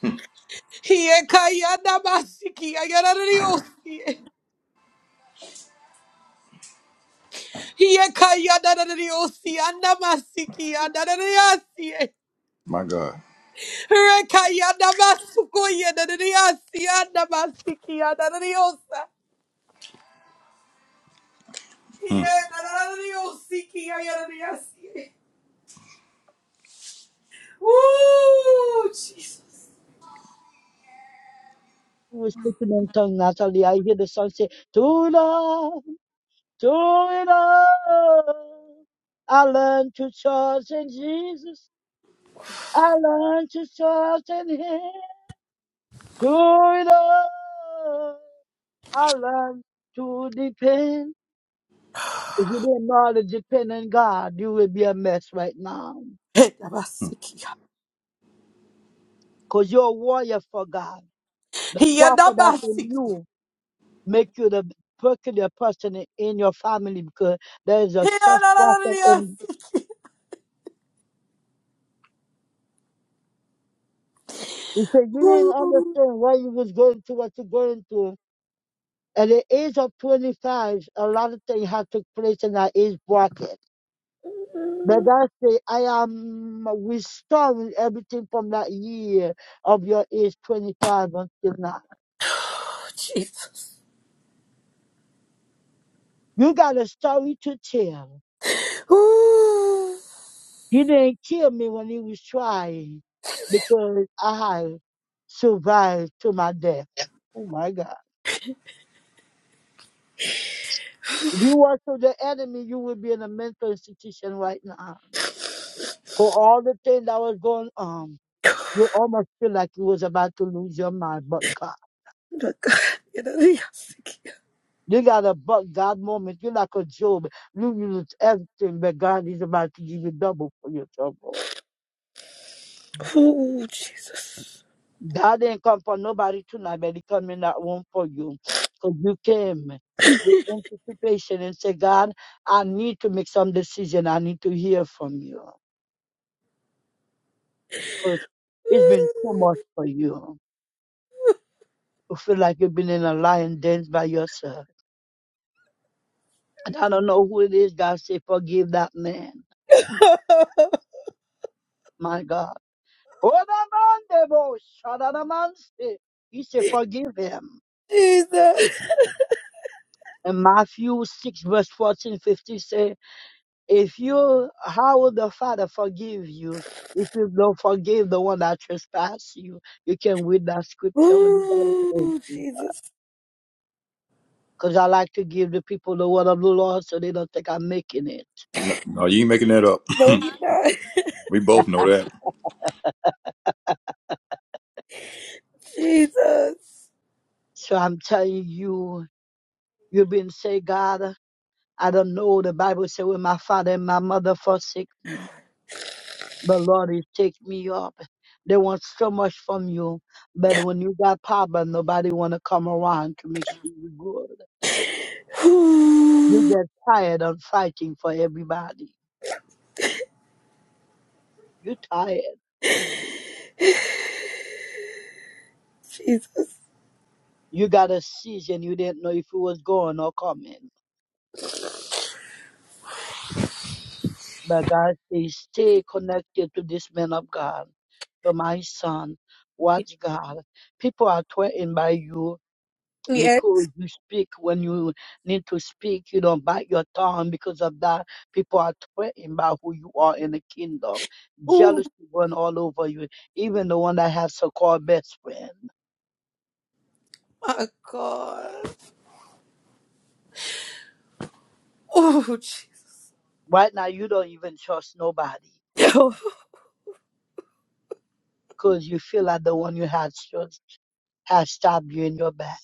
[SPEAKER 1] Hmm.
[SPEAKER 7] Yeka yadabasiki, yadadadios. Yeka yadadadios, yandamasiki, yadadadiasi.
[SPEAKER 1] My God.
[SPEAKER 7] Reka yadabasuko, yadadadiasi, yandamasiki, yadadadiosa.
[SPEAKER 1] Hmm.
[SPEAKER 7] Yadadadiosiki, yadadadiasi. Woo, Jesus.
[SPEAKER 6] I was speaking in tongue, Natalie. I hear the song say, To love, to love. I learned to trust in Jesus. I learned to trust in Him. To love, I learned to depend. If you didn't know how to depend on God, you would be a mess right now.
[SPEAKER 1] Hmm.
[SPEAKER 7] Yadabasiki,
[SPEAKER 6] Because you're a warrior for God. The prophet that's in
[SPEAKER 7] yadabasiki.
[SPEAKER 6] you make you the peculiar person in in your family because there is a such prophet in You said you didn't understand
[SPEAKER 7] Ooh,
[SPEAKER 6] why you was going through what you're going through. At the age of 25, a lot of things have took place in that age bracket. But I say I am restoring everything from that year of your age 25 until now.
[SPEAKER 7] Jesus.
[SPEAKER 6] You got a story to tell.
[SPEAKER 7] Ooh.
[SPEAKER 6] He didn't kill me when he was trying because I had survived to my death. Oh my God. If you were to the enemy, you would be in a mental institution right now. For all the things that was going on, you almost feel like you was about to lose your mind, but God.
[SPEAKER 7] Oh, Jesus.
[SPEAKER 6] You got a but God moment. You're like a Job. You lose everything, but God is about to give you double for your trouble.
[SPEAKER 7] Ooh, Jesus.
[SPEAKER 6] God didn't come for nobody tonight, but he come in that room for you. Because you came with anticipation and say, God, I need to make some decision. I need to hear from you. Because it's been too much for you. You feel like you've been in a lion den by yourself. And I don't know who it is. God say, forgive that man. My God. Oramandebo shadaramanse. He said, forgive him. And Matthew 6 verse 14, 15 say, if you, how will the Father forgive you if you don't forgive the one that trespass you? You can read that scripture when anybody tells
[SPEAKER 7] Ooh,
[SPEAKER 6] you.
[SPEAKER 7] Jesus.
[SPEAKER 6] Because I like to give the people the word of the Lord so they don't think I'm making it.
[SPEAKER 1] No, no, you ain't making that up.
[SPEAKER 7] No, you're not.
[SPEAKER 1] [laughs] we both know that.
[SPEAKER 7] Jesus.
[SPEAKER 6] So I'm telling you, you've been say, God, I don't know. The Bible says, when my father and my mother forsake me, the Lord is take me up. They want so much from you, but when you got problem, nobody want to come around to make sure you good.
[SPEAKER 7] Ooh,
[SPEAKER 6] You get tired of fighting for everybody. You tired.
[SPEAKER 7] Jesus.
[SPEAKER 6] You got a season you didn't know if it was going or coming. But God says, stay connected to this man of God, to my son. Watch God. People are threatened by you
[SPEAKER 7] Yes.
[SPEAKER 6] because you speak when you need to speak. You don't bite your tongue because of that. People are threatened by who you are in the kingdom.
[SPEAKER 7] Oh,
[SPEAKER 6] Jealousy run all over you, even the one that has so-called best friend.
[SPEAKER 7] my God. Oh, Jesus.
[SPEAKER 6] Right now, you don't even trust nobody
[SPEAKER 7] Oh,
[SPEAKER 6] because you feel like the one you had trust has stabbed you in your back.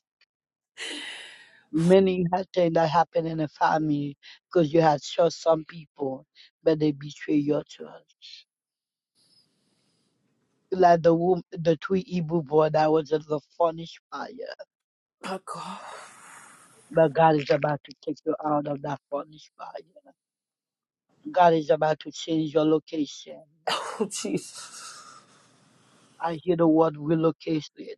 [SPEAKER 6] Many had things that happen in the family because you had trust some people, but they betray your trust. Like the wom- the Tweety Boo boy that was in the furnace fire.
[SPEAKER 7] my God.
[SPEAKER 6] But God is about to take you out of that furnace fire. God is about to change your location.
[SPEAKER 7] Oh, Jesus.
[SPEAKER 6] I hear the word relocated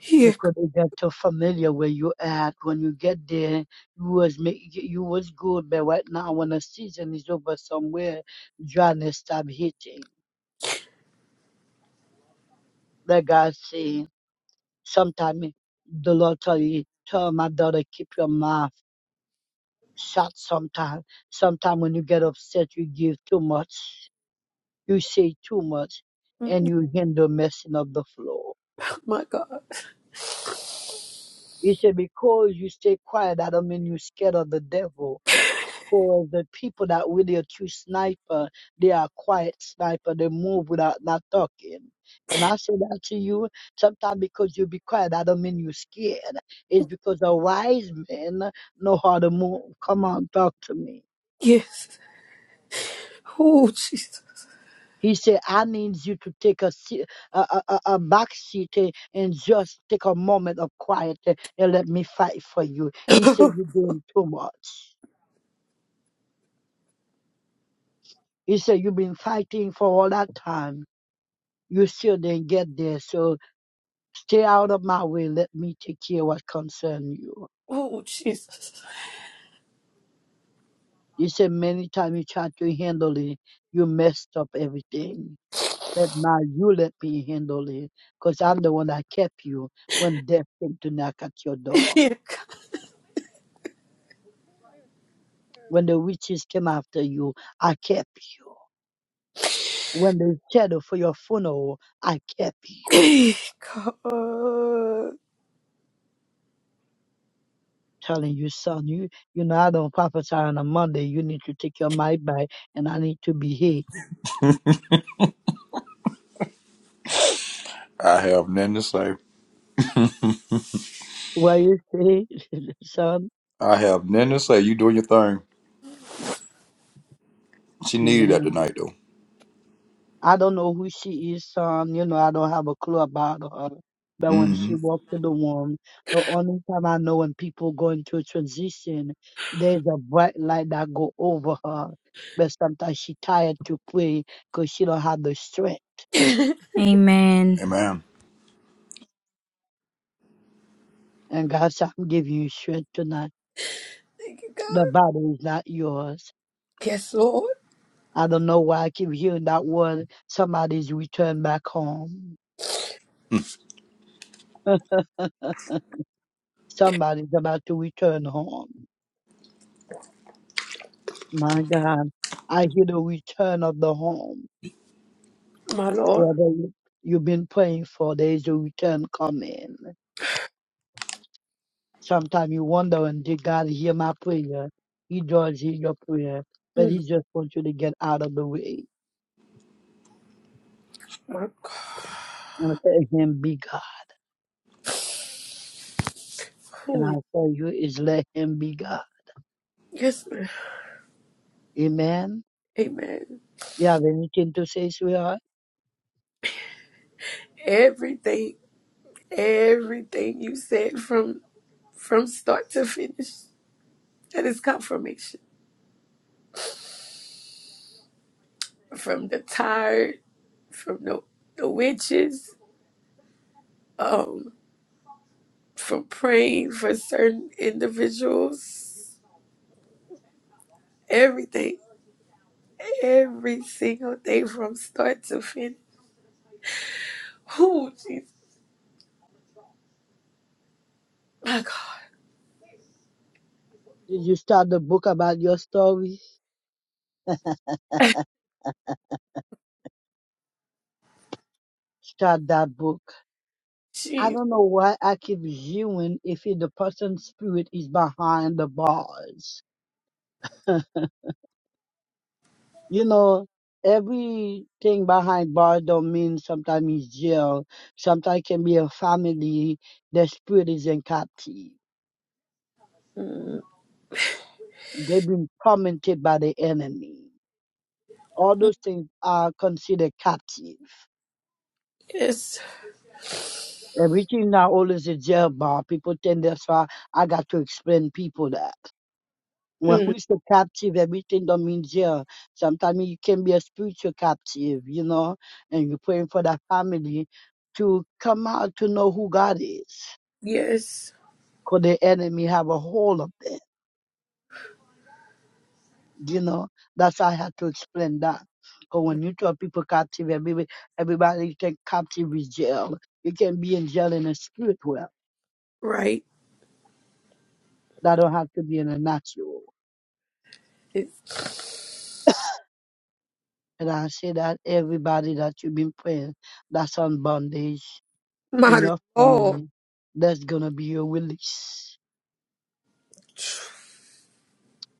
[SPEAKER 7] Yeah.
[SPEAKER 6] because it got too familiar where you at. When you get there, you was make, you was good, but right now when the season is over somewhere, dryness stop hitting. Like God saying, sometimes the Lord tell you, tell my daughter keep your mouth. shot sometimes Sometime when you get upset, you give too much, you say too much,
[SPEAKER 7] Oh,
[SPEAKER 6] and you hinder messing up the flow.
[SPEAKER 7] My God.
[SPEAKER 6] He said, because you stay quiet, that don't mean you are scared of the devil. Because the people that really a true sniper, they are quiet sniper. They move without not talking. Can I say that to you? Sometimes because you be quiet, that don't mean you are scared. It's because a wise man know how to move. Come on, talk to me.
[SPEAKER 7] Yes. Oh, Jesus.
[SPEAKER 6] He said, I need you to take a, se- a, a, a back seat eh, and just take a moment of quiet eh, and let me fight for you. He said, You're doing too much. He said, You've been fighting for all that time. You still didn't get there. So stay out of my way. Let me take care of what concerns you.
[SPEAKER 7] Oh, Jesus.
[SPEAKER 6] He said, Many times you tried to handle it, you messed up everything. But now you let me handle it because I'm the one that kept you when death came to knock at your door.
[SPEAKER 7] Yeah.
[SPEAKER 6] When the witches came after you, I kept you. When they scheduled for your funeral, I kept
[SPEAKER 7] God. [coughs]
[SPEAKER 6] you. Telling you, son, you you know I don't prophesy on a Monday. You need to take your mic back, and I need to be here.
[SPEAKER 1] I have nothing to say.
[SPEAKER 6] What you say, [laughs] son?
[SPEAKER 1] I have nothing to say. You doing your thing. She needed that
[SPEAKER 6] Amen.
[SPEAKER 1] tonight, though.
[SPEAKER 6] I don't know who she is, son. You know, I don't have a clue about her. But when she
[SPEAKER 1] Mm-hmm.
[SPEAKER 6] walked in the room, the only time I know when people go into a transition, there's a bright light that go over her. But sometimes she tired to pray because she don't have the strength.
[SPEAKER 7] Thank
[SPEAKER 3] And
[SPEAKER 1] Amen.
[SPEAKER 6] And God said, I'm giving you strength tonight.
[SPEAKER 7] you,
[SPEAKER 6] The
[SPEAKER 7] God.
[SPEAKER 6] battle is not yours.
[SPEAKER 7] Yes, Lord.
[SPEAKER 6] I don't know why I keep hearing that word. Somebody's returned back home. [laughs] Somebody's about to return home. My God, I hear the return of the home.
[SPEAKER 7] My Lord.
[SPEAKER 6] Whether you- you've been praying for, there's a return coming. Sometimes you wonder, and did God hear my prayer? He does hear your prayer, but
[SPEAKER 7] Mm,
[SPEAKER 6] He just wants you to get out of the way
[SPEAKER 7] My God.
[SPEAKER 6] and let Him be God. And
[SPEAKER 7] Ooh,
[SPEAKER 6] I tell you, is let Him be God.
[SPEAKER 7] Yes, ma'am.
[SPEAKER 6] Amen.
[SPEAKER 7] Amen.
[SPEAKER 6] You have anything to say, sweetheart?
[SPEAKER 7] Everything, everything you said from from start to finish, that is confirmation. From the tired, from the, the witches, um, from praying for certain individuals, everything, every single thing from start to finish. Who Jesus. My God,
[SPEAKER 6] Did you start the book about your story? Start that book. I
[SPEAKER 7] she
[SPEAKER 6] don't know why I keep viewing if it- the person's spirit is behind the bars. [laughs] you know, everything behind bars don't mean sometimes it's jail. Sometimes can be a family. Their spirit is in captivity.
[SPEAKER 7] mm,
[SPEAKER 6] They've been tormented by the enemy. All those things are considered captive.
[SPEAKER 7] yes,
[SPEAKER 6] Everything now always a jail bar. People think that's why I got to explain people that. When
[SPEAKER 7] mm,
[SPEAKER 6] we say captive, everything don't mean jail. Sometimes you can be a spiritual captive, you know, and you're praying for that family to come out to know who God is.
[SPEAKER 7] yes,
[SPEAKER 6] Because the enemy have a hold of them, you know. That's how I had to explain that. Because when you tell people captive, everybody, everybody think captive is jail. You can be in jail in a spirit world.
[SPEAKER 7] right.
[SPEAKER 6] That don't have to be in a natural.
[SPEAKER 7] It's
[SPEAKER 6] And I say that everybody that you've been praying, that's on bondage and
[SPEAKER 7] my
[SPEAKER 6] your
[SPEAKER 7] Lord.
[SPEAKER 6] family that's going to be your release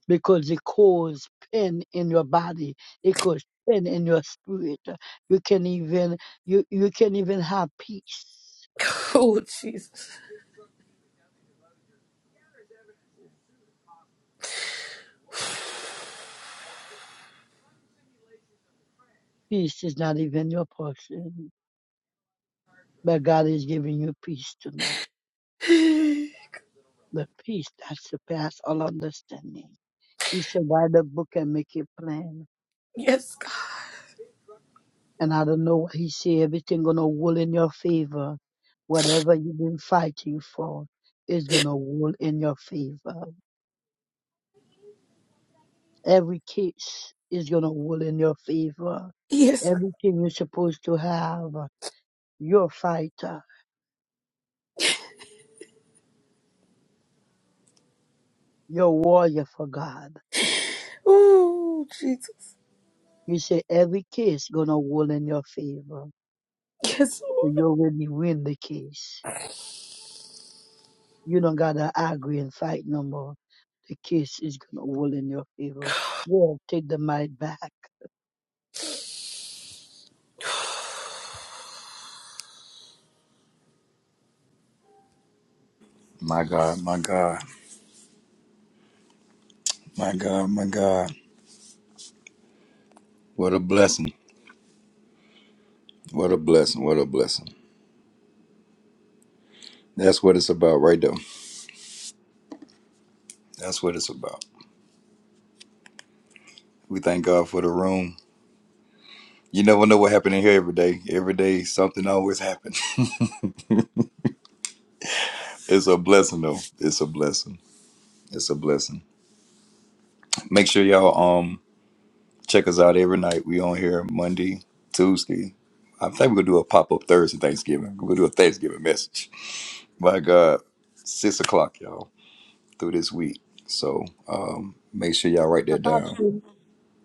[SPEAKER 6] because it causes pain in your body it causes pain in your spirit you can even you you can even have peace
[SPEAKER 7] Oh Jesus.
[SPEAKER 6] peace is not even your portion but god is giving you peace tonight
[SPEAKER 7] [sighs]
[SPEAKER 6] the peace that surpasses all understanding he said write the book and make it plain
[SPEAKER 7] Yes, God.
[SPEAKER 6] And I don't know what he say everything gonna roll in your favor. Whatever you've been fighting for is gonna roll in your favor. Every case is gonna roll in your favor.
[SPEAKER 7] Yes.
[SPEAKER 6] Everything you're supposed to have, you're a fighter, you're a warrior for God.
[SPEAKER 7] Oh Jesus.
[SPEAKER 6] You say every case gonna roll in your favor.
[SPEAKER 7] Yes.
[SPEAKER 6] So you already win the case. You don't gotta argue and fight no more. The case is gonna roll in your favor. Yeah, take the might back.
[SPEAKER 1] My God. My God. My God. My God. What a blessing. What a blessing. What a blessing. That's what it's about, right there. That's what it's about. We thank God for the room. You never know what happened in here every day. Every day, something always happens. [laughs] it's a blessing, though. It's a blessing. It's a blessing. Make sure y'all um check us out every night. We on here Monday, Tuesday. I think we're gonna do a pop up Thursday Thanksgiving. We're gonna do a Thanksgiving message. My God, six o'clock, y'all, through this week. So um make sure y'all write that down.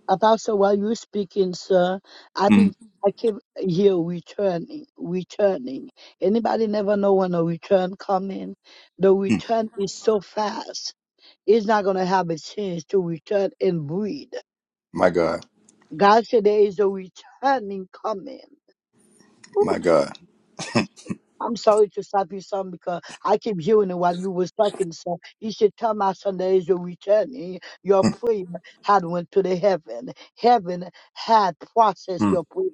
[SPEAKER 6] Apostle, while you speaking, sir, I
[SPEAKER 1] Mm,
[SPEAKER 6] be I keep hear returning, returning. Anybody never know when a return coming? The
[SPEAKER 1] mm.
[SPEAKER 6] return is so fast. It's not gonna have a chance to return and breed.
[SPEAKER 1] My God,
[SPEAKER 6] God said there is a returning coming. Ooh,
[SPEAKER 1] my God,
[SPEAKER 6] I'm sorry to stop you, son, because I keep hearing it while you was talking, sir. You should tell my son there is a returning. Your
[SPEAKER 1] Mm,
[SPEAKER 6] prayer had went to the heaven. Heaven had processed
[SPEAKER 1] mm.
[SPEAKER 6] your prayer.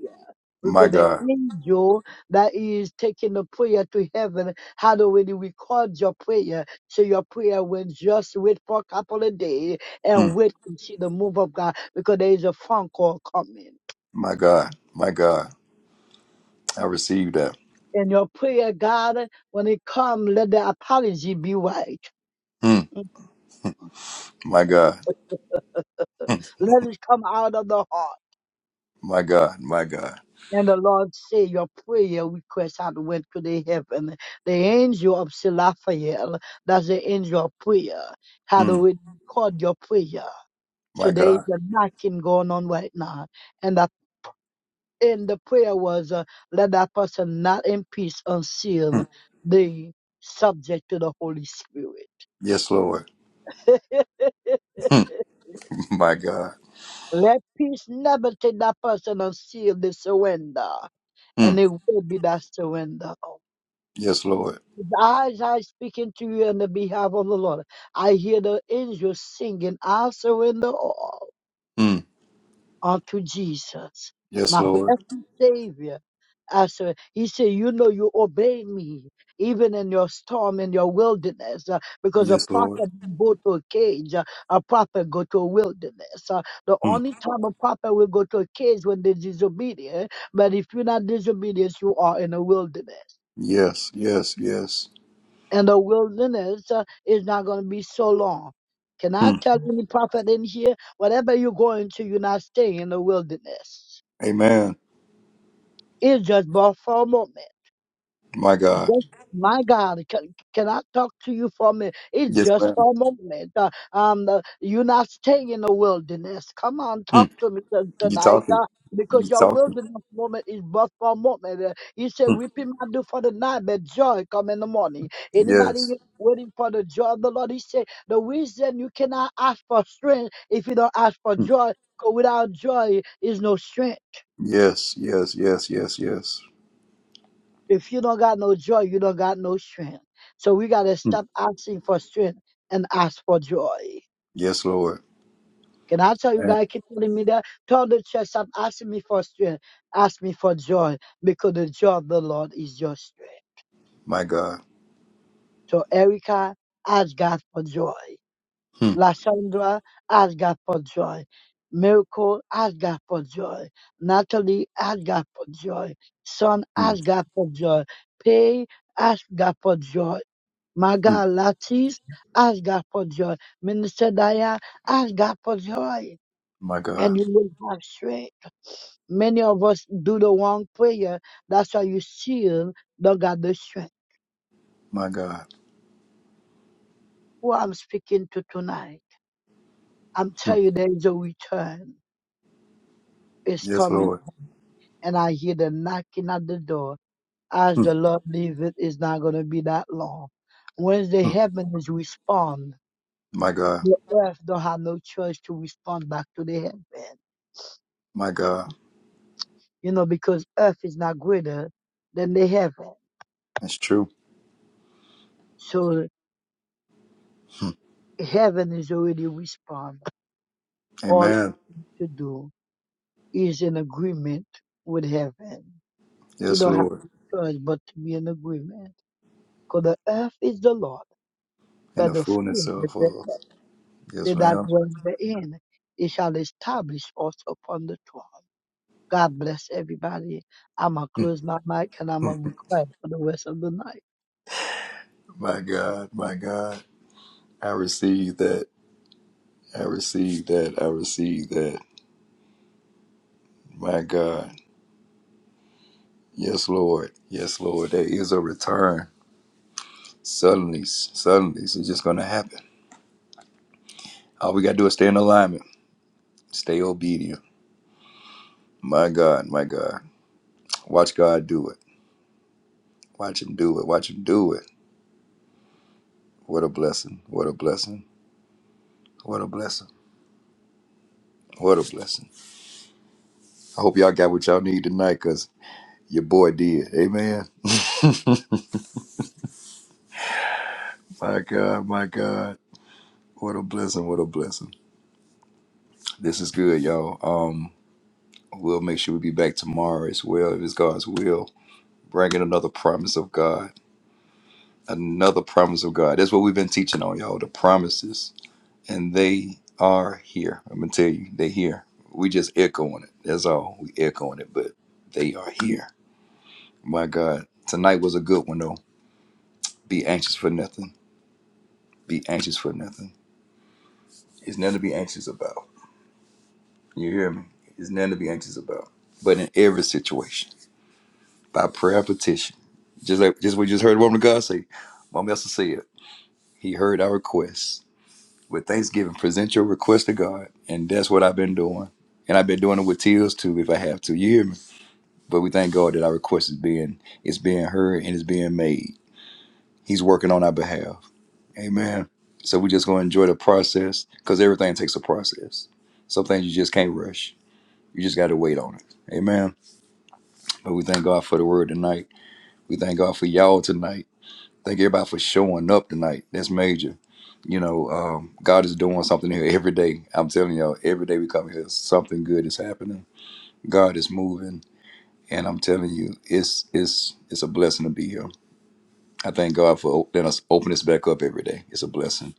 [SPEAKER 1] my
[SPEAKER 6] Because the
[SPEAKER 1] God,
[SPEAKER 6] angel that is taking the prayer to heaven how do we record your prayer. So your prayer will just wait for a couple of days and
[SPEAKER 1] Mm,
[SPEAKER 6] wait and see the move of God because there is a phone call coming.
[SPEAKER 1] my God, my God. I receive that.
[SPEAKER 6] And your prayer, God, when it comes, let the apology be right.
[SPEAKER 1] Mm,
[SPEAKER 6] Mm, okay.
[SPEAKER 1] my God,
[SPEAKER 6] Let it come out of the heart.
[SPEAKER 1] my God, my God,
[SPEAKER 6] And the Lord say your prayer request had went to the heaven. The angel of Raphael, that's the angel of prayer, had
[SPEAKER 1] mm,
[SPEAKER 6] already called your prayer.
[SPEAKER 1] my
[SPEAKER 6] Today is
[SPEAKER 1] God.
[SPEAKER 6] a knocking going on right now. And that and the prayer was uh, let that person not in peace unseal
[SPEAKER 1] Mm,
[SPEAKER 6] the subject to the Holy Spirit.
[SPEAKER 1] yes, Lord.
[SPEAKER 6] [laughs]
[SPEAKER 1] Mm, [laughs] my God.
[SPEAKER 6] Let peace never take that person until they surrender, and
[SPEAKER 1] Mm,
[SPEAKER 6] it will be that surrender.
[SPEAKER 1] yes, Lord.
[SPEAKER 6] The eyes I speaking to you on the behalf of the Lord. I hear the angels singing, I surrender all
[SPEAKER 1] Mm,
[SPEAKER 6] unto Jesus,
[SPEAKER 1] yes,
[SPEAKER 6] my
[SPEAKER 1] Lord.
[SPEAKER 6] blessed Savior. I sur- he said, You know, you obey me even in your storm, in your wilderness, uh, because a
[SPEAKER 1] Yes,
[SPEAKER 6] prophet
[SPEAKER 1] Lord.
[SPEAKER 6] don't go to a cage, uh, a prophet go to a wilderness. Uh, the
[SPEAKER 1] Mm,
[SPEAKER 6] only time a prophet will go to a cage when they're disobedient, but if you're not disobedient, you are in a wilderness.
[SPEAKER 1] yes, yes, yes.
[SPEAKER 6] and the wilderness uh, is not going to be so long. Can I
[SPEAKER 1] Mm,
[SPEAKER 6] tell any prophet in here, whatever you're going to, you're not staying in the wilderness.
[SPEAKER 1] amen.
[SPEAKER 6] It's just but for a moment.
[SPEAKER 1] My God.
[SPEAKER 6] Just my God, can, can I talk to you for a minute? It's
[SPEAKER 1] Yes,
[SPEAKER 6] just
[SPEAKER 1] ma'am.
[SPEAKER 6] for a moment. Uh, um, uh, you're not staying in the wilderness. Come on, talk
[SPEAKER 1] Mm,
[SPEAKER 6] to me t-
[SPEAKER 1] you
[SPEAKER 6] tonight.
[SPEAKER 1] talking?
[SPEAKER 6] Uh,
[SPEAKER 1] You
[SPEAKER 6] because your
[SPEAKER 1] talking?
[SPEAKER 6] wilderness moment is but for a moment. Uh, you say
[SPEAKER 1] Mm,
[SPEAKER 6] weeping might do for the night, but joy come in the morning. Anybody
[SPEAKER 1] yes.
[SPEAKER 6] wait- waiting for the joy of the Lord? He said the reason you cannot ask for strength if you don't ask for
[SPEAKER 1] Mm,
[SPEAKER 6] joy, because without joy is no strength.
[SPEAKER 1] yes, yes, yes, yes, yes.
[SPEAKER 6] If you don't got no joy, you don't got no strength. So we gotta
[SPEAKER 1] Mm,
[SPEAKER 6] stop asking for strength and ask for joy.
[SPEAKER 1] yes, Lord.
[SPEAKER 6] Can I tell you
[SPEAKER 1] Man,
[SPEAKER 6] guys keep telling me that? Tell the church stop asking me for strength. Ask me for joy because the joy of the Lord is your strength.
[SPEAKER 1] my God.
[SPEAKER 6] So Erica, ask God for joy.
[SPEAKER 1] Mm,
[SPEAKER 6] Lashandra, ask God for joy. Miracle, ask God for joy. Natalie, ask God for joy. Son,
[SPEAKER 1] mm,
[SPEAKER 6] ask God for joy. Pay, ask God for joy My
[SPEAKER 1] mm,
[SPEAKER 6] God, Latrice, ask God for joy. Minister Diane, ask God for joy,
[SPEAKER 1] my
[SPEAKER 6] and
[SPEAKER 1] God.
[SPEAKER 6] you will have strength. Many of us do the wrong prayer. That's why you still don't got the strength.
[SPEAKER 1] My God.
[SPEAKER 6] Who I'm speaking to tonight, I'm
[SPEAKER 1] Mm,
[SPEAKER 6] telling you there is a return. It's
[SPEAKER 1] yes,
[SPEAKER 6] coming.
[SPEAKER 1] Lord.
[SPEAKER 6] And I hear the knocking at the door. As
[SPEAKER 1] Hmm.
[SPEAKER 6] the Lord leave it, it's not going to be that long. Once the
[SPEAKER 1] Hmm.
[SPEAKER 6] heavens respond,
[SPEAKER 1] My God,
[SPEAKER 6] the earth don't have no choice to respond back to the heaven.
[SPEAKER 1] my God,
[SPEAKER 6] you know, because earth is not greater than the heaven.
[SPEAKER 1] that's true.
[SPEAKER 6] So
[SPEAKER 1] Hmm.
[SPEAKER 6] heaven is already respond. All
[SPEAKER 1] Amen.
[SPEAKER 6] to do is in agreement with heaven. You
[SPEAKER 1] Yes,
[SPEAKER 6] don't have
[SPEAKER 1] Lord,
[SPEAKER 6] to choose but to be in agreement. Because the earth is the Lord,
[SPEAKER 1] and
[SPEAKER 6] but
[SPEAKER 1] the
[SPEAKER 6] the
[SPEAKER 1] fullness
[SPEAKER 6] fullness
[SPEAKER 1] of
[SPEAKER 6] thereof,
[SPEAKER 1] us.
[SPEAKER 6] they
[SPEAKER 1] Yes,
[SPEAKER 6] that
[SPEAKER 1] ma'am.
[SPEAKER 6] dwell therein. It shall establish us upon the throne. God bless everybody. I'm going to
[SPEAKER 1] Hmm.
[SPEAKER 6] close my mic and I'm
[SPEAKER 1] Hmm.
[SPEAKER 6] going to be quiet for the rest of the night.
[SPEAKER 1] My God, my God, I receive that. I receive that. I receive that. My God, yes, Lord, yes, Lord. There is a return. Suddenly, suddenly, it's just going to happen. All we got to do is stay in alignment, stay obedient. My God, my God, watch God do it. Watch Him do it. Watch Him do it. What a blessing. What a blessing. What a blessing. What a blessing. I hope y'all got what y'all need tonight because your boy did. Amen. [laughs] my God, my God. What a blessing. What a blessing. This is good, y'all. Um, we'll make sure we be back tomorrow as well, if it's God's will, bringing another promise of God. Another promise of God. That's what we've been teaching on, y'all. The promises. And they are here. I'm going to tell you, they're here. We just echoing it. That's all. We echoing it, but they are here. My God. Tonight was a good one, though. Be anxious for nothing. Be anxious for nothing. It's nothing to be anxious about. You hear me? It's nothing to be anxious about. But in every situation, by prayer and petition, just like just we just heard the woman of God say, Mama Esther said, He heard our requests. With thanksgiving, present your request to God, and that's what I've been doing. And I've been doing it with tears too, if I have to. You hear me? But we thank God that our request is being is being heard and is being made. He's working on our behalf. Amen. So we just gonna enjoy the process because everything takes a process. Some things you just can't rush. You just gotta wait on it. Amen. But we thank God for the word tonight. We thank God for y'all tonight. Thank everybody for showing up tonight. That's major. You know, um, God is doing something here every day. I'm telling y'all, every day we come here, something good is happening. God is moving, and I'm telling you, it's it's it's a blessing to be here. I thank God for letting us open this back up every day. It's a blessing.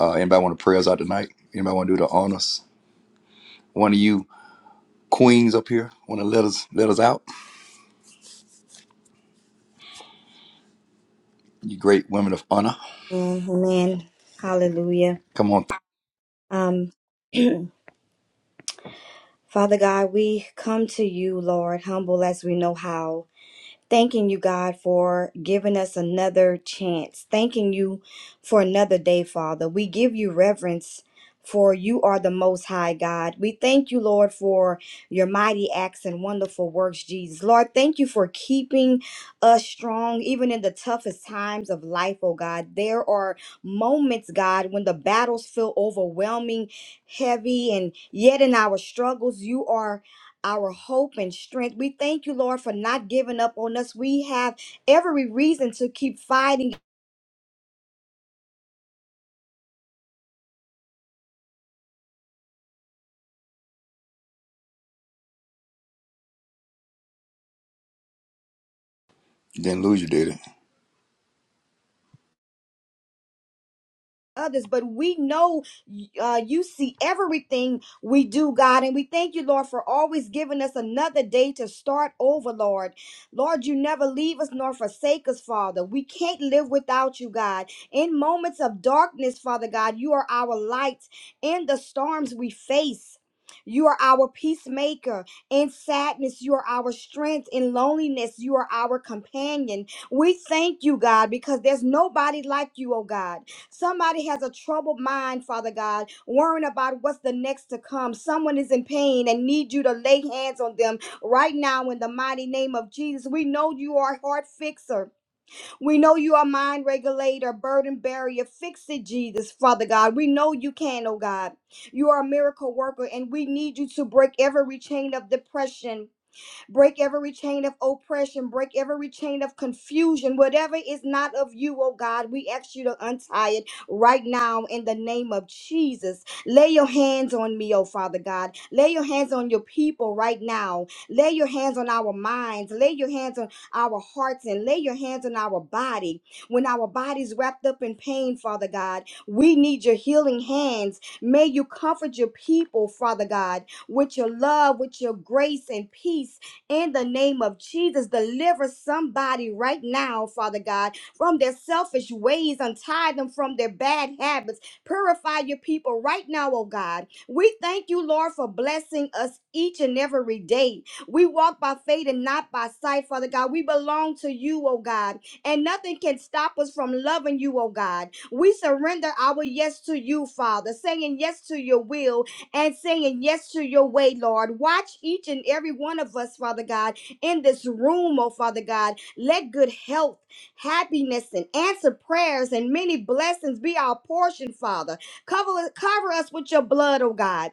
[SPEAKER 1] Uh, anybody want to pray us out tonight? Anybody want to do the honors? One of you queens up here want to let us let us out? You great women of honor.
[SPEAKER 3] Amen. Hallelujah.
[SPEAKER 1] Come on,
[SPEAKER 3] Um [clears throat] Father God, we come to you, Lord, humble as we know how. Thanking you, God, for giving us another chance. Thanking you for another day, Father. We give you reverence. For you are the most high God. We thank you, Lord, for your mighty acts and wonderful works, Jesus. Lord, thank you for keeping us strong, even in the toughest times of life, oh God. There are moments, God, when the battles feel overwhelming, heavy, and yet in our struggles, you are our hope and strength. We thank you, Lord, for not giving up on us. We have every reason to keep fighting
[SPEAKER 1] didn't lose you, did it?
[SPEAKER 3] others, but we know uh, you see everything we do, God. And we thank you, Lord, for always giving us another day to start over, Lord. Lord, you never leave us nor forsake us, Father. We can't live without you, God. In moments of darkness, Father God, you are our light in the storms we face. You are our peacemaker in sadness. You are our strength in loneliness. You are our companion. We thank you, God, because there's nobody like you, oh God. Somebody has a troubled mind, Father God, worrying about what's the next to come. Someone is in pain and need you to lay hands on them right now in the mighty name of Jesus. We know you are a heart fixer. We know you are mind regulator, burden barrier. Fix it, Jesus, Father God. We know you can, oh God. You are a miracle worker, and we need you to break every chain of depression Break every chain of oppression. Break every chain of confusion. Whatever is not of you, oh God, we ask you to untie it right now in the name of Jesus. Lay your hands on me, oh Father God. Lay your hands on your people right now. Lay your hands on our minds. Lay your hands on our hearts and lay your hands on our body. When our body's wrapped up in pain, Father God, we need your healing hands. May you comfort your people, Father God, with your love, with your grace and peace in the name of Jesus. Deliver somebody right now, Father God, from their selfish ways, untie them from their bad habits. Purify your people right now, oh God. We thank you, Lord, for blessing us each and every day. We walk by faith and not by sight, Father God. We belong to you, oh God, and nothing can stop us from loving you, oh God. We surrender our yes to you, Father, saying yes to your will and saying yes to your way, Lord. Watch each and every one of us, Father God, in this room, oh Father God. Let good health, happiness, and answer prayers and many blessings be our portion, Father. Cover, cover us with your blood, oh God.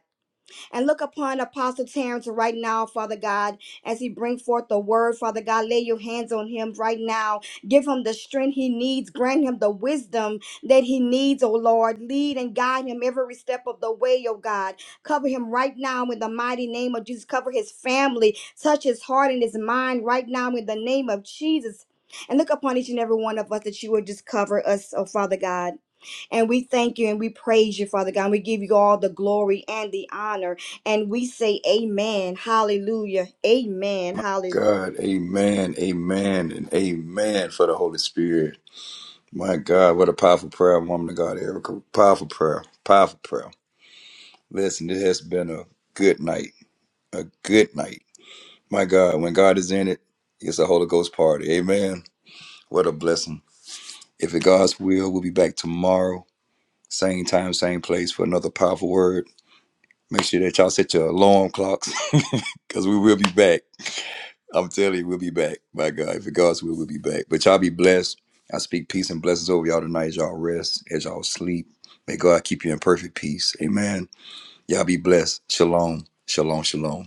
[SPEAKER 3] And look upon Apostle Terrence right now, Father God, as he bring forth the word, Father God. Lay your hands on him right now. Give him the strength he needs. Grant him the wisdom that he needs, oh Lord. Lead and guide him every step of the way, oh God. Cover him right now in the mighty name of Jesus. Cover his family. Touch his heart and his mind right now in the name of Jesus. And look upon each and every one of us that you would just cover us, oh Father God. And we thank you and we praise you, Father God. And we give you all the glory and the honor. And we say, Amen. Hallelujah. Amen. Hallelujah."
[SPEAKER 1] God, Amen, Amen, and Amen for the Holy Spirit. My God, what a powerful prayer, woman of God, Erica. Powerful prayer, powerful prayer. Listen, it has been a good night, a good night. My God, when God is in it, it's a Holy Ghost party. Amen. What a blessing. If it God's will, we'll be back tomorrow. Same time, same place for another powerful word. Make sure that y'all set your alarm clocks [laughs] because we will be back. I'm telling you, we'll be back. By God, if it God's will, we'll be back. But y'all be blessed. I speak peace and blessings over y'all tonight as y'all rest, as y'all sleep. May God keep you in perfect peace. Amen. Y'all be blessed. Shalom. Shalom. Shalom.